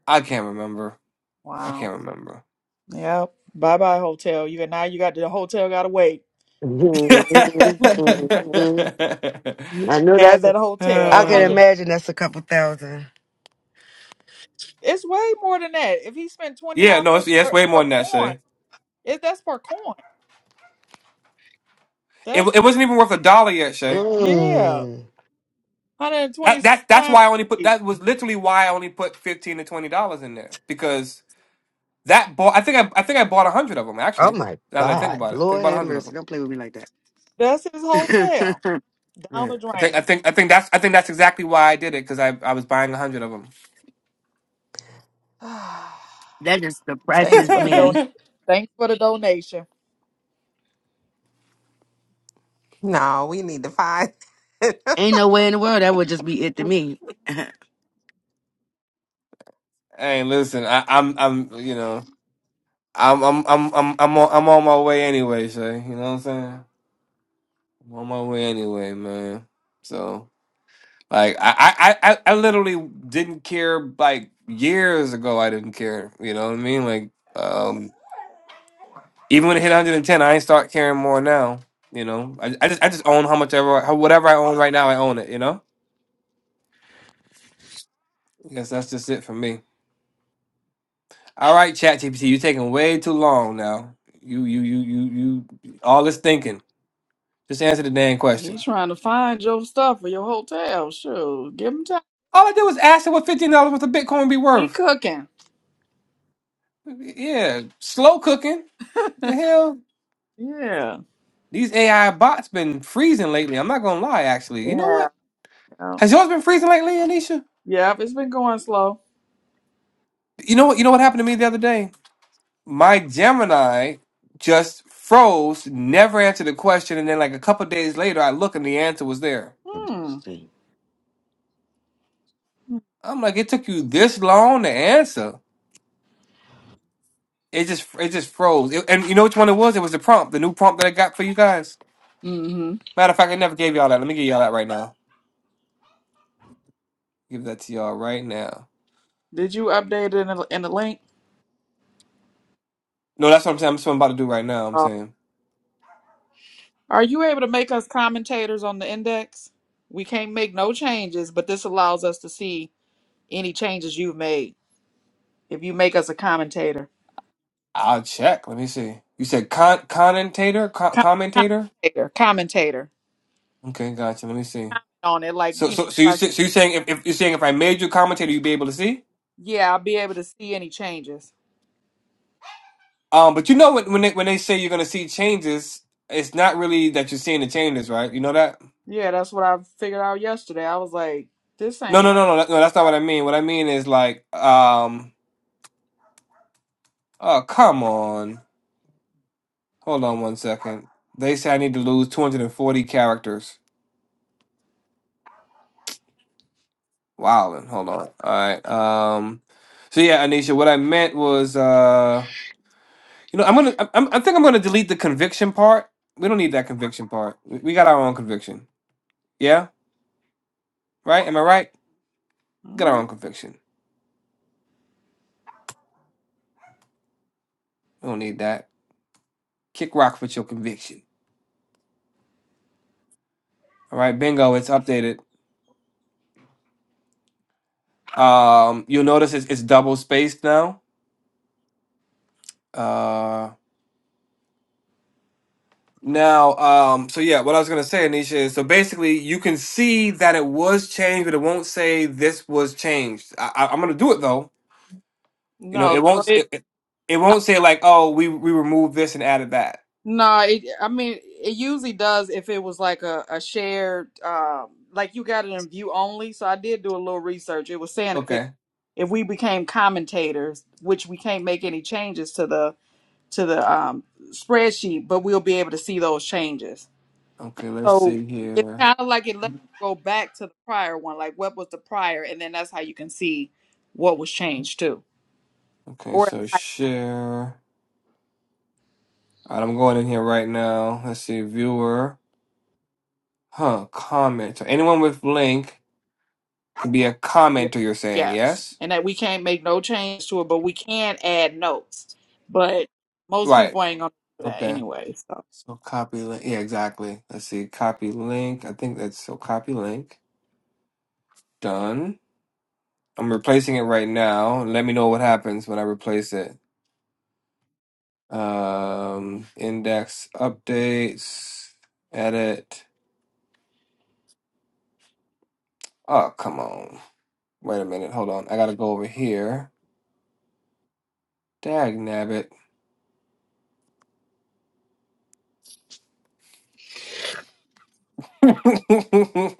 [SPEAKER 2] I can't remember. I
[SPEAKER 1] wow.
[SPEAKER 2] can't remember.
[SPEAKER 1] Yep. Bye bye hotel. You got now you got the hotel gotta wait.
[SPEAKER 6] Mhm.
[SPEAKER 1] you
[SPEAKER 6] mhm. I
[SPEAKER 1] can
[SPEAKER 6] know
[SPEAKER 1] add
[SPEAKER 6] that's. A,
[SPEAKER 1] that hotel.
[SPEAKER 6] I
[SPEAKER 1] A
[SPEAKER 6] can
[SPEAKER 2] Uh,
[SPEAKER 1] hundred
[SPEAKER 6] imagine that's a couple thousand.
[SPEAKER 1] it's way more than that. If he spent twenty
[SPEAKER 2] yeah, no, it's,
[SPEAKER 1] dollars
[SPEAKER 2] yeah, it's
[SPEAKER 1] per,
[SPEAKER 2] way more
[SPEAKER 1] per
[SPEAKER 2] than that,
[SPEAKER 1] coin,
[SPEAKER 2] Shay.
[SPEAKER 1] it, that's per coin.
[SPEAKER 2] It,
[SPEAKER 1] That's
[SPEAKER 2] it wasn't even worth a dollar yet, Shay.
[SPEAKER 1] yeah.
[SPEAKER 6] Mm.
[SPEAKER 1] Hundred and twenty
[SPEAKER 2] That
[SPEAKER 1] six
[SPEAKER 2] that that's
[SPEAKER 1] times.
[SPEAKER 2] why I only put
[SPEAKER 1] eight.
[SPEAKER 2] that was literally why I only put fifteen to twenty dollars in there because that bought I think I I think I bought a hundred of them
[SPEAKER 6] Oh
[SPEAKER 2] actually.
[SPEAKER 6] my
[SPEAKER 2] Now that I think
[SPEAKER 6] God,
[SPEAKER 2] about it, I think
[SPEAKER 6] Lord
[SPEAKER 2] about a
[SPEAKER 6] have
[SPEAKER 2] hundred of
[SPEAKER 6] mercy!
[SPEAKER 2] them.
[SPEAKER 6] Don't play with me like that.
[SPEAKER 1] That's his hotel. Down
[SPEAKER 2] Yeah,
[SPEAKER 1] the
[SPEAKER 2] I think
[SPEAKER 1] drain.
[SPEAKER 2] I think I think that's I think that's exactly why I did it because I I was buying a hundred of
[SPEAKER 6] that just
[SPEAKER 1] Thanks
[SPEAKER 6] depresses
[SPEAKER 1] for the don.
[SPEAKER 6] me.
[SPEAKER 2] them.
[SPEAKER 1] Thanks for the donation.
[SPEAKER 3] No, we need to find.
[SPEAKER 6] Ain't no way in the world that would just be it to me.
[SPEAKER 2] hey, listen, I, I'm I'm you know I'm I'm I'm I'm I'm on, I'm on my way anyway, Shay. You know what I'm saying? I'm on my way anyway, man. So like I I I, I I literally didn't care like years ago I didn't care. You know what I mean? Like um even when it hit 110, I ain't start caring more now. You know, I, I just I just own how much ever how, whatever I own right now, I own it, you know? I guess that's just it for me. All right, Chat GPT, you taking way too long now. You you you you you all this thinking. Just answer the damn question.
[SPEAKER 1] He's trying to find your stuff for your hotel. Sure, give him time.
[SPEAKER 2] All I did was ask her what fifteen dollars worth of Bitcoin be
[SPEAKER 1] He
[SPEAKER 2] worth.
[SPEAKER 1] cooking.
[SPEAKER 2] Yeah. Slow cooking. The hell?
[SPEAKER 1] Yeah.
[SPEAKER 2] These AI bots been freezing lately. I'm not gonna lie, actually. You know
[SPEAKER 1] Yeah.
[SPEAKER 2] what?
[SPEAKER 1] Yeah.
[SPEAKER 2] Has yours been freezing lately, Anisha?
[SPEAKER 1] Yeah, It's been going slow.
[SPEAKER 2] You know what? You know what happened to me the other day? My Gemini just froze, never answered the question, and then like a couple days later, I look and the answer was there.
[SPEAKER 6] Let's
[SPEAKER 1] Hmm.
[SPEAKER 6] see.
[SPEAKER 2] I'm like, it took you this long to answer. It just it just froze. It- and you know which one it was? It was the prompt, the new prompt that I got for you guys.
[SPEAKER 1] Mm-hmm.
[SPEAKER 2] Matter of fact, I never gave y'all that. Let me give y'all that right now. Give that to y'all right now.
[SPEAKER 1] Did you update it in the, in the link?
[SPEAKER 2] No, that's what I'm saying. That's what I'm about to do right now. I'm
[SPEAKER 1] Oh.
[SPEAKER 2] saying.
[SPEAKER 1] Are you able to make us commentators on the index? We can't make no changes, but this allows us to see any changes you've made. If you make us a commentator,
[SPEAKER 2] I'll check. Let me see. You said con- commentator, co-
[SPEAKER 1] Com-
[SPEAKER 2] commentator.
[SPEAKER 1] commentator, commentator
[SPEAKER 2] Okay, gotcha. Let me see.
[SPEAKER 1] on it, like
[SPEAKER 2] So,
[SPEAKER 1] you
[SPEAKER 2] so, so
[SPEAKER 1] know,
[SPEAKER 2] you
[SPEAKER 1] if I-
[SPEAKER 2] say- so you saying if, if you're saying if I made you a commentator, you'd be able to see.
[SPEAKER 1] yeah, I'll be able to see any changes.
[SPEAKER 2] Um, but you know when when they when they say you're gonna see changes, it's not really that you're seeing the changes, right? You know that?
[SPEAKER 1] Yeah, that's what I figured out yesterday. I was like, this
[SPEAKER 2] No, no,
[SPEAKER 1] ain't
[SPEAKER 2] no, no, that- no. That's not what I mean. What I mean is like, um, oh come on, hold on one second. They say I need to lose 240 characters. Wow, hold on. All right. Um, so yeah, Anisha, what I meant was uh. You know, I'm gonna. I'm, I'm- I think I'm gonna delete the conviction part. We don't need that conviction part. We we got our own conviction. Yeah, right. Am I right? We got our
[SPEAKER 1] mm,
[SPEAKER 2] own conviction. We don't need that. Kick rock with your conviction. All right, bingo. It's updated. Um, you'll notice it's, it's double spaced now. Uh, now, um, so yeah, what I was gonna say, Anisha, is so basically you can see that it was changed, but it won't say this was changed. I, I, I'm gonna do it though. You know,
[SPEAKER 1] no.
[SPEAKER 2] it
[SPEAKER 1] So
[SPEAKER 2] won't.
[SPEAKER 1] it
[SPEAKER 2] It, it, it
[SPEAKER 1] I,
[SPEAKER 2] won't say like, oh, we we removed this and added that.
[SPEAKER 1] no, it, I mean, it usually does if it was like a, a shared um like you got it in view only. So I did do a little research. It was saying if it
[SPEAKER 2] Okay.
[SPEAKER 1] if we became commentators, which we can't make any changes to the to the um spreadsheet, but we'll be able to see those changes.
[SPEAKER 2] Okay, let's
[SPEAKER 1] So
[SPEAKER 2] see
[SPEAKER 1] it's
[SPEAKER 2] here.
[SPEAKER 1] kind of like it lets you go back to the prior one, like what was the prior, and then that's how you can see what was changed too.
[SPEAKER 2] Okay,
[SPEAKER 1] Or
[SPEAKER 2] so share. All right, I'm going in here right now. Let's see, viewer. Huh, comment. So anyone with link can be a
[SPEAKER 1] yeah.
[SPEAKER 2] commenter, you're saying,
[SPEAKER 1] yes,
[SPEAKER 2] yes?
[SPEAKER 1] and that we can't make no change to it, but we can add notes. But most
[SPEAKER 2] Right.
[SPEAKER 1] people ain't gonna do that
[SPEAKER 2] Okay.
[SPEAKER 1] anyway. So
[SPEAKER 2] So copy link. Yeah, exactly. Let's see, copy link. I think that's so copy link. Done. I'm replacing it right now. Let me know what happens when I replace it. Um, index updates, edit. Oh, come on. Wait a minute, hold on. I gotta go over here. Dag nabbit.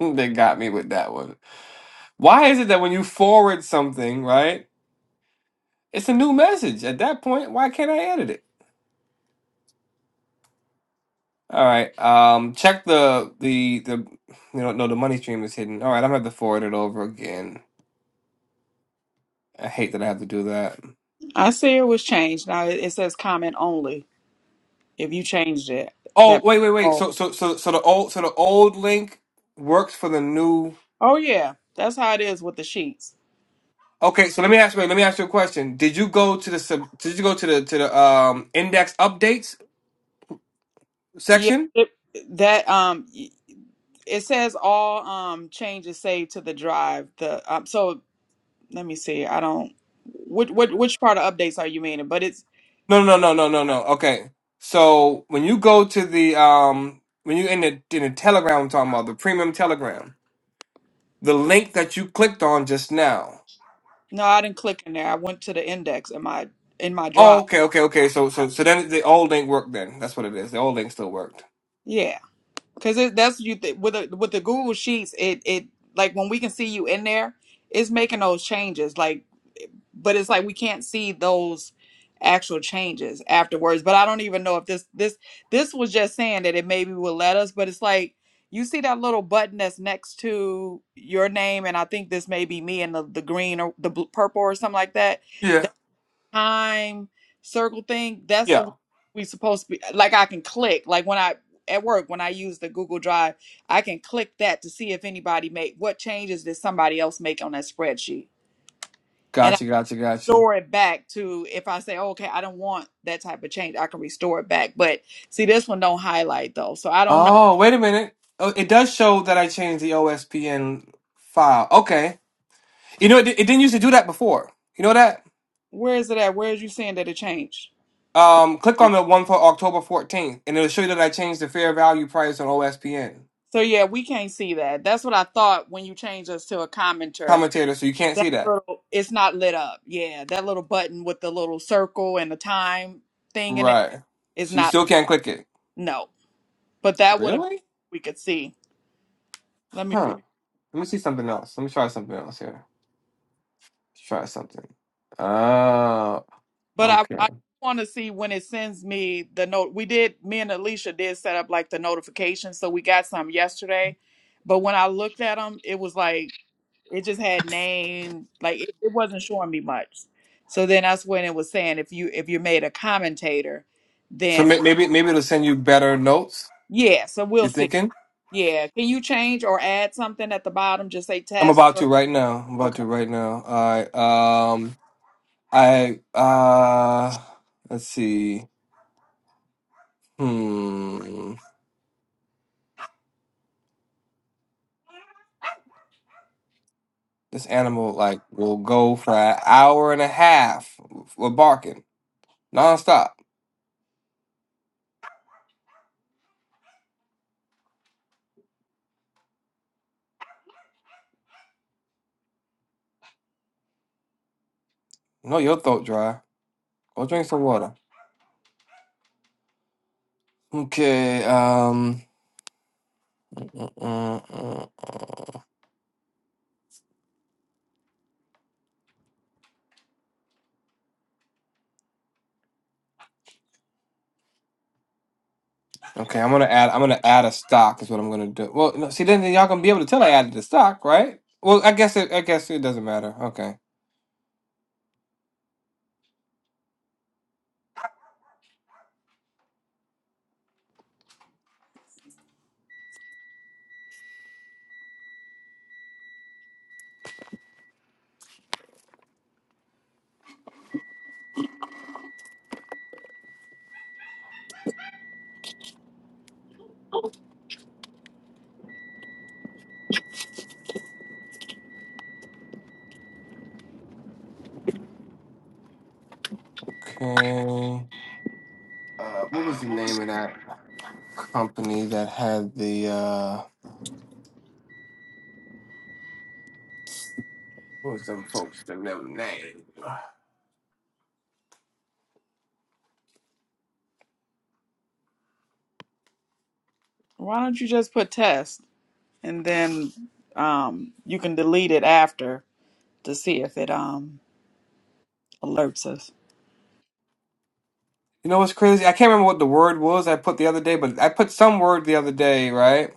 [SPEAKER 2] they got me with that one. Why is it that when you forward something, right? It's a new message. At that point, why can't I edit it? All right. Um, check the the the you know no the money stream is hidden. All right, I'm gonna have to forward it over again. I hate that I have to do that.
[SPEAKER 1] I see it was changed. Now it, it says comment only. If you changed it,
[SPEAKER 2] Oh
[SPEAKER 1] that
[SPEAKER 2] wait wait wait.
[SPEAKER 1] oh
[SPEAKER 2] So so so so the old so the old link works for the new.
[SPEAKER 1] oh yeah, that's how it is with the sheets.
[SPEAKER 2] Okay, so let me ask you. Let me ask you a question. Did you go to the sub? Did you go to the to the um index updates
[SPEAKER 1] Yeah,
[SPEAKER 2] section?
[SPEAKER 1] it, that um it says all um changes saved to the drive. The um, so let me see. I don't. Which, which which part of updates are you meaning? But it's
[SPEAKER 2] No, no, no, no, no, no. Okay, so when you go to the um when you in the in the Telegram, I'm talking about the premium Telegram, the link that you clicked on just now.
[SPEAKER 1] No, I didn't click in there. I went to the index in my in my
[SPEAKER 2] Oh,
[SPEAKER 1] drive.
[SPEAKER 2] okay, okay, okay. So so so then the old link worked. Then that's what it is. The old link still worked.
[SPEAKER 1] Yeah, because that's what you th- with the with the Google Sheets. It it like when we can see you in there, it's making those changes. Like, but it's like we can't see those actual changes afterwards. But I don't even know if this this this was just saying that it maybe will let us. But it's like you see that little button that's next to your name, and I think this may be me in the the green or the bl- purple or something like that
[SPEAKER 2] Yeah.
[SPEAKER 1] time circle thing, that's the
[SPEAKER 2] Yeah.
[SPEAKER 1] one we supposed to be like I can click. Like when I at work, when I use the Google Drive, I can click that to see if anybody made what changes did somebody else make on that spreadsheet. And I
[SPEAKER 2] Gotcha, gotcha, gotcha.
[SPEAKER 1] store it back to if I say, okay, I don't want that type of change, I can restore it back. But see this one don't highlight though. So I don't know.
[SPEAKER 2] Oh, wait a minute. Oh, it does show that I changed the OSPN file. Okay. You know, it, it didn't used to do that before. You know that?
[SPEAKER 1] Where is it at? Where is you seeing that it changed?
[SPEAKER 2] Um, click on the one for October 14th, and it'll show you that I changed the fair value price on OSPN.
[SPEAKER 1] So yeah, we can't see that. That's what I thought when you changed us to a commenter
[SPEAKER 2] Commentator, so you can't
[SPEAKER 1] that
[SPEAKER 2] see that.
[SPEAKER 1] little it's not lit up yeah that little button with the little circle and the time thing in it
[SPEAKER 2] Right.
[SPEAKER 1] is
[SPEAKER 2] So you
[SPEAKER 1] not
[SPEAKER 2] still can't click it.
[SPEAKER 1] no but that would have
[SPEAKER 2] Really?
[SPEAKER 1] we could see let me
[SPEAKER 2] Huh.
[SPEAKER 1] read
[SPEAKER 2] Let me see something else. Let me try something else here. Let's try something. Oh,
[SPEAKER 1] but i
[SPEAKER 2] okay.
[SPEAKER 1] i want to see when it sends me the note we did me and alicia did set up like the notifications so we got some yesterday but when i looked at them it was like it just had name like it, it wasn't showing me much so then that's when it was saying if you if you made a commentator
[SPEAKER 2] So
[SPEAKER 1] then
[SPEAKER 2] may-
[SPEAKER 1] um,
[SPEAKER 2] maybe maybe it'll send you better notes.
[SPEAKER 1] yeah so we'll
[SPEAKER 2] You
[SPEAKER 1] see
[SPEAKER 2] thinking?
[SPEAKER 1] Yeah. Can you change or add something at the bottom? Just say
[SPEAKER 2] I'm
[SPEAKER 1] test
[SPEAKER 2] about to
[SPEAKER 1] or
[SPEAKER 2] right now. I'm about
[SPEAKER 1] okay.
[SPEAKER 2] to right now. All right. Um, I uh, let's see. Hmm. This animal like will go for an hour and a half with barking nonstop. No, your throat dry. Go drink some water. Okay. Um. mm, mm, mm, mm. Okay, I'm gonna add. I'm gonna add a stock. Is what I'm gonna do. Well, no, see, then y'all gonna be able to tell I added the stock, right? Well, I guess it. I guess it doesn't matter. Okay. Okay. Uh, what was the name of that company that had the? uh What was them folks? That never name.
[SPEAKER 1] Why don't you just put test and then um you can delete it after to see if it um alerts us.
[SPEAKER 2] You know what's crazy? I can't remember what the word was I put the other day, but I put some word the other day, right?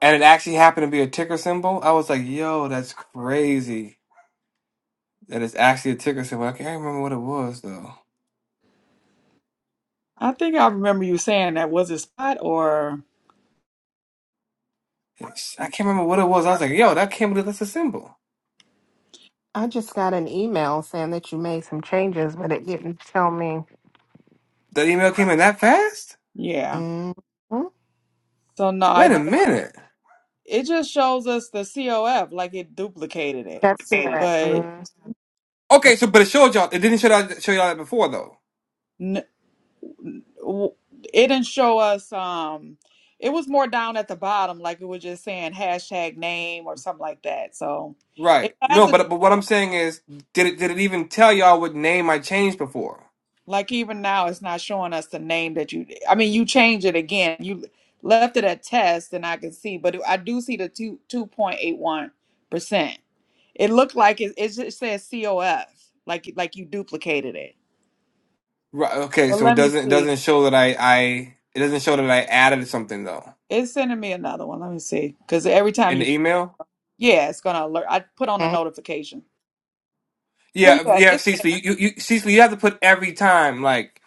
[SPEAKER 2] And it actually happened to be a ticker symbol. I was like, "Yo, that's crazy." That it's actually a ticker symbol. I can't remember what it was though.
[SPEAKER 1] I think I remember you saying that. Was it spot or
[SPEAKER 2] I can't remember what it was. I was like, yo, that can't believe that's a symbol.
[SPEAKER 3] I just got an email saying that you made some changes, but it didn't tell me.
[SPEAKER 2] That email came in that fast?
[SPEAKER 1] yeah.
[SPEAKER 3] hmm
[SPEAKER 1] So no,
[SPEAKER 2] Wait
[SPEAKER 1] it
[SPEAKER 2] a
[SPEAKER 1] do-
[SPEAKER 2] minute.
[SPEAKER 1] it just shows us the COF like it duplicated it.
[SPEAKER 3] That's it.
[SPEAKER 1] But
[SPEAKER 3] Mhm.
[SPEAKER 2] Okay, so but it showed y'all. It didn't show y'all, show y'all that before though,
[SPEAKER 1] no. w- it didn't show us um it was more down at the bottom like it was just saying hashtag name or something like that so it
[SPEAKER 2] right? No,
[SPEAKER 1] hasn't
[SPEAKER 2] but but what I'm saying is, did it did it even tell y'all what name I changed before?
[SPEAKER 1] like even now it's not showing us the name that you i mean you change it again you left it at test and i can see but i do see the two 2.81 percent it looked like it, it just says cof like like you duplicated it
[SPEAKER 2] Right. Okay,
[SPEAKER 1] but
[SPEAKER 2] so it
[SPEAKER 1] let me
[SPEAKER 2] doesn't it
[SPEAKER 1] see
[SPEAKER 2] doesn't show that I I it doesn't show that I added something though
[SPEAKER 1] it's sending me another one let me see because every time
[SPEAKER 2] in
[SPEAKER 1] you
[SPEAKER 2] the email.
[SPEAKER 1] yeah it's gonna alert i put on a
[SPEAKER 3] Okay.
[SPEAKER 1] notification So
[SPEAKER 2] Yeah,
[SPEAKER 1] yeah,
[SPEAKER 2] yeah,
[SPEAKER 1] it's
[SPEAKER 2] Cecily,
[SPEAKER 1] there.
[SPEAKER 2] you you, you Cecily, you have to put every time like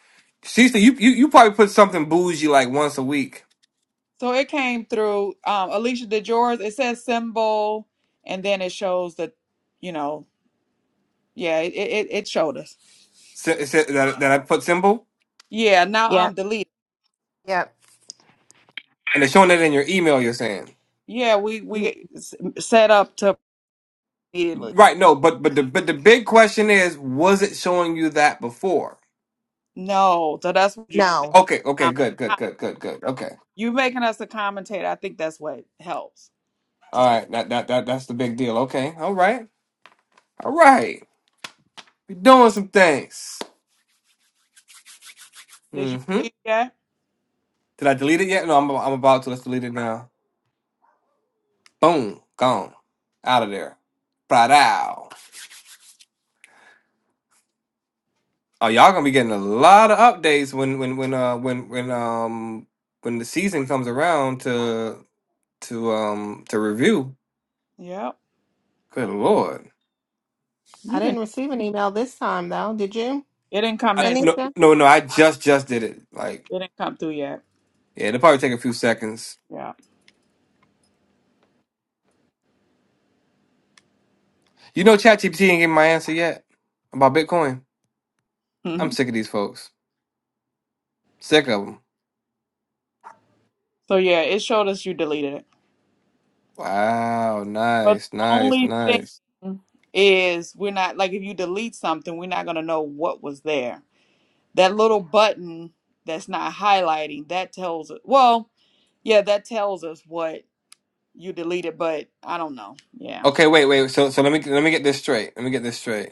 [SPEAKER 2] Cecily, you, you you probably put something bougie like once a week.
[SPEAKER 1] So it came through. Um, Alicia, did yours? It says symbol, and then it shows that, you know, yeah, it it, it showed us.
[SPEAKER 2] S- it said that that I put symbol.
[SPEAKER 1] Yeah, now um,
[SPEAKER 3] Yep.
[SPEAKER 1] delete.
[SPEAKER 3] Yep.
[SPEAKER 2] And it's showing that in your email, you're saying.
[SPEAKER 1] Yeah, we we s- set up to immediately.
[SPEAKER 2] Right, no, but but the but the big question is, was it showing you that before?
[SPEAKER 1] No, so that's what you
[SPEAKER 3] No.
[SPEAKER 1] make.
[SPEAKER 2] Okay, okay,
[SPEAKER 1] Um,
[SPEAKER 2] good, good,
[SPEAKER 1] com-
[SPEAKER 2] good, good, good. Okay.
[SPEAKER 1] you making us a commentator. I think that's what helps to
[SPEAKER 2] All
[SPEAKER 1] see.
[SPEAKER 2] right, that that, that that's the big deal. Okay. All right. All right. We're doing some things.
[SPEAKER 1] Did you
[SPEAKER 2] Mm-hmm.
[SPEAKER 1] delete yet?
[SPEAKER 2] Did I delete it yet? No, I'm I'm about to. Let's delete it now. Boom. Gone. Out of there. Right out. Oh, y'all gonna be getting a lot of updates when when when uh when when um when the season comes around to to um to review.
[SPEAKER 1] Yep.
[SPEAKER 2] Good lord.
[SPEAKER 3] I
[SPEAKER 1] You can.
[SPEAKER 3] didn't receive an email this time, though. Did you,
[SPEAKER 1] It didn't come
[SPEAKER 2] I,
[SPEAKER 1] in. It
[SPEAKER 2] no,
[SPEAKER 3] Anissa?
[SPEAKER 2] no, no. I just just did it. Like,
[SPEAKER 1] didn't come through yet.
[SPEAKER 2] yeah, it'll probably take a few seconds.
[SPEAKER 1] Yeah.
[SPEAKER 2] You know, ChatGPT ain't giving my answer yet about Bitcoin. I'm
[SPEAKER 1] hmm
[SPEAKER 2] sick of these folks. Sick of them.
[SPEAKER 1] So yeah, it showed us you deleted it.
[SPEAKER 2] Wow.
[SPEAKER 1] But
[SPEAKER 2] Nice.
[SPEAKER 1] the
[SPEAKER 2] Nice.
[SPEAKER 1] only
[SPEAKER 2] Nice.
[SPEAKER 1] thing is, we're not like if you delete something, we're not going to know what was there. That little button that's not highlighting that tells us. Well, yeah, that tells us what you deleted, but I don't know. Yeah.
[SPEAKER 2] Okay. Wait. Wait. So, so let me let me get this straight. Let me get this straight.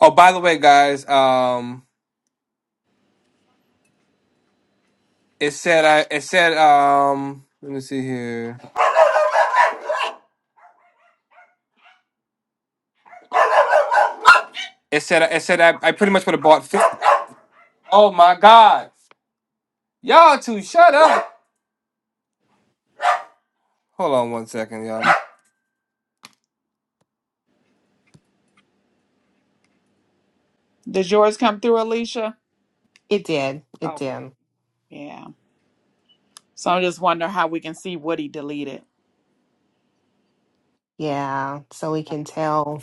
[SPEAKER 2] Oh, by the way, guys. Um, it said I. It said um. Let me see here. It said it said I. I pretty much would have bought. 50. Oh my god. Y'all two, shut up. Hold on one second, y'all.
[SPEAKER 1] Mm. Does yours come through, Alicia?
[SPEAKER 3] It did. It
[SPEAKER 1] Okay.
[SPEAKER 3] did.
[SPEAKER 1] Yeah. So I just wonder how we can see what he deleted.
[SPEAKER 3] Yeah. So we can tell,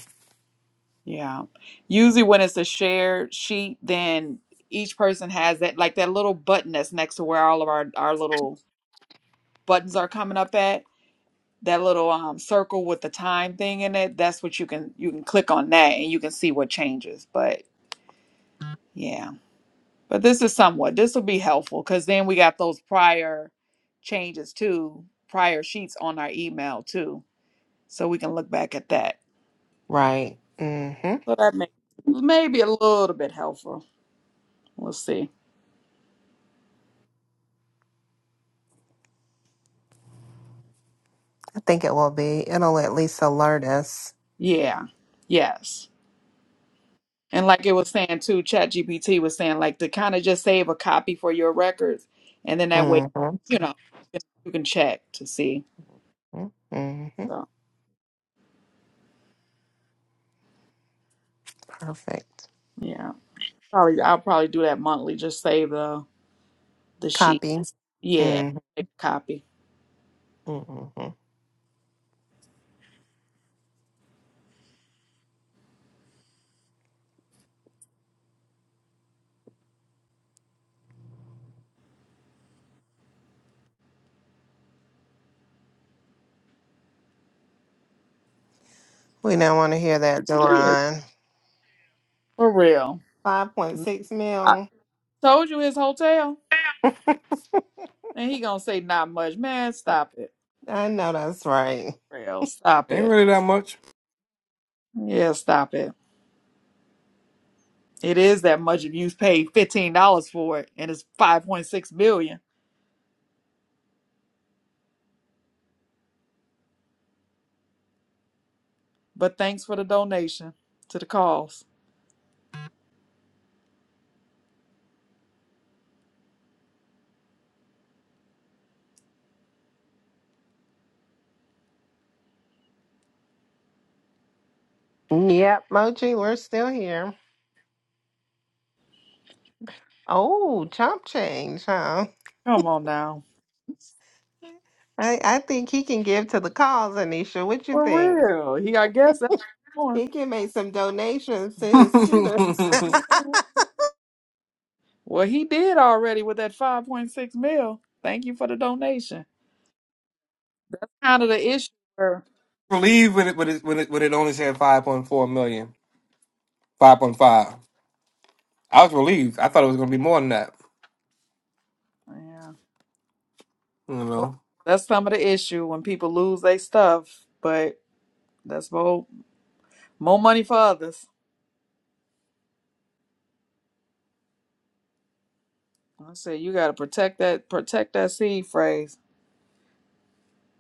[SPEAKER 1] Yeah. Usually when it's a shared sheet, then each person has that like that little button that's next to where all of our our little buttons are coming up at. that little um circle with the time thing in it that's what you can you can click on that and you can see what changes but yeah but this is somewhat this will be helpful because then we got those prior changes too prior sheets on our email too so we can look back at that
[SPEAKER 3] right? hmm
[SPEAKER 1] so that may maybe a little bit helpful we'll see
[SPEAKER 3] I think it will be. It'll at least alert us.
[SPEAKER 1] yeah yes and like it was saying too chat gpt was saying like to kind of just save a copy for your records and then that way
[SPEAKER 3] hmm
[SPEAKER 1] you know you can check to see
[SPEAKER 3] hmm
[SPEAKER 1] So
[SPEAKER 3] Perfect.
[SPEAKER 1] yeah, probably I'll probably do that monthly. Just save the the sheet.
[SPEAKER 3] Copy.
[SPEAKER 1] Yeah,
[SPEAKER 3] hmm
[SPEAKER 1] make a copy.
[SPEAKER 3] hmm We don't want to hear that,
[SPEAKER 1] Yeah,
[SPEAKER 3] Doron.
[SPEAKER 1] for real.
[SPEAKER 3] Five point six
[SPEAKER 1] I
[SPEAKER 3] mil.
[SPEAKER 1] told you his hotel, and he gonna say not much. Man, stop it.
[SPEAKER 3] I know that's right.
[SPEAKER 1] Real, stop
[SPEAKER 2] Ain't
[SPEAKER 1] it.
[SPEAKER 2] really that much.
[SPEAKER 1] Yeah, stop it. It is that much if you've paid fifteen dollars for it, and it's five point six million. But thanks for the donation to the cause.
[SPEAKER 3] Yep, Moji, we're still here. Oh, chomp change, huh?
[SPEAKER 1] Come on now,
[SPEAKER 3] I, I think he can give to the cause, Anisha. What you think?
[SPEAKER 1] for real. He, I guess that's what
[SPEAKER 3] He can make some donations to his students.
[SPEAKER 1] he's doing. Well, he did already with that 5.6 mil. Thank you for the donation. That's kind of the issue. where-
[SPEAKER 2] relieved when it when it when it, when it only said five point four million, five point five. I was relieved. I thought it was gonna be more than that.
[SPEAKER 1] Yeah.
[SPEAKER 2] You
[SPEAKER 1] Well,
[SPEAKER 2] know.
[SPEAKER 1] that's some of the issue when people lose their stuff, but that's more, more money for others. I say you got to protect that protect that seed phrase.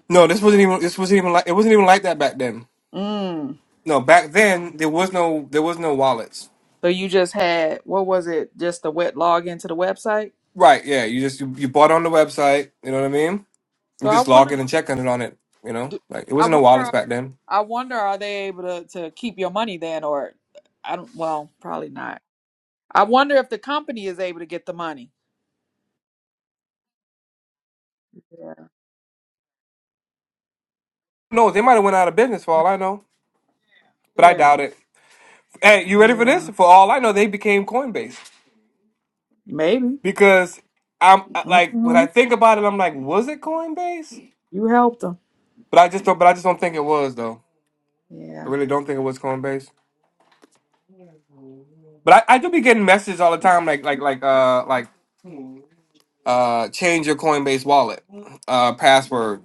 [SPEAKER 2] No, this wasn't even this wasn't even like it wasn't even like that back then.
[SPEAKER 1] Mm.
[SPEAKER 2] No, back then there was no there was no wallets.
[SPEAKER 1] So you just had what was it? Just the wet log into the website.
[SPEAKER 2] Right? Yeah, you just you, you bought on the website. You know what I mean?
[SPEAKER 1] So
[SPEAKER 2] You
[SPEAKER 1] I
[SPEAKER 2] just log
[SPEAKER 1] wonder,
[SPEAKER 2] in and check on it on it. You know,
[SPEAKER 1] do-
[SPEAKER 2] like it
[SPEAKER 1] I
[SPEAKER 2] wasn't no wallets
[SPEAKER 1] wonder,
[SPEAKER 2] back then.
[SPEAKER 1] I wonder, are they able to to keep your money then, or I don't? Well, probably not. I wonder if the company is able to get the money. Yeah,
[SPEAKER 2] No, they might have went out of business for all I know, but I
[SPEAKER 1] yeah,
[SPEAKER 2] doubt it. Hey, you ready for
[SPEAKER 1] yeah.
[SPEAKER 2] this? For all I know, they became Coinbase.
[SPEAKER 1] Maybe.
[SPEAKER 2] because I'm like when
[SPEAKER 1] hmm
[SPEAKER 2] I think about it, I'm like, was it Coinbase?
[SPEAKER 1] You helped them.
[SPEAKER 2] But I just don't. But I just don't think it was though.
[SPEAKER 1] Yeah.
[SPEAKER 2] I really don't think it was Coinbase. But I, I do be getting messages all the time, like like like uh like uh change your Coinbase wallet uh password,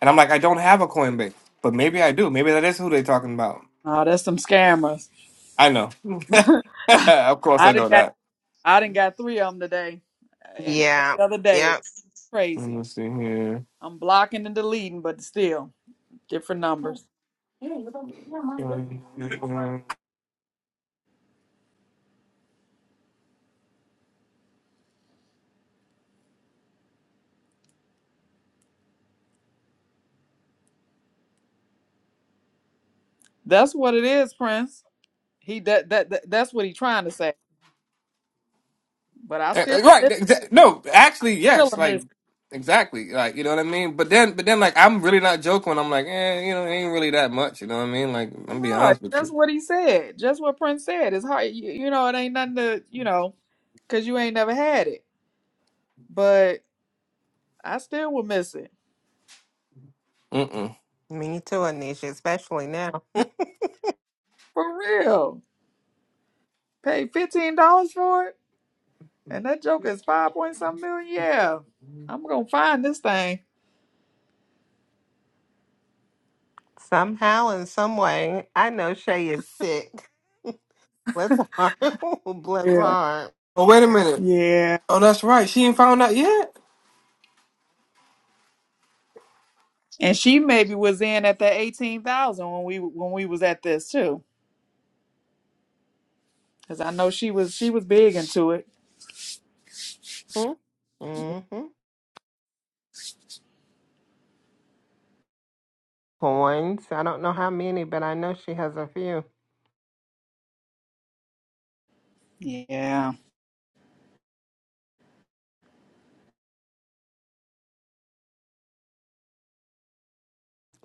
[SPEAKER 2] and I'm like, I don't have a Coinbase, but maybe I do. Maybe that is who they're talking about.
[SPEAKER 1] Oh, that's some scammers.
[SPEAKER 2] I know. of course,
[SPEAKER 1] I
[SPEAKER 2] I know
[SPEAKER 1] didn't got
[SPEAKER 2] that.
[SPEAKER 1] I didn't got three of them today, uh, and
[SPEAKER 3] yeah,
[SPEAKER 1] every other day.
[SPEAKER 3] yeah.
[SPEAKER 2] Let
[SPEAKER 1] Crazy.
[SPEAKER 2] me see here.
[SPEAKER 1] I'm blocking and deleting, but still different numbers. That's what it is, Prince. He that that, that that's what he's trying to say. But I
[SPEAKER 2] Uh,
[SPEAKER 1] still
[SPEAKER 2] uh, right
[SPEAKER 1] it's
[SPEAKER 2] exa- no actually
[SPEAKER 1] still
[SPEAKER 2] yes
[SPEAKER 1] a
[SPEAKER 2] like
[SPEAKER 1] miss.
[SPEAKER 2] exactly like you know what i mean but then but then like i'm really not joking when i'm like eh, you know it ain't really that much you know what i mean like i'm gonna be
[SPEAKER 1] No,
[SPEAKER 2] honest with
[SPEAKER 1] that's
[SPEAKER 2] you
[SPEAKER 1] what he said. Just what Prince said. It's hard. You, you know, it ain't nothing to you know. because you ain't never had it. But I still will miss it.
[SPEAKER 2] Mm-mm.
[SPEAKER 3] Me too, Anisha, especially now.
[SPEAKER 1] For real. Pay $15 for it? And that joke is five point something million? Yeah. I'm going to find this thing.
[SPEAKER 3] Somehow, in some way, I know Shay is sick. Bless her heart. Bless her
[SPEAKER 1] Yeah.
[SPEAKER 3] heart.
[SPEAKER 2] oh wait a minute
[SPEAKER 1] Yeah.
[SPEAKER 2] oh that's right she ain't found out yet
[SPEAKER 1] And she maybe was in at the 18,000 when we when we was at this too. Cause I know she was she was big into it.
[SPEAKER 3] Mm-hmm. Coins. I don't know how many, but I know she has a few.
[SPEAKER 1] Yeah.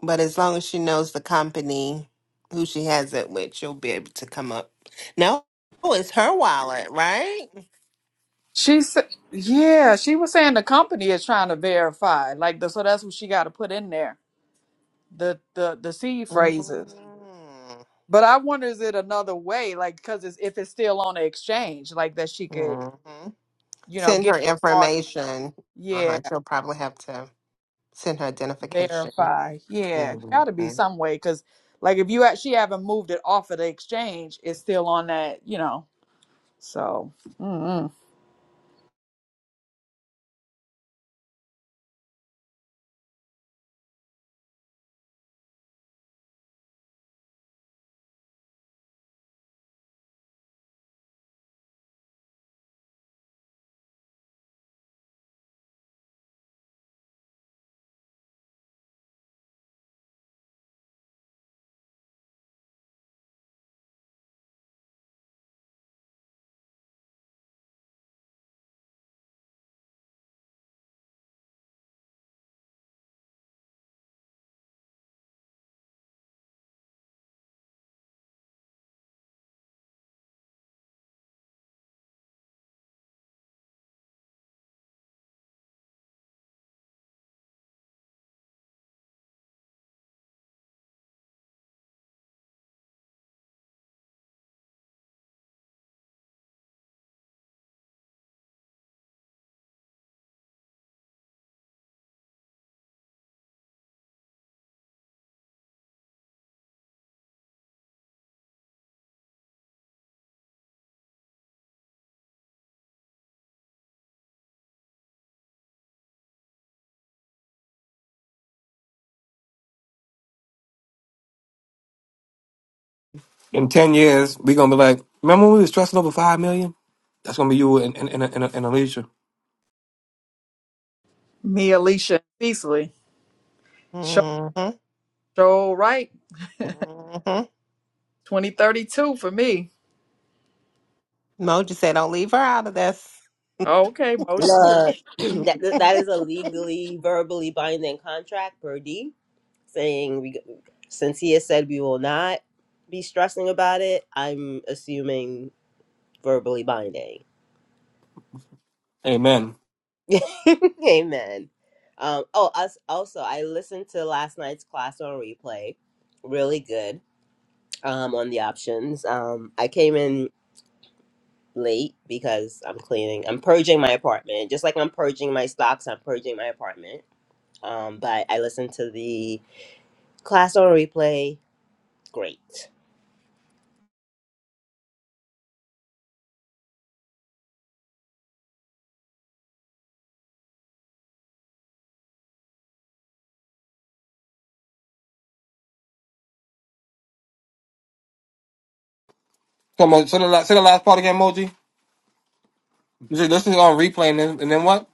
[SPEAKER 3] But as long as she knows the company who she has it with, she'll be able to come up. No, it's her wallet, right?
[SPEAKER 1] She said, yeah, she was saying the company is trying to verify, like the, so that's what she got to put in there, the the the seed phrases.
[SPEAKER 3] Mm-hmm.
[SPEAKER 1] But I wonder is it another way, like because it's, if it's still on the exchange, like that she could, you know,
[SPEAKER 3] Send
[SPEAKER 1] get
[SPEAKER 3] her
[SPEAKER 1] her login.
[SPEAKER 3] information. Uh
[SPEAKER 1] Yeah,
[SPEAKER 3] huh. She'll probably have to send her identification.
[SPEAKER 1] verify. Yeah, got to be
[SPEAKER 3] Mm-hmm.
[SPEAKER 1] some way because, like, if you actually haven't moved it off of the exchange, it's still on that, you know. So, mm-mm.
[SPEAKER 2] in 10 years we gonna be like remember when we was stressing over 5 million that's gonna be you and and and, and, and alicia
[SPEAKER 1] me, Alicia, Cecily, show
[SPEAKER 3] Mm-hmm.
[SPEAKER 1] show right,
[SPEAKER 3] Mm-hmm.
[SPEAKER 1] twenty thirty two for me.
[SPEAKER 3] Mo just said, "Don't leave her out of this."
[SPEAKER 1] Okay, Mo,
[SPEAKER 7] Look, that that is a legally, verbally binding contract per D, saying we. Since he has said we will not be stressing about it, I'm assuming verbally binding.
[SPEAKER 2] amen
[SPEAKER 7] Amen. Um, oh, us also. I listened to last night's class on replay. Really good. Um, on the options. Um, I came in late because I'm cleaning. I'm purging my apartment, just like I'm purging my stocks. I'm purging my apartment. Um, but I listened to the Class on replay. Great.
[SPEAKER 2] come on say the, last, say the last part again Moji. you said this is on replay and then, and then what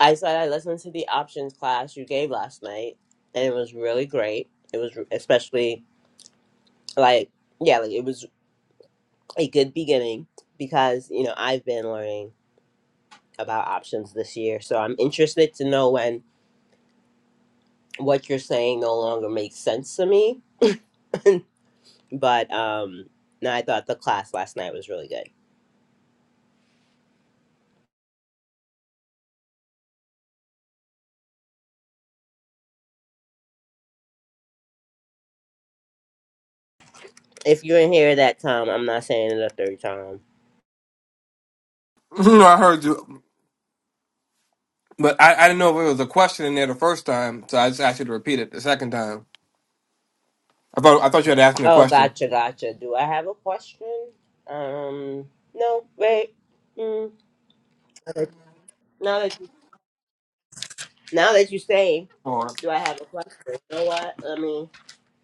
[SPEAKER 7] I said I listened to the options class you gave last night, and it was really great. It was especially like yeah, like it was a good beginning because you know I've been learning about options this year, so I'm interested to know when what you're saying no longer makes sense to me. But um, no, I thought the class last night was really good. If you didn't hear that, Tom, I'm not saying it a third time.
[SPEAKER 2] no i heard you but I, I didn't know if it was a question in there the first time so i just asked you to repeat it the second time I thought I thought you had asked me a
[SPEAKER 7] Oh,
[SPEAKER 2] question.
[SPEAKER 7] gotcha, gotcha. Do I have a question? Um, no, wait. Mm, now that you, now that you say,
[SPEAKER 2] Or
[SPEAKER 7] do I have a question? You know what? I mean,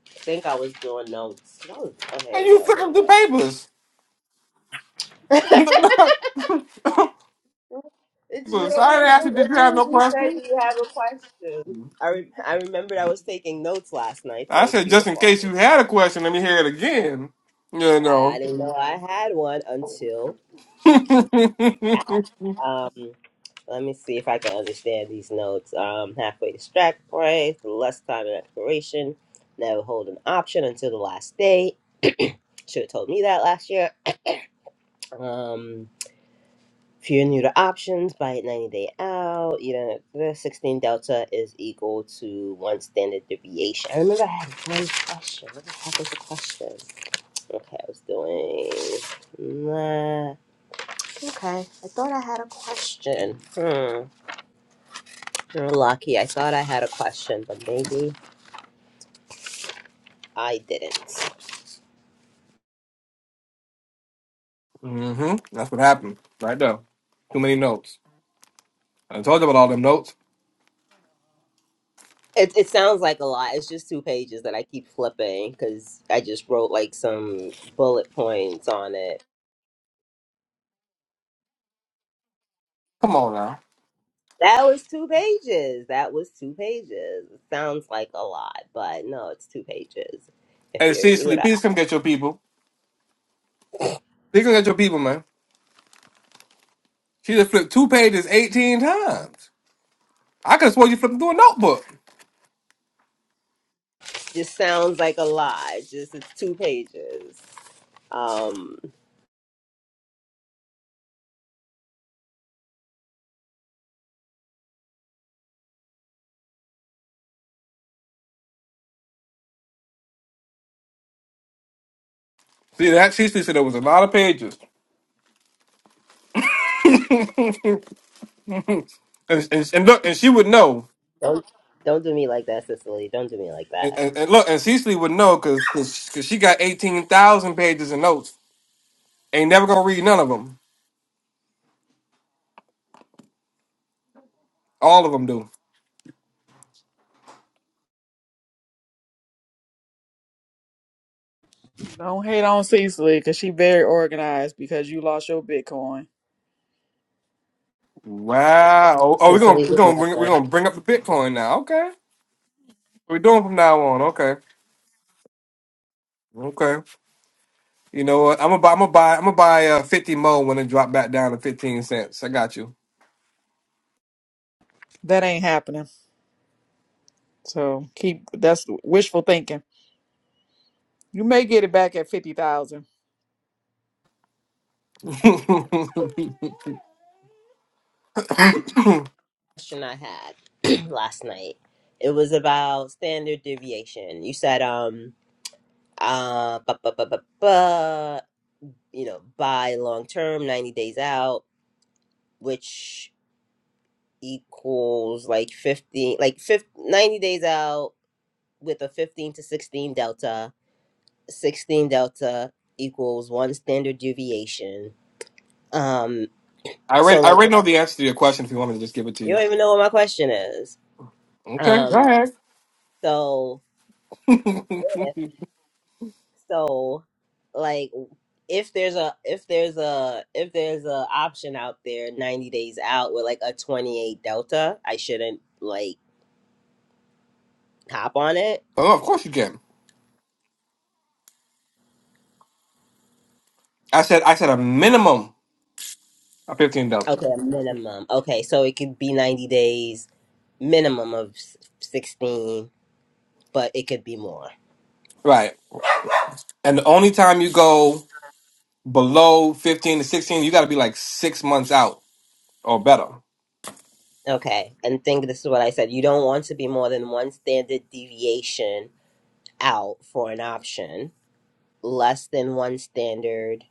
[SPEAKER 7] I think I was doing notes. oh, oh, here
[SPEAKER 2] and
[SPEAKER 7] we
[SPEAKER 2] you
[SPEAKER 7] go.
[SPEAKER 2] took
[SPEAKER 7] Here we
[SPEAKER 2] up the
[SPEAKER 7] go.
[SPEAKER 2] papers. The
[SPEAKER 7] It's you.
[SPEAKER 2] Papers. I didn't ask you.
[SPEAKER 7] As
[SPEAKER 2] Did
[SPEAKER 7] as
[SPEAKER 2] you
[SPEAKER 7] soon
[SPEAKER 2] have
[SPEAKER 7] as
[SPEAKER 2] no
[SPEAKER 7] you said, "Do
[SPEAKER 2] question?
[SPEAKER 7] you have a question?" I re- I remembered I was taking notes last night,
[SPEAKER 2] I
[SPEAKER 7] so it's
[SPEAKER 2] said
[SPEAKER 7] your
[SPEAKER 2] just in case
[SPEAKER 7] fault.
[SPEAKER 2] you had a question, let me hear it again. You
[SPEAKER 7] I, I
[SPEAKER 2] know.
[SPEAKER 7] didn't know I had one until Um, let me see if I can understand these notes. Um, halfway distract, pray, the less time in expiration. never hold an option until the last day. Should have told me that last year. Um, if you're new to options, buy it 90 day out. You know, the 16 delta is equal to one standard deviation. I remember I had one question. What the heck was the question? Okay, I was doing. Nah. Okay, I thought I had a question. Hmm. You're lucky. I thought I had a question, but maybe I didn't.
[SPEAKER 2] hmm That's what happened right there. Too many notes. I told you about all them notes.
[SPEAKER 7] It, it sounds like a lot. It's just two pages that I keep flipping because I just wrote like some bullet points on it.
[SPEAKER 2] Come on now.
[SPEAKER 7] That was two pages. That was two pages. It sounds like a lot, but no, it's two pages. If
[SPEAKER 2] Hey,
[SPEAKER 7] you're in
[SPEAKER 2] Cecily,
[SPEAKER 7] to
[SPEAKER 2] please come get your people. Please come get your people, man. She just flipped two pages 18 times. I could have sworn you flipped through a notebook.
[SPEAKER 7] just sounds like a lot. Just it's two pages. Um,
[SPEAKER 2] See that? Cecily said there was a lot of pages. and, and, and look, and she would know,
[SPEAKER 7] don't don't do me like that, Cicely. Don't do me like
[SPEAKER 2] and,
[SPEAKER 7] that.
[SPEAKER 2] and, and look, and Cecily would know because because she got eighteen thousand pages of notes. Ain't never gonna read none of them. All of them do.
[SPEAKER 1] don't hate on Cecily because she very organized because you lost your Bitcoin.
[SPEAKER 2] Wow. Oh, oh, we're gonna
[SPEAKER 7] Cicely
[SPEAKER 2] we're
[SPEAKER 7] would
[SPEAKER 2] gonna bring
[SPEAKER 7] never.
[SPEAKER 2] we're gonna bring up the Bitcoin now. Okay, we're doing from now on. Okay, okay. You know what? I'm gonna buy. I'm gonna buy. I'm gonna buy uh, fifty mo when it drop back down to fifteen cents. I got you.
[SPEAKER 1] That ain't happening. So keep that's wishful thinking. You may get it back at fifty thousand.
[SPEAKER 7] question I had last night. It was about standard deviation. You said, um, uh, bu- bu- bu- bu- bu- you know, buy long term, 90 days out, which equals like 15, like 50, 90 days out with a 15 to 16 delta. 16 delta equals one standard deviation. Um,
[SPEAKER 2] I
[SPEAKER 7] so
[SPEAKER 2] already I
[SPEAKER 7] like,
[SPEAKER 2] already know the answer to your question. If you want me to just give it to
[SPEAKER 7] you
[SPEAKER 2] you,
[SPEAKER 7] don't even know what my question is.
[SPEAKER 2] okay? Go
[SPEAKER 7] Um,
[SPEAKER 2] ahead.
[SPEAKER 7] so, so like, if there's a if there's a if there's a option out there 90 days out with like a 28 delta i shouldn't like hop on it
[SPEAKER 2] Oh, of course you can. I said I said a minimum Uh, 15
[SPEAKER 7] okay
[SPEAKER 2] dope.
[SPEAKER 7] a minimum okay so it could be 90 days minimum of s- 16 but it could be more
[SPEAKER 2] Right. And the only time you go below 15 to 16, you got to be like six months out or better.
[SPEAKER 7] okay and think this is what i said you don't want to be more than one standard deviation out for an option less than one standard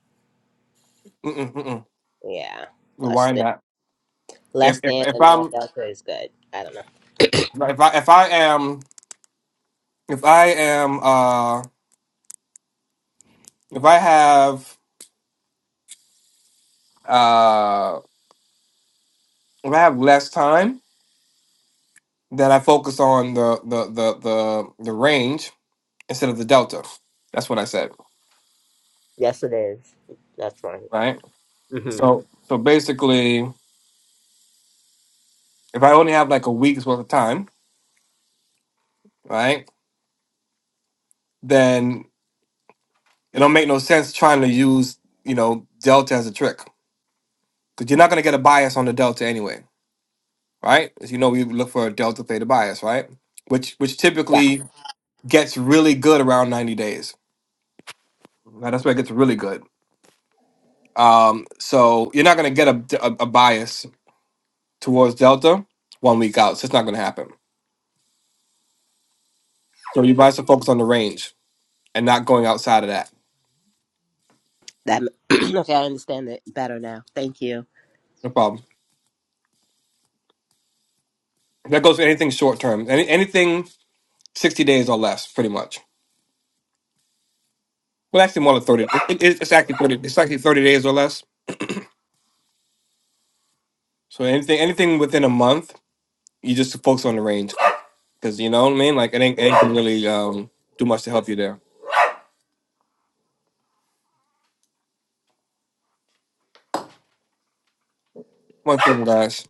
[SPEAKER 2] Mm-mm, mm-mm.
[SPEAKER 7] yeah less
[SPEAKER 2] Rewind
[SPEAKER 7] than
[SPEAKER 2] that. If,
[SPEAKER 7] less
[SPEAKER 2] if
[SPEAKER 7] than
[SPEAKER 2] if
[SPEAKER 7] and more
[SPEAKER 2] I'm
[SPEAKER 7] delta is good i don't know
[SPEAKER 2] if I if I am if I am uh if I have uh if I have less time, then I focus on the the the the, the range instead of the delta. That's what I said,
[SPEAKER 7] Yes, it is. That's right.
[SPEAKER 2] right?
[SPEAKER 7] hmm
[SPEAKER 2] So so basically, if I only have like a week's worth of time, right? then It don't make no sense trying to use, you know, delta as a trick. Because you're not going to get a bias on the delta anyway, right? As you know, we look for a delta theta bias, right? Which which
[SPEAKER 7] Yeah.
[SPEAKER 2] typically gets really good around 90 days. Now, that's where it gets really good. Um, so you're not going to get a, a, a bias towards delta one week out. So it's not going to happen. So you guys to focus on the range and not going outside of that.
[SPEAKER 7] That okay, I understand it better now. Thank you.
[SPEAKER 2] No problem. That goes for anything short term. Any, anything 60 days or less, pretty much. Well, actually, more than thirty. It, it, it's actually thirty. It's actually thirty days or less. So anything, anything within a month, you just focus on the range because you know what I mean. Like it ain't, it ain't gonna really um, do much to help you there. One thing, guys.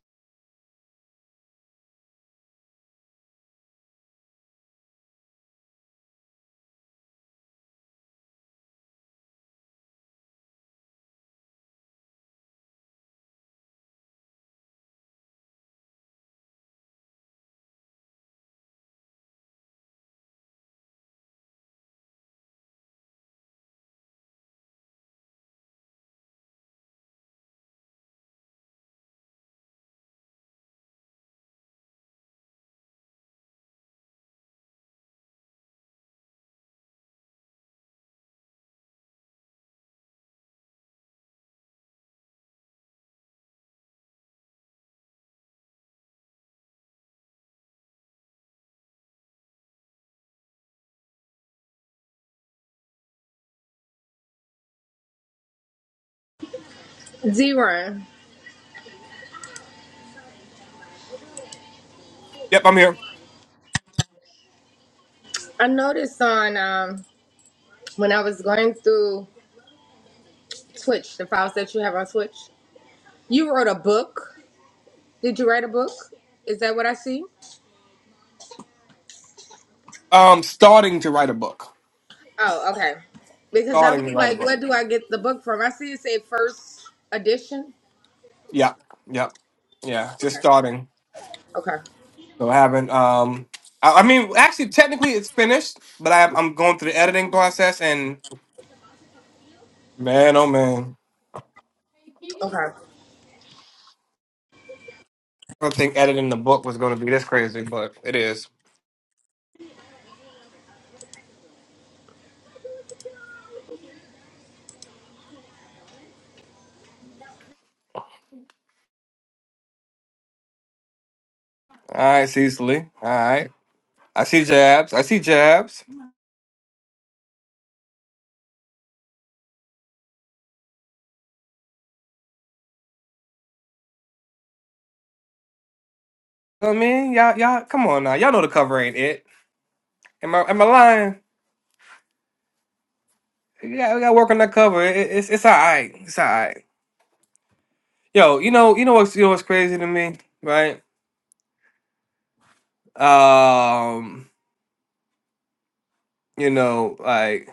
[SPEAKER 4] Zeron,
[SPEAKER 2] Yep, I'm here.
[SPEAKER 4] I noticed on um when I was going through Twitch, the files that you have on Twitch, you wrote a book. Did you write a book? Is that what I see?
[SPEAKER 2] Um, starting to write a book.
[SPEAKER 4] Oh, okay. Because I was
[SPEAKER 2] Starting to write a
[SPEAKER 4] like,
[SPEAKER 2] book.
[SPEAKER 4] where do I get the book from? I see it say first edition.
[SPEAKER 2] Yeah, yeah, yeah. Just
[SPEAKER 4] Okay.
[SPEAKER 2] starting.
[SPEAKER 4] Okay.
[SPEAKER 2] So I haven't. Um, I, I mean, actually, technically, it's finished, but I, I'm going through the editing process. And man, oh man,
[SPEAKER 4] Okay.
[SPEAKER 2] I don't think editing the book was going to be this crazy, but it is. All right, Cecily. All right. I see jabs. I see jabs. You know what I mean? Y'all, y'all, come on now. Y'all know the cover ain't it. Am I, am I lying? Yeah, we got to work on that cover. It, it's, it's all right. It's all right. Yo, you know, you know what's, you know what's crazy to me, right? Um, you know, like,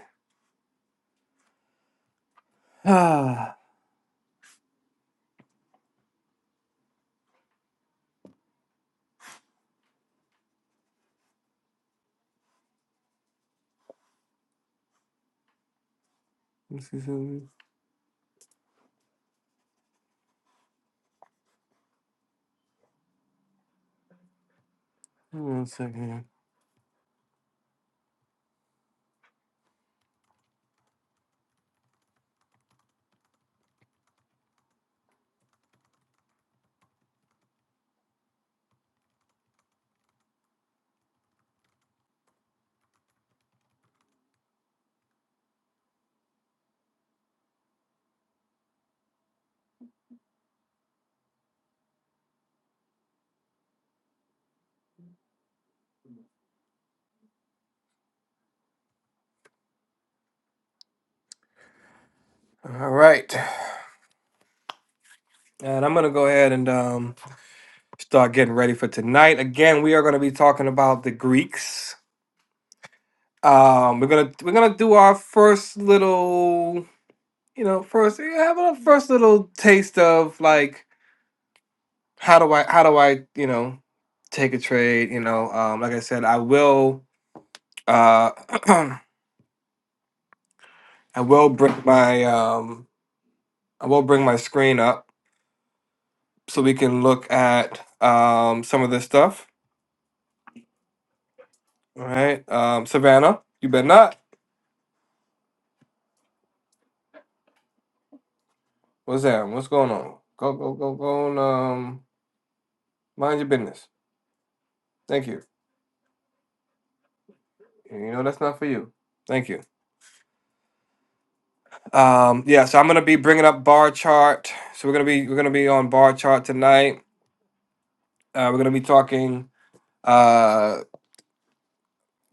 [SPEAKER 2] let's see something. Hold on a second. here. All right. And I'm going to go ahead and um start getting ready for tonight. Again, we are going to be talking about the Greeks. Um, we're gonna we're gonna do our first little, you know, first eh, have a first little taste of like how do I how do I you know take a trade? You know, um, like I said, I will uh I will bring my um I will bring my screen up so we can look at um some of this stuff. All right, um, Savannah, you better not. What's that? What's going on? Go go go go and um mind your business. Thank you. You know that's not for you. Thank you. Um, yeah, so I'm gonna be bringing up bar chart. So we're gonna be we're gonna be on bar chart tonight. Uh, we're gonna be talking uh,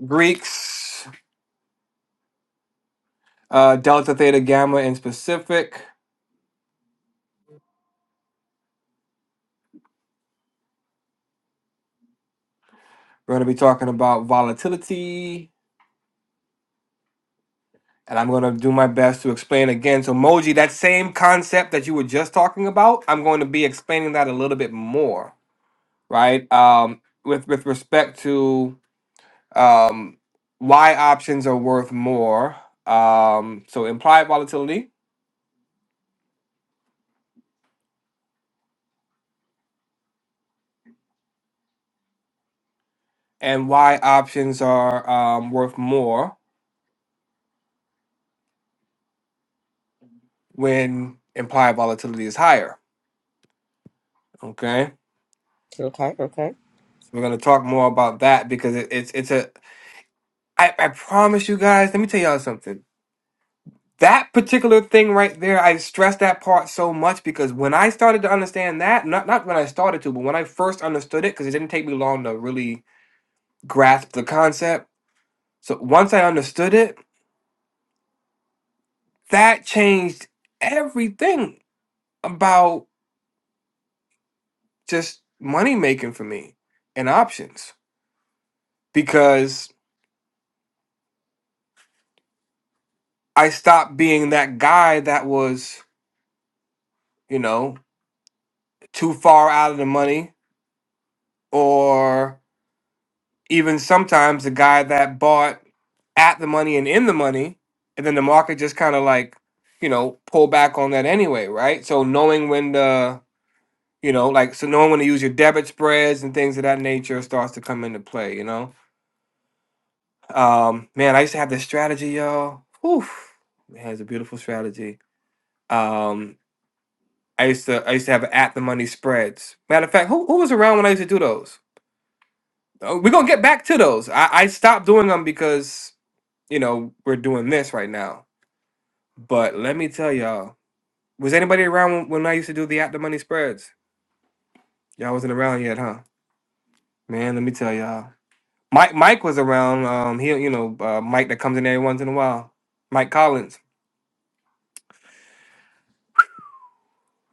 [SPEAKER 2] Greeks, uh, delta, theta, gamma in specific. We're gonna be talking about volatility, and I'm gonna do my best to explain again. So Moji, that same concept that you were just talking about, I'm going to be explaining that a little bit more, right? Um, with with respect to um, why options are worth more. Um, so implied volatility and why options are um, worth more when implied volatility is higher. Okay,
[SPEAKER 7] Okay, okay.
[SPEAKER 2] so we're gonna talk more about that because it, it's it's a. I, I promise you guys. Let me tell y'all something. That particular thing right there, I stressed that part so much because when I started to understand that, not not when I started to, but when I first understood it, because it didn't take me long to really grasp the concept. So once I understood it, that changed everything about just money making for me and options because I stopped being that guy that was, you know, too far out of the money or even sometimes the guy that bought at the money and in the money and then the market just kind of like, you know, pull back on that anyway, right? So knowing when the you know, like so knowing when to use your debit spreads and things of that nature starts to come into play, you know? Um, man, I used to have this strategy, y'all. Whew, man, it's a beautiful strategy. Um, I used to I used to have at the money spreads. Matter of fact, who who was around when I used to do those? Oh, we're gonna get back to those. I, I stopped doing them because you know we're doing this right now. But let me tell y'all, was anybody around when, when I used to do the at the money spreads? Y'all wasn't around yet, huh? Man, let me tell y'all. Mike Mike was around. Um, he you know uh, Mike that comes in every once in a while. Mike Collins.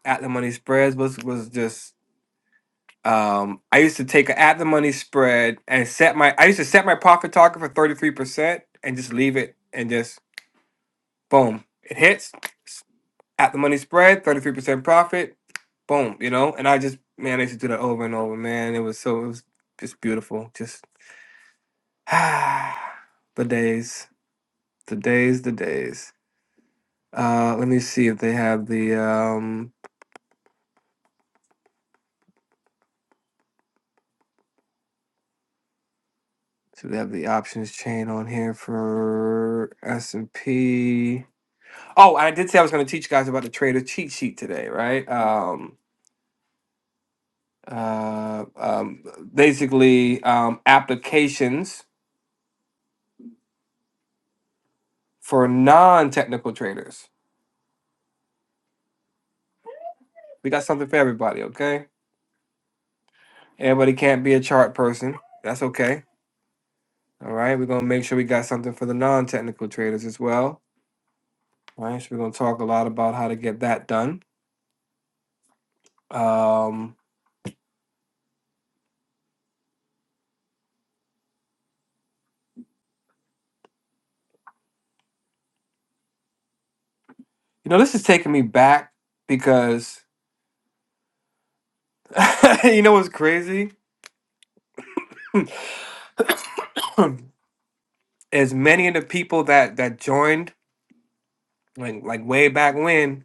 [SPEAKER 2] at the money spreads was was just um I used to take an at the money spread and set my I used to set my profit target for 33% and just leave it and just boom. It hits at the money spread, 33% profit, boom, you know? And I just man, I used to do that over and over, man. It was so it was just beautiful. Just the days. The days, the days. Uh let me see if they have the um So they have the options chain on here for S and P. Oh, I did say I was going to teach you guys about the trader cheat sheet today, right? Um, uh, um, basically, um, applications for non-technical traders. We got something for everybody, okay? Everybody can't be a chart person. That's okay. All right, we're gonna make sure we got something for the non-technical traders as well. All right, so we're gonna talk a lot about how to get that done. Um, you know, this is taking me back because you know what's crazy? Is many of the people that that joined like like way back when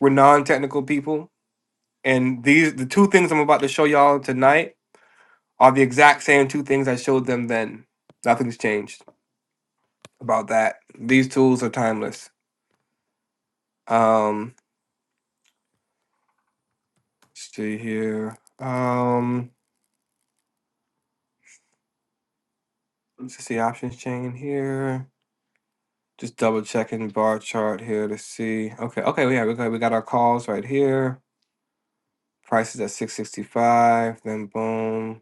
[SPEAKER 2] were non-technical people, and these the two things I'm about to show y'all tonight are the exact same two things I showed them then. Nothing's changed about that. These tools are timeless. Um, let's see here. Um, let's see options chain here. Just double checking bar chart here to see. Okay, okay, yeah, we got we got our calls right here. Price is at 665. Then boom.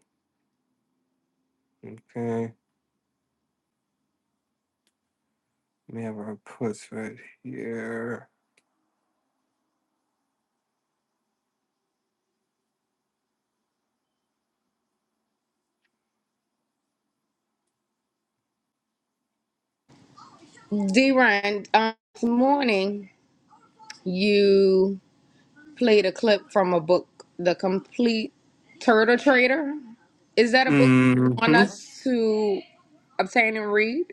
[SPEAKER 2] Okay. Let me have our puts right here.
[SPEAKER 4] D-Run, um, this morning you played a clip from a book, The Complete Turtle Trader. Is that a book you
[SPEAKER 2] hmm
[SPEAKER 4] want us to obtain and read?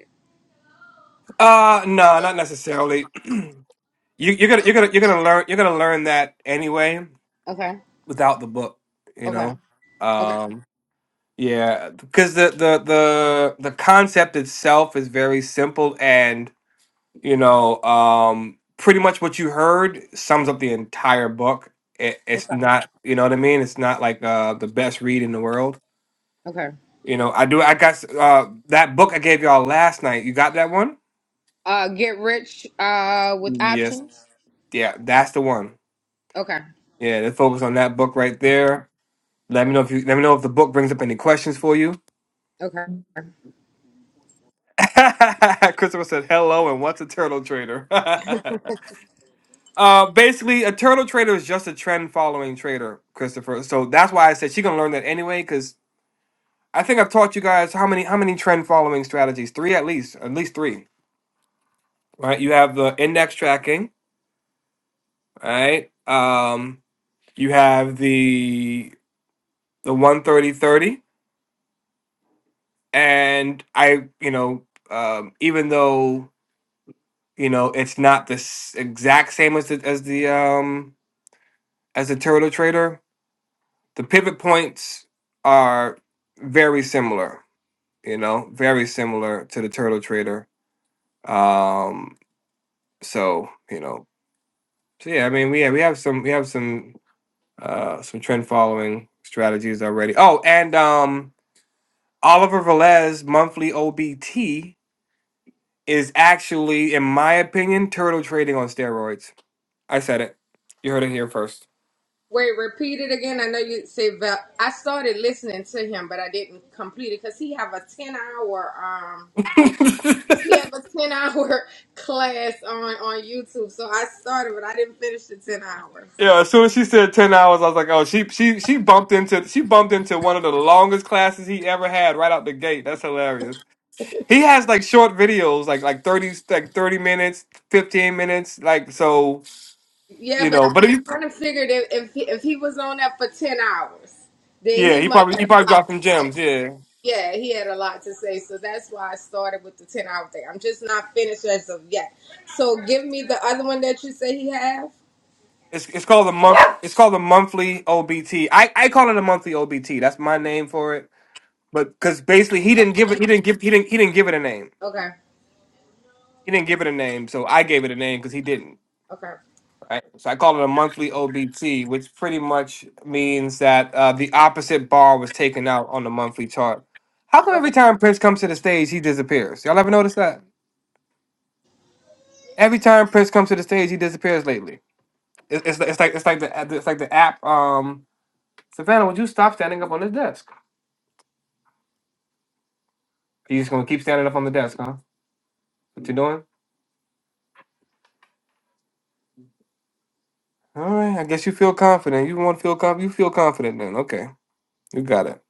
[SPEAKER 2] Uh no, not necessarily. you you're gonna you're gonna you're gonna learn you're gonna learn that anyway
[SPEAKER 4] Okay.
[SPEAKER 2] without the book, you
[SPEAKER 4] Okay.
[SPEAKER 2] know?
[SPEAKER 4] Okay.
[SPEAKER 2] Um yeah, because the, the the the concept itself is very simple and. You know, um, pretty much what you heard sums up the entire book. It, it's
[SPEAKER 4] Okay.
[SPEAKER 2] not, you know what I mean? It's not like uh, the best read in the world.
[SPEAKER 4] Okay.
[SPEAKER 2] You know, I do. I got s- uh, that book I gave y'all last night. You got that one?
[SPEAKER 4] Uh, Get Rich uh, with
[SPEAKER 2] Yes.
[SPEAKER 4] Options.
[SPEAKER 2] Yeah, that's the one.
[SPEAKER 4] Okay.
[SPEAKER 2] Yeah, they focus on that book right there. Let me know if you let me know if the book brings up any questions for you.
[SPEAKER 4] Okay.
[SPEAKER 2] Christopher said hello and what's a turtle trader? Uh, basically, a turtle trader is just a trend following trader, Christopher. So that's why I said she's gonna learn that anyway. Because I think I've taught you guys how many how many trend following strategies? Three at least, at least three. Right? You have the index tracking. Right? Um, you have the the one thirty thirty, and I you know um, even though you know it's not the s- exact same as the as the um as the turtle trader, the pivot points are very similar, you know, very similar to the Turtle Trader. Um, so you know, so yeah, I mean, we have we have some we have some uh some trend following strategies already. Oh, and um, Oliver Velez monthly OBT is actually, in my opinion, turtle trading on steroids. I said it. You heard it here first.
[SPEAKER 4] Wait, repeat it again. I know you say Val. I started listening to him, but I didn't complete it because he have a ten hour. We have a ten hour class on on YouTube, so I started, but I didn't finish the ten hours.
[SPEAKER 2] Yeah, as soon as she said ten hours, I was like, "Oh, she she she bumped into she bumped into one of the longest classes he ever had right out the gate." That's hilarious. He has like short videos, like like thirty like thirty minutes, fifteen minutes, like so
[SPEAKER 4] Yeah,
[SPEAKER 2] you
[SPEAKER 4] but I,
[SPEAKER 2] know. But if
[SPEAKER 4] I
[SPEAKER 2] you
[SPEAKER 4] kind of figured if if he, if he was on that for ten hours, then
[SPEAKER 2] yeah,
[SPEAKER 4] he
[SPEAKER 2] he
[SPEAKER 4] must
[SPEAKER 2] probably
[SPEAKER 4] have
[SPEAKER 2] he probably
[SPEAKER 4] a lot
[SPEAKER 2] dropped some
[SPEAKER 4] to say.
[SPEAKER 2] gems. Yeah,
[SPEAKER 4] Yeah, he had a lot to say, so that's why I started with the ten hour thing. I'm just not finished as of yet. So give me the other one that you say he have.
[SPEAKER 2] it's it's called the month. It's called the monthly OBT. I I call it a monthly OBT. That's my name for it. But because basically he didn't give it he didn't give he didn't he didn't give it a name.
[SPEAKER 4] Okay,
[SPEAKER 2] He didn't give it a name, so I gave it a name because he didn't.
[SPEAKER 4] okay,
[SPEAKER 2] Right. So I call it a monthly OBT, which pretty much means that uh, the opposite bar was taken out on the monthly chart. How come
[SPEAKER 4] okay.
[SPEAKER 2] every time Prince comes to the stage, he disappears? Y'all ever notice that? Every time Prince comes to the stage, he disappears lately. It's, it's, it's like it's like the it's like the app. Um, Savannah, would you stop standing up on this desk? You just gonna keep standing up on the desk, huh? What you doing? All right. I guess you feel confident. You want to feel confident. You feel confident then. Okay. You got it.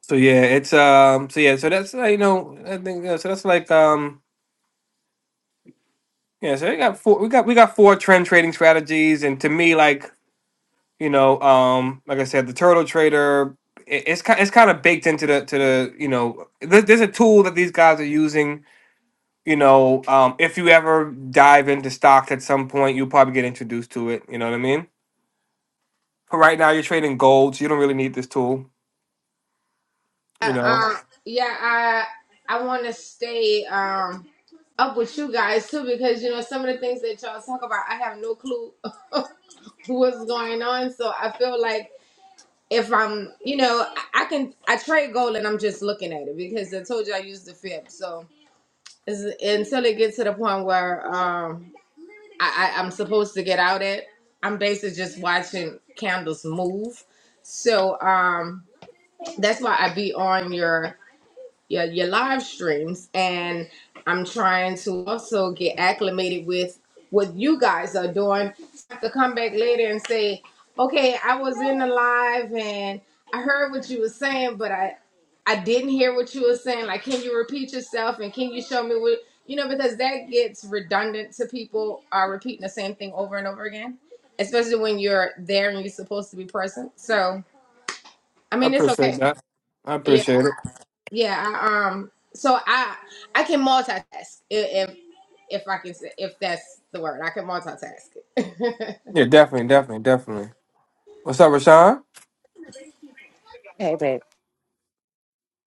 [SPEAKER 2] So yeah, it's um. So yeah. So that's uh, you know. I think uh, so. That's like um Yeah, so we got four. We got we got four trend trading strategies, and to me, like you know, um, like I said, the turtle trader, it, it's kind it's kind of baked into the to the you know, there, there's a tool that these guys are using. You know, um, if you ever dive into stocks at some point, you'll probably get introduced to it. You know what I mean? But right now, you're trading gold, so you don't really need this tool. You
[SPEAKER 4] Uh,
[SPEAKER 2] know,
[SPEAKER 4] um yeah i i want to stay um up with you guys too because you know some of the things that y'all talk about i have no clue what's going on so i feel like if i'm you know i I can i trade gold and i'm just looking at it because i told you i use the fib so it's, until it gets to the point where um I, I i'm supposed to get out at i'm basically just watching candles move so um that's why i be on your your your live streams and I'm trying to also get acclimated with what you guys are doing. So I have to come back later and say, okay, I was in the live and I heard what you were saying, but I I didn't hear what you were saying. Like, can you repeat yourself and can you show me what you know? Because that gets redundant to people are repeating the same thing over and over again, especially when you're there and you're supposed to be present. So I
[SPEAKER 2] I
[SPEAKER 4] mean, it's
[SPEAKER 2] appreciate
[SPEAKER 4] okay.
[SPEAKER 2] that. I
[SPEAKER 4] Yeah,
[SPEAKER 2] appreciate it.
[SPEAKER 4] yeah, I, um, so I I can multitask i- if if I can say if that's the word. I can multitask. it.
[SPEAKER 2] Yeah, definitely, definitely, definitely. What's up, Rashawn?
[SPEAKER 8] Hey, babe.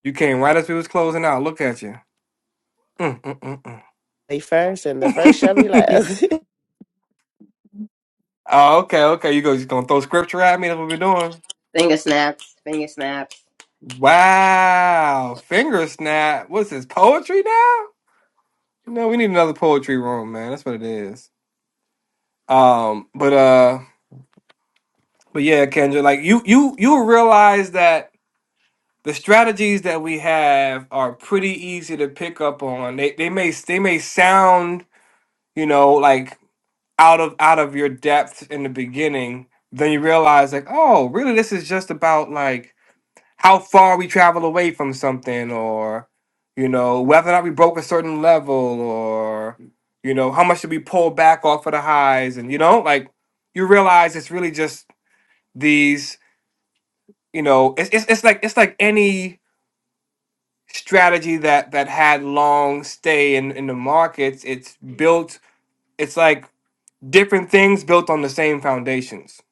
[SPEAKER 2] You came right as we was closing out. Look at you. Mm, mm, mm, mm.
[SPEAKER 8] The first and the first shall be last.
[SPEAKER 2] Oh, okay, okay. You go, you gonna throw scripture at me? That's what we're doing.
[SPEAKER 7] Finger snaps. Finger snaps.
[SPEAKER 2] Wow, finger snap. What's this poetry now? No, we need another poetry room, man. That's what it is. Um, but uh, but yeah, Kendra, like you, you, you realize that the strategies that we have are pretty easy to pick up on. They, they may, they may sound, you know, like out of out of your depth in the beginning. Then you realize, like, oh, really, this is just about like how far we travel away from something or you know whether or not we broke a certain level or you know how much did we pull back off of the highs and you know like you realize it's really just these you know it's it's, it's like it's like any strategy that that had long stay in in the markets it's built it's like different things built on the same foundations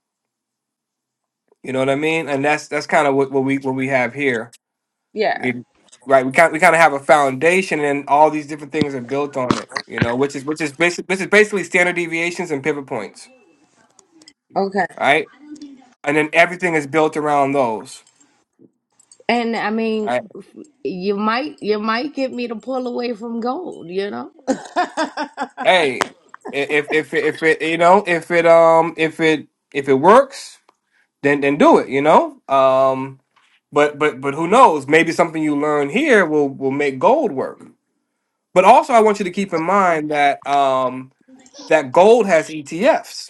[SPEAKER 2] you know what i mean and that's that's kind of what, what we what we have here
[SPEAKER 4] Yeah.
[SPEAKER 2] we, right we kind we kind of have a foundation and all these different things are built on it you know which is which is basic, which is basically standard deviations and pivot points
[SPEAKER 4] Okay.
[SPEAKER 2] right and then everything is built around those
[SPEAKER 4] And I mean,
[SPEAKER 2] right
[SPEAKER 4] you might you might get me to pull away from gold, you know?
[SPEAKER 2] hey i- if if it- if it you know if it um if it if it works then then do it you know um but but but who knows maybe something you learn here will will make gold work but also i want you to keep in mind that um that gold has etfs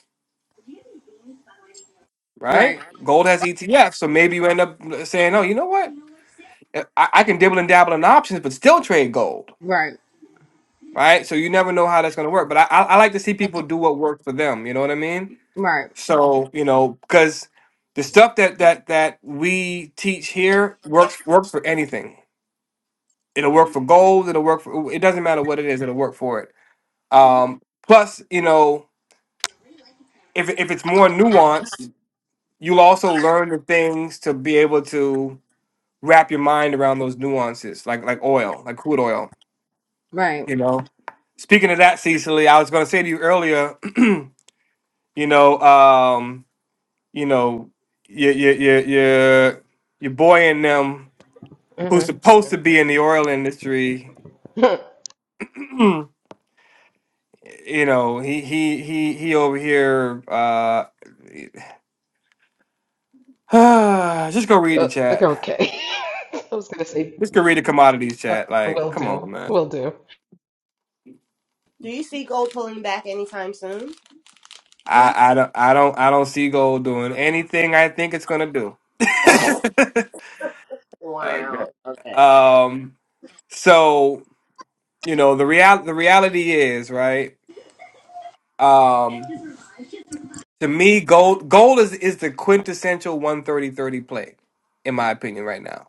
[SPEAKER 2] right?
[SPEAKER 4] right,
[SPEAKER 2] Gold has ETF, so maybe you end up saying, "Oh, you know what? Eh, I, I can dibble and dabble in options, but still trade gold."
[SPEAKER 4] right,
[SPEAKER 2] Right? So you never know how that's going to work. But I, I I like to see people do what works for them. You know what I mean?
[SPEAKER 4] right,
[SPEAKER 2] So you know, because the stuff that that that we teach here works works for anything. It'll work for gold. It'll work for. It doesn't matter what it is. It'll work for it. Um, plus, you know, if if it's more nuanced, you'll also learn the things to be able to wrap your mind around those nuances, like like oil, like crude oil.
[SPEAKER 4] right.
[SPEAKER 2] You know. Speaking of that, Cecily, I was going to say to you earlier. you know, um, you know, your your your your your boy and them who's
[SPEAKER 9] Mm-hmm.
[SPEAKER 2] supposed to be in the oil industry. you know, he he he he over here. Uh, just go read the
[SPEAKER 9] uh,
[SPEAKER 2] chat.
[SPEAKER 9] okay. I was gonna say,
[SPEAKER 2] Just go read the commodities
[SPEAKER 9] uh,
[SPEAKER 2] chat. Like,
[SPEAKER 9] will
[SPEAKER 2] come
[SPEAKER 9] do,
[SPEAKER 2] on, man.
[SPEAKER 9] will do.
[SPEAKER 7] Do you see gold pulling back anytime soon? D?
[SPEAKER 2] I, I don't I don't I don't see gold doing anything I think it's gonna do.
[SPEAKER 7] Wow.
[SPEAKER 2] okay.
[SPEAKER 7] Okay.
[SPEAKER 2] Um. So you know the real the reality is right. Um. To me, gold gold is is the quintessential one hundred and thirty thirty play, in my opinion, right now.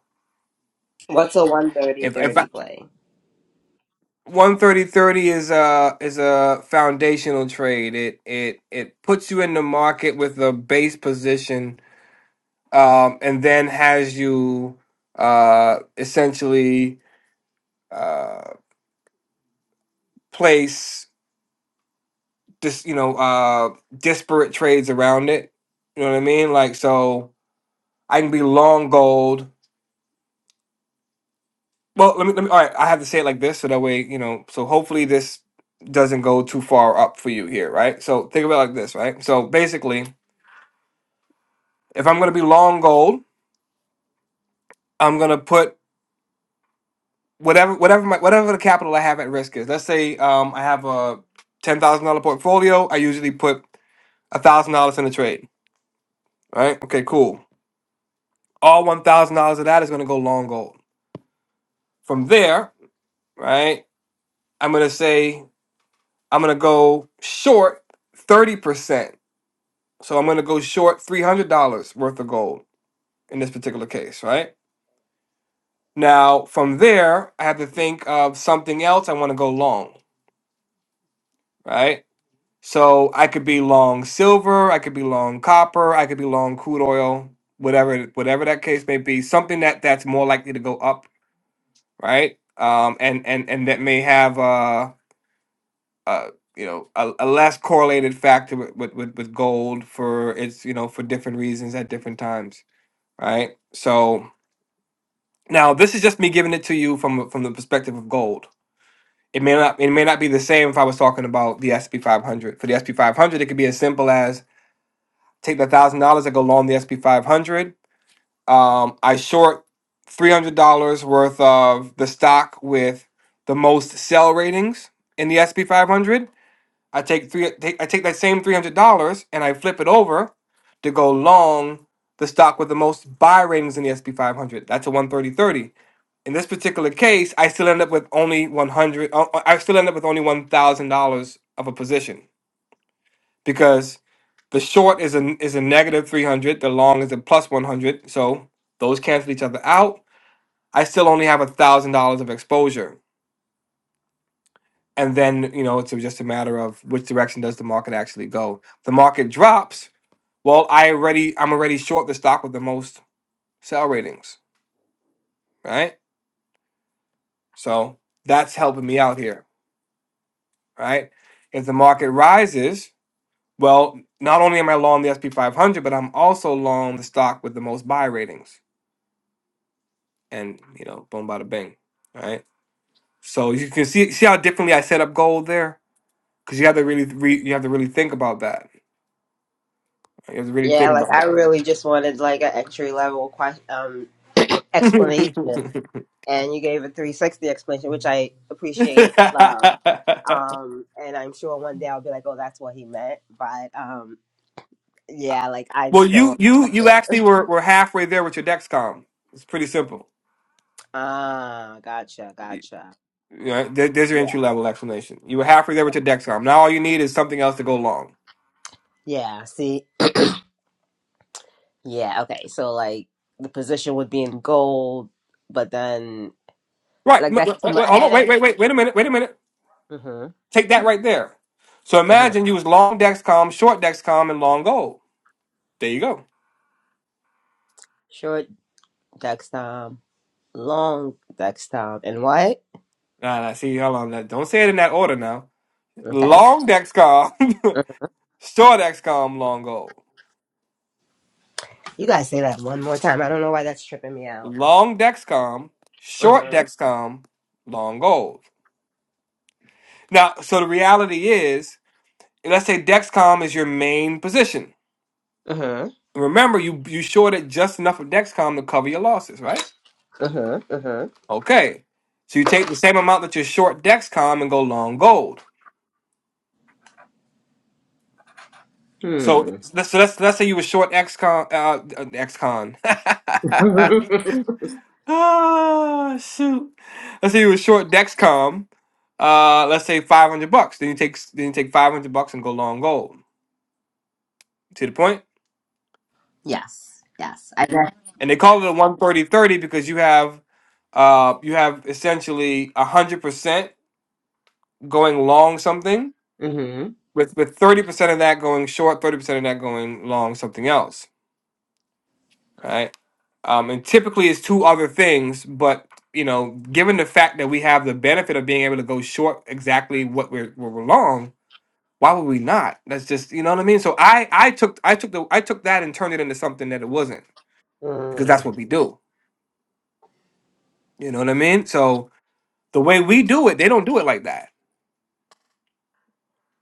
[SPEAKER 7] What's a one thirty
[SPEAKER 2] If if
[SPEAKER 7] thirty
[SPEAKER 2] I,
[SPEAKER 7] play?
[SPEAKER 2] 130 is a is a foundational trade. It it it puts you in the market with a base position, um, and then has you uh essentially uh place. this you know uh disparate trades around it you know what i mean like so i can be long gold well let me let me all right i have to say it like this so that way you know so hopefully this doesn't go too far up for you here right so think about it like this right so basically if i'm going to be long gold i'm going to put whatever whatever my whatever the capital i have at risk is let's say um i have a $10000 portfolio i usually put $1000 in a trade right okay cool all $1000 of that is going to go long gold From there, right, I'm gonna say I'm gonna go short 30%. So I'm gonna go short $300 worth of gold in this particular case, right? Now, from there, I have to think of something else I wanna go long, right? So I could be long silver, I could be long copper, I could be long crude oil, whatever whatever that case may be, something that that's more likely to go up, right? Um, and and and that may have uh uh, you know a, a less correlated factor with, with with with gold for its you know for different reasons at different times right so now this is just me giving it to you from from the perspective of gold it may not it may not be the same if i was talking about the sp 500 for the sp 500 it could be as simple as take the thousand dollars that go long the sp 500 um i short $300 worth of the stock with the most sell ratings in the sp 500 I take three. Take, I take that same three hundred dollars and I flip it over to go long the stock with the most buy ratings in the SP 500. That's a 130.30. In this particular case, I still end up with only 100. uh, uh, I still end up with only one thousand dollars of a position because the short is a is a negative 300. The long is a plus 100. So those cancel each other out. I still only have a thousand dollars of exposure. And then you know it's just a matter of which direction does the market actually go. the market drops Well, I already I'm already short the stock with the most sell ratings, right? So that's helping me out here, right? If the market rises, well, not only am I long the SP 500, but I'm also long the stock with the most buy ratings, and you know, boom, bada bing, right? So you can see see how differently I set up gold there, because you have to really re, you have to really think about that. You have to really
[SPEAKER 7] Yeah,
[SPEAKER 2] think
[SPEAKER 7] like
[SPEAKER 2] about
[SPEAKER 7] I really just wanted like an entry level question, um, explanation, and you gave a three sixty explanation, which
[SPEAKER 2] that.
[SPEAKER 7] I appreciate and love. Um, and I'm sure one day I'll be like, oh, that's what he meant. But um, Yeah, like I'm
[SPEAKER 2] Well,
[SPEAKER 7] still on
[SPEAKER 2] you you
[SPEAKER 7] step
[SPEAKER 2] you
[SPEAKER 7] one.
[SPEAKER 2] actually were, were halfway there with your Dexcom. It's pretty simple.
[SPEAKER 7] Ah, gotcha,
[SPEAKER 2] You-
[SPEAKER 7] gotcha.
[SPEAKER 2] you know, there- there's your
[SPEAKER 7] Yeah.
[SPEAKER 2] entry level explanation. You were halfway there with your Dexcom. Now all you need is something else to go long.
[SPEAKER 7] Yeah, see? Yeah, okay. So like the position would be in gold, but then
[SPEAKER 2] Right.
[SPEAKER 7] like
[SPEAKER 2] M- Wait,
[SPEAKER 7] that's too
[SPEAKER 2] wait,
[SPEAKER 7] much.
[SPEAKER 2] hold on.
[SPEAKER 7] And
[SPEAKER 2] Wait,
[SPEAKER 7] I,
[SPEAKER 2] wait, wait, wait a minute. Wait a minute.
[SPEAKER 7] mm-hmm,
[SPEAKER 2] Take that right there. So
[SPEAKER 7] mm-hmm.
[SPEAKER 2] imagine you was long Dexcom, short Dexcom, and long gold. There you go.
[SPEAKER 7] Short dextom, long dextom, and what?
[SPEAKER 2] Nah, nah, see, hold on. now, Don't say it in that order now.
[SPEAKER 7] Okay.
[SPEAKER 2] Long Dexcom,
[SPEAKER 7] Mhm.
[SPEAKER 2] short Dexcom, long gold.
[SPEAKER 7] You guys say that one more time. I don't know why that's tripping me out.
[SPEAKER 2] Long Dexcom, short
[SPEAKER 7] Mm-hmm.
[SPEAKER 2] Dexcom, long gold. Now, so the reality is, let's say Dexcom is your main position.
[SPEAKER 7] Mm-hmm.
[SPEAKER 2] Remember, you you shorted just enough of Dexcom to cover your losses, right?
[SPEAKER 7] Mm-hmm.
[SPEAKER 2] Okay, so you take the same amount that you short Dexcom and go long gold. So
[SPEAKER 7] Mm-hmm.
[SPEAKER 2] let's so let's, let's say you were short XCon, uh, uh, XCon.
[SPEAKER 7] Hmm.
[SPEAKER 2] oh shoot! Let's say you were short Dexcom. Uh, let's say five hundred bucks. Then you take then you take five hundred bucks and go long gold. See the point?
[SPEAKER 7] yes. Yes. I bet.
[SPEAKER 2] and they call it a 130 30 because you have uh you have essentially 100% going long something with with 30% of that going short 30% of that going long something else right um and typically it's two other things but you know given the fact that we have the benefit of being able to go short exactly what we're, what we're long why would we not that's just you know what i mean so i i took i took the i took that and turned it into something that it wasn't because
[SPEAKER 7] Mm-hmm.
[SPEAKER 2] that's what we do you know what i mean so The way we do it, they don't do it like that,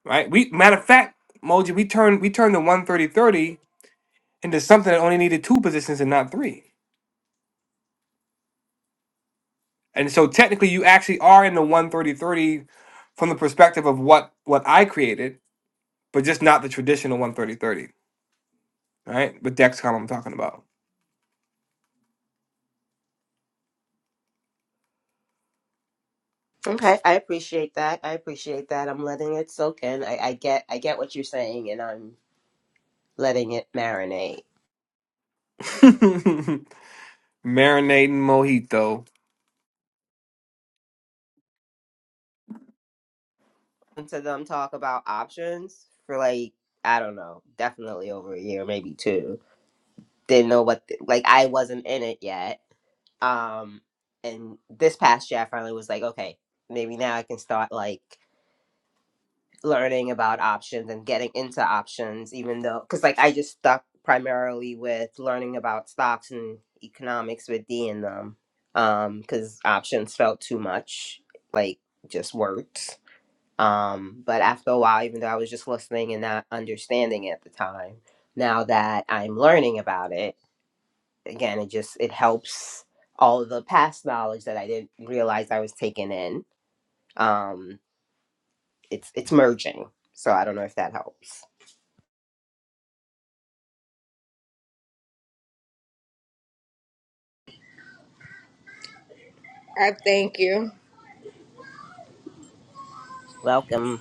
[SPEAKER 2] right? We matter of fact, Moji, we turned we turned the one thirty thirty into something that only needed two positions and not three. And so technically you actually are in the one thirty thirty from the perspective of what what I created, but just not the traditional one thirty thirty, right? But Dexcom I'm talking about.
[SPEAKER 7] Okay, I appreciate that. I appreciate that. I'm letting it soak in. I, I get I get what you're saying and I'm letting it marinate.
[SPEAKER 2] Marinating mojito.
[SPEAKER 7] And to them talk about options for like, I don't know, definitely over a year, maybe two. Didn't know what the, like I wasn't in it yet. Um and this past year I finally was like, okay, maybe now I can start like learning about options and getting into options even though because like i just stuck primarily with learning about stocks and economics with d in them um because options felt too much like just words um but after a while even though i was just listening and not understanding at the time now that i'm learning about it again it just it helps all of the past knowledge that i didn't realize i was taking in um it's it's merging so i don't know if that helps
[SPEAKER 4] I thank you.
[SPEAKER 7] Welcome.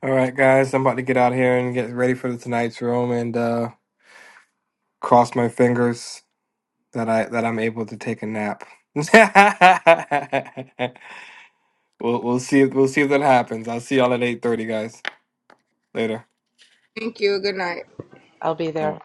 [SPEAKER 2] All right, guys, I'm about to get out here and get ready for the tonight's room and uh cross my fingers that I that I'm able to take a nap. we'll we'll see we'll see if that happens. I'll see y'all at eight thirty, guys. Later.
[SPEAKER 4] Thank you. Good night.
[SPEAKER 9] I'll be there.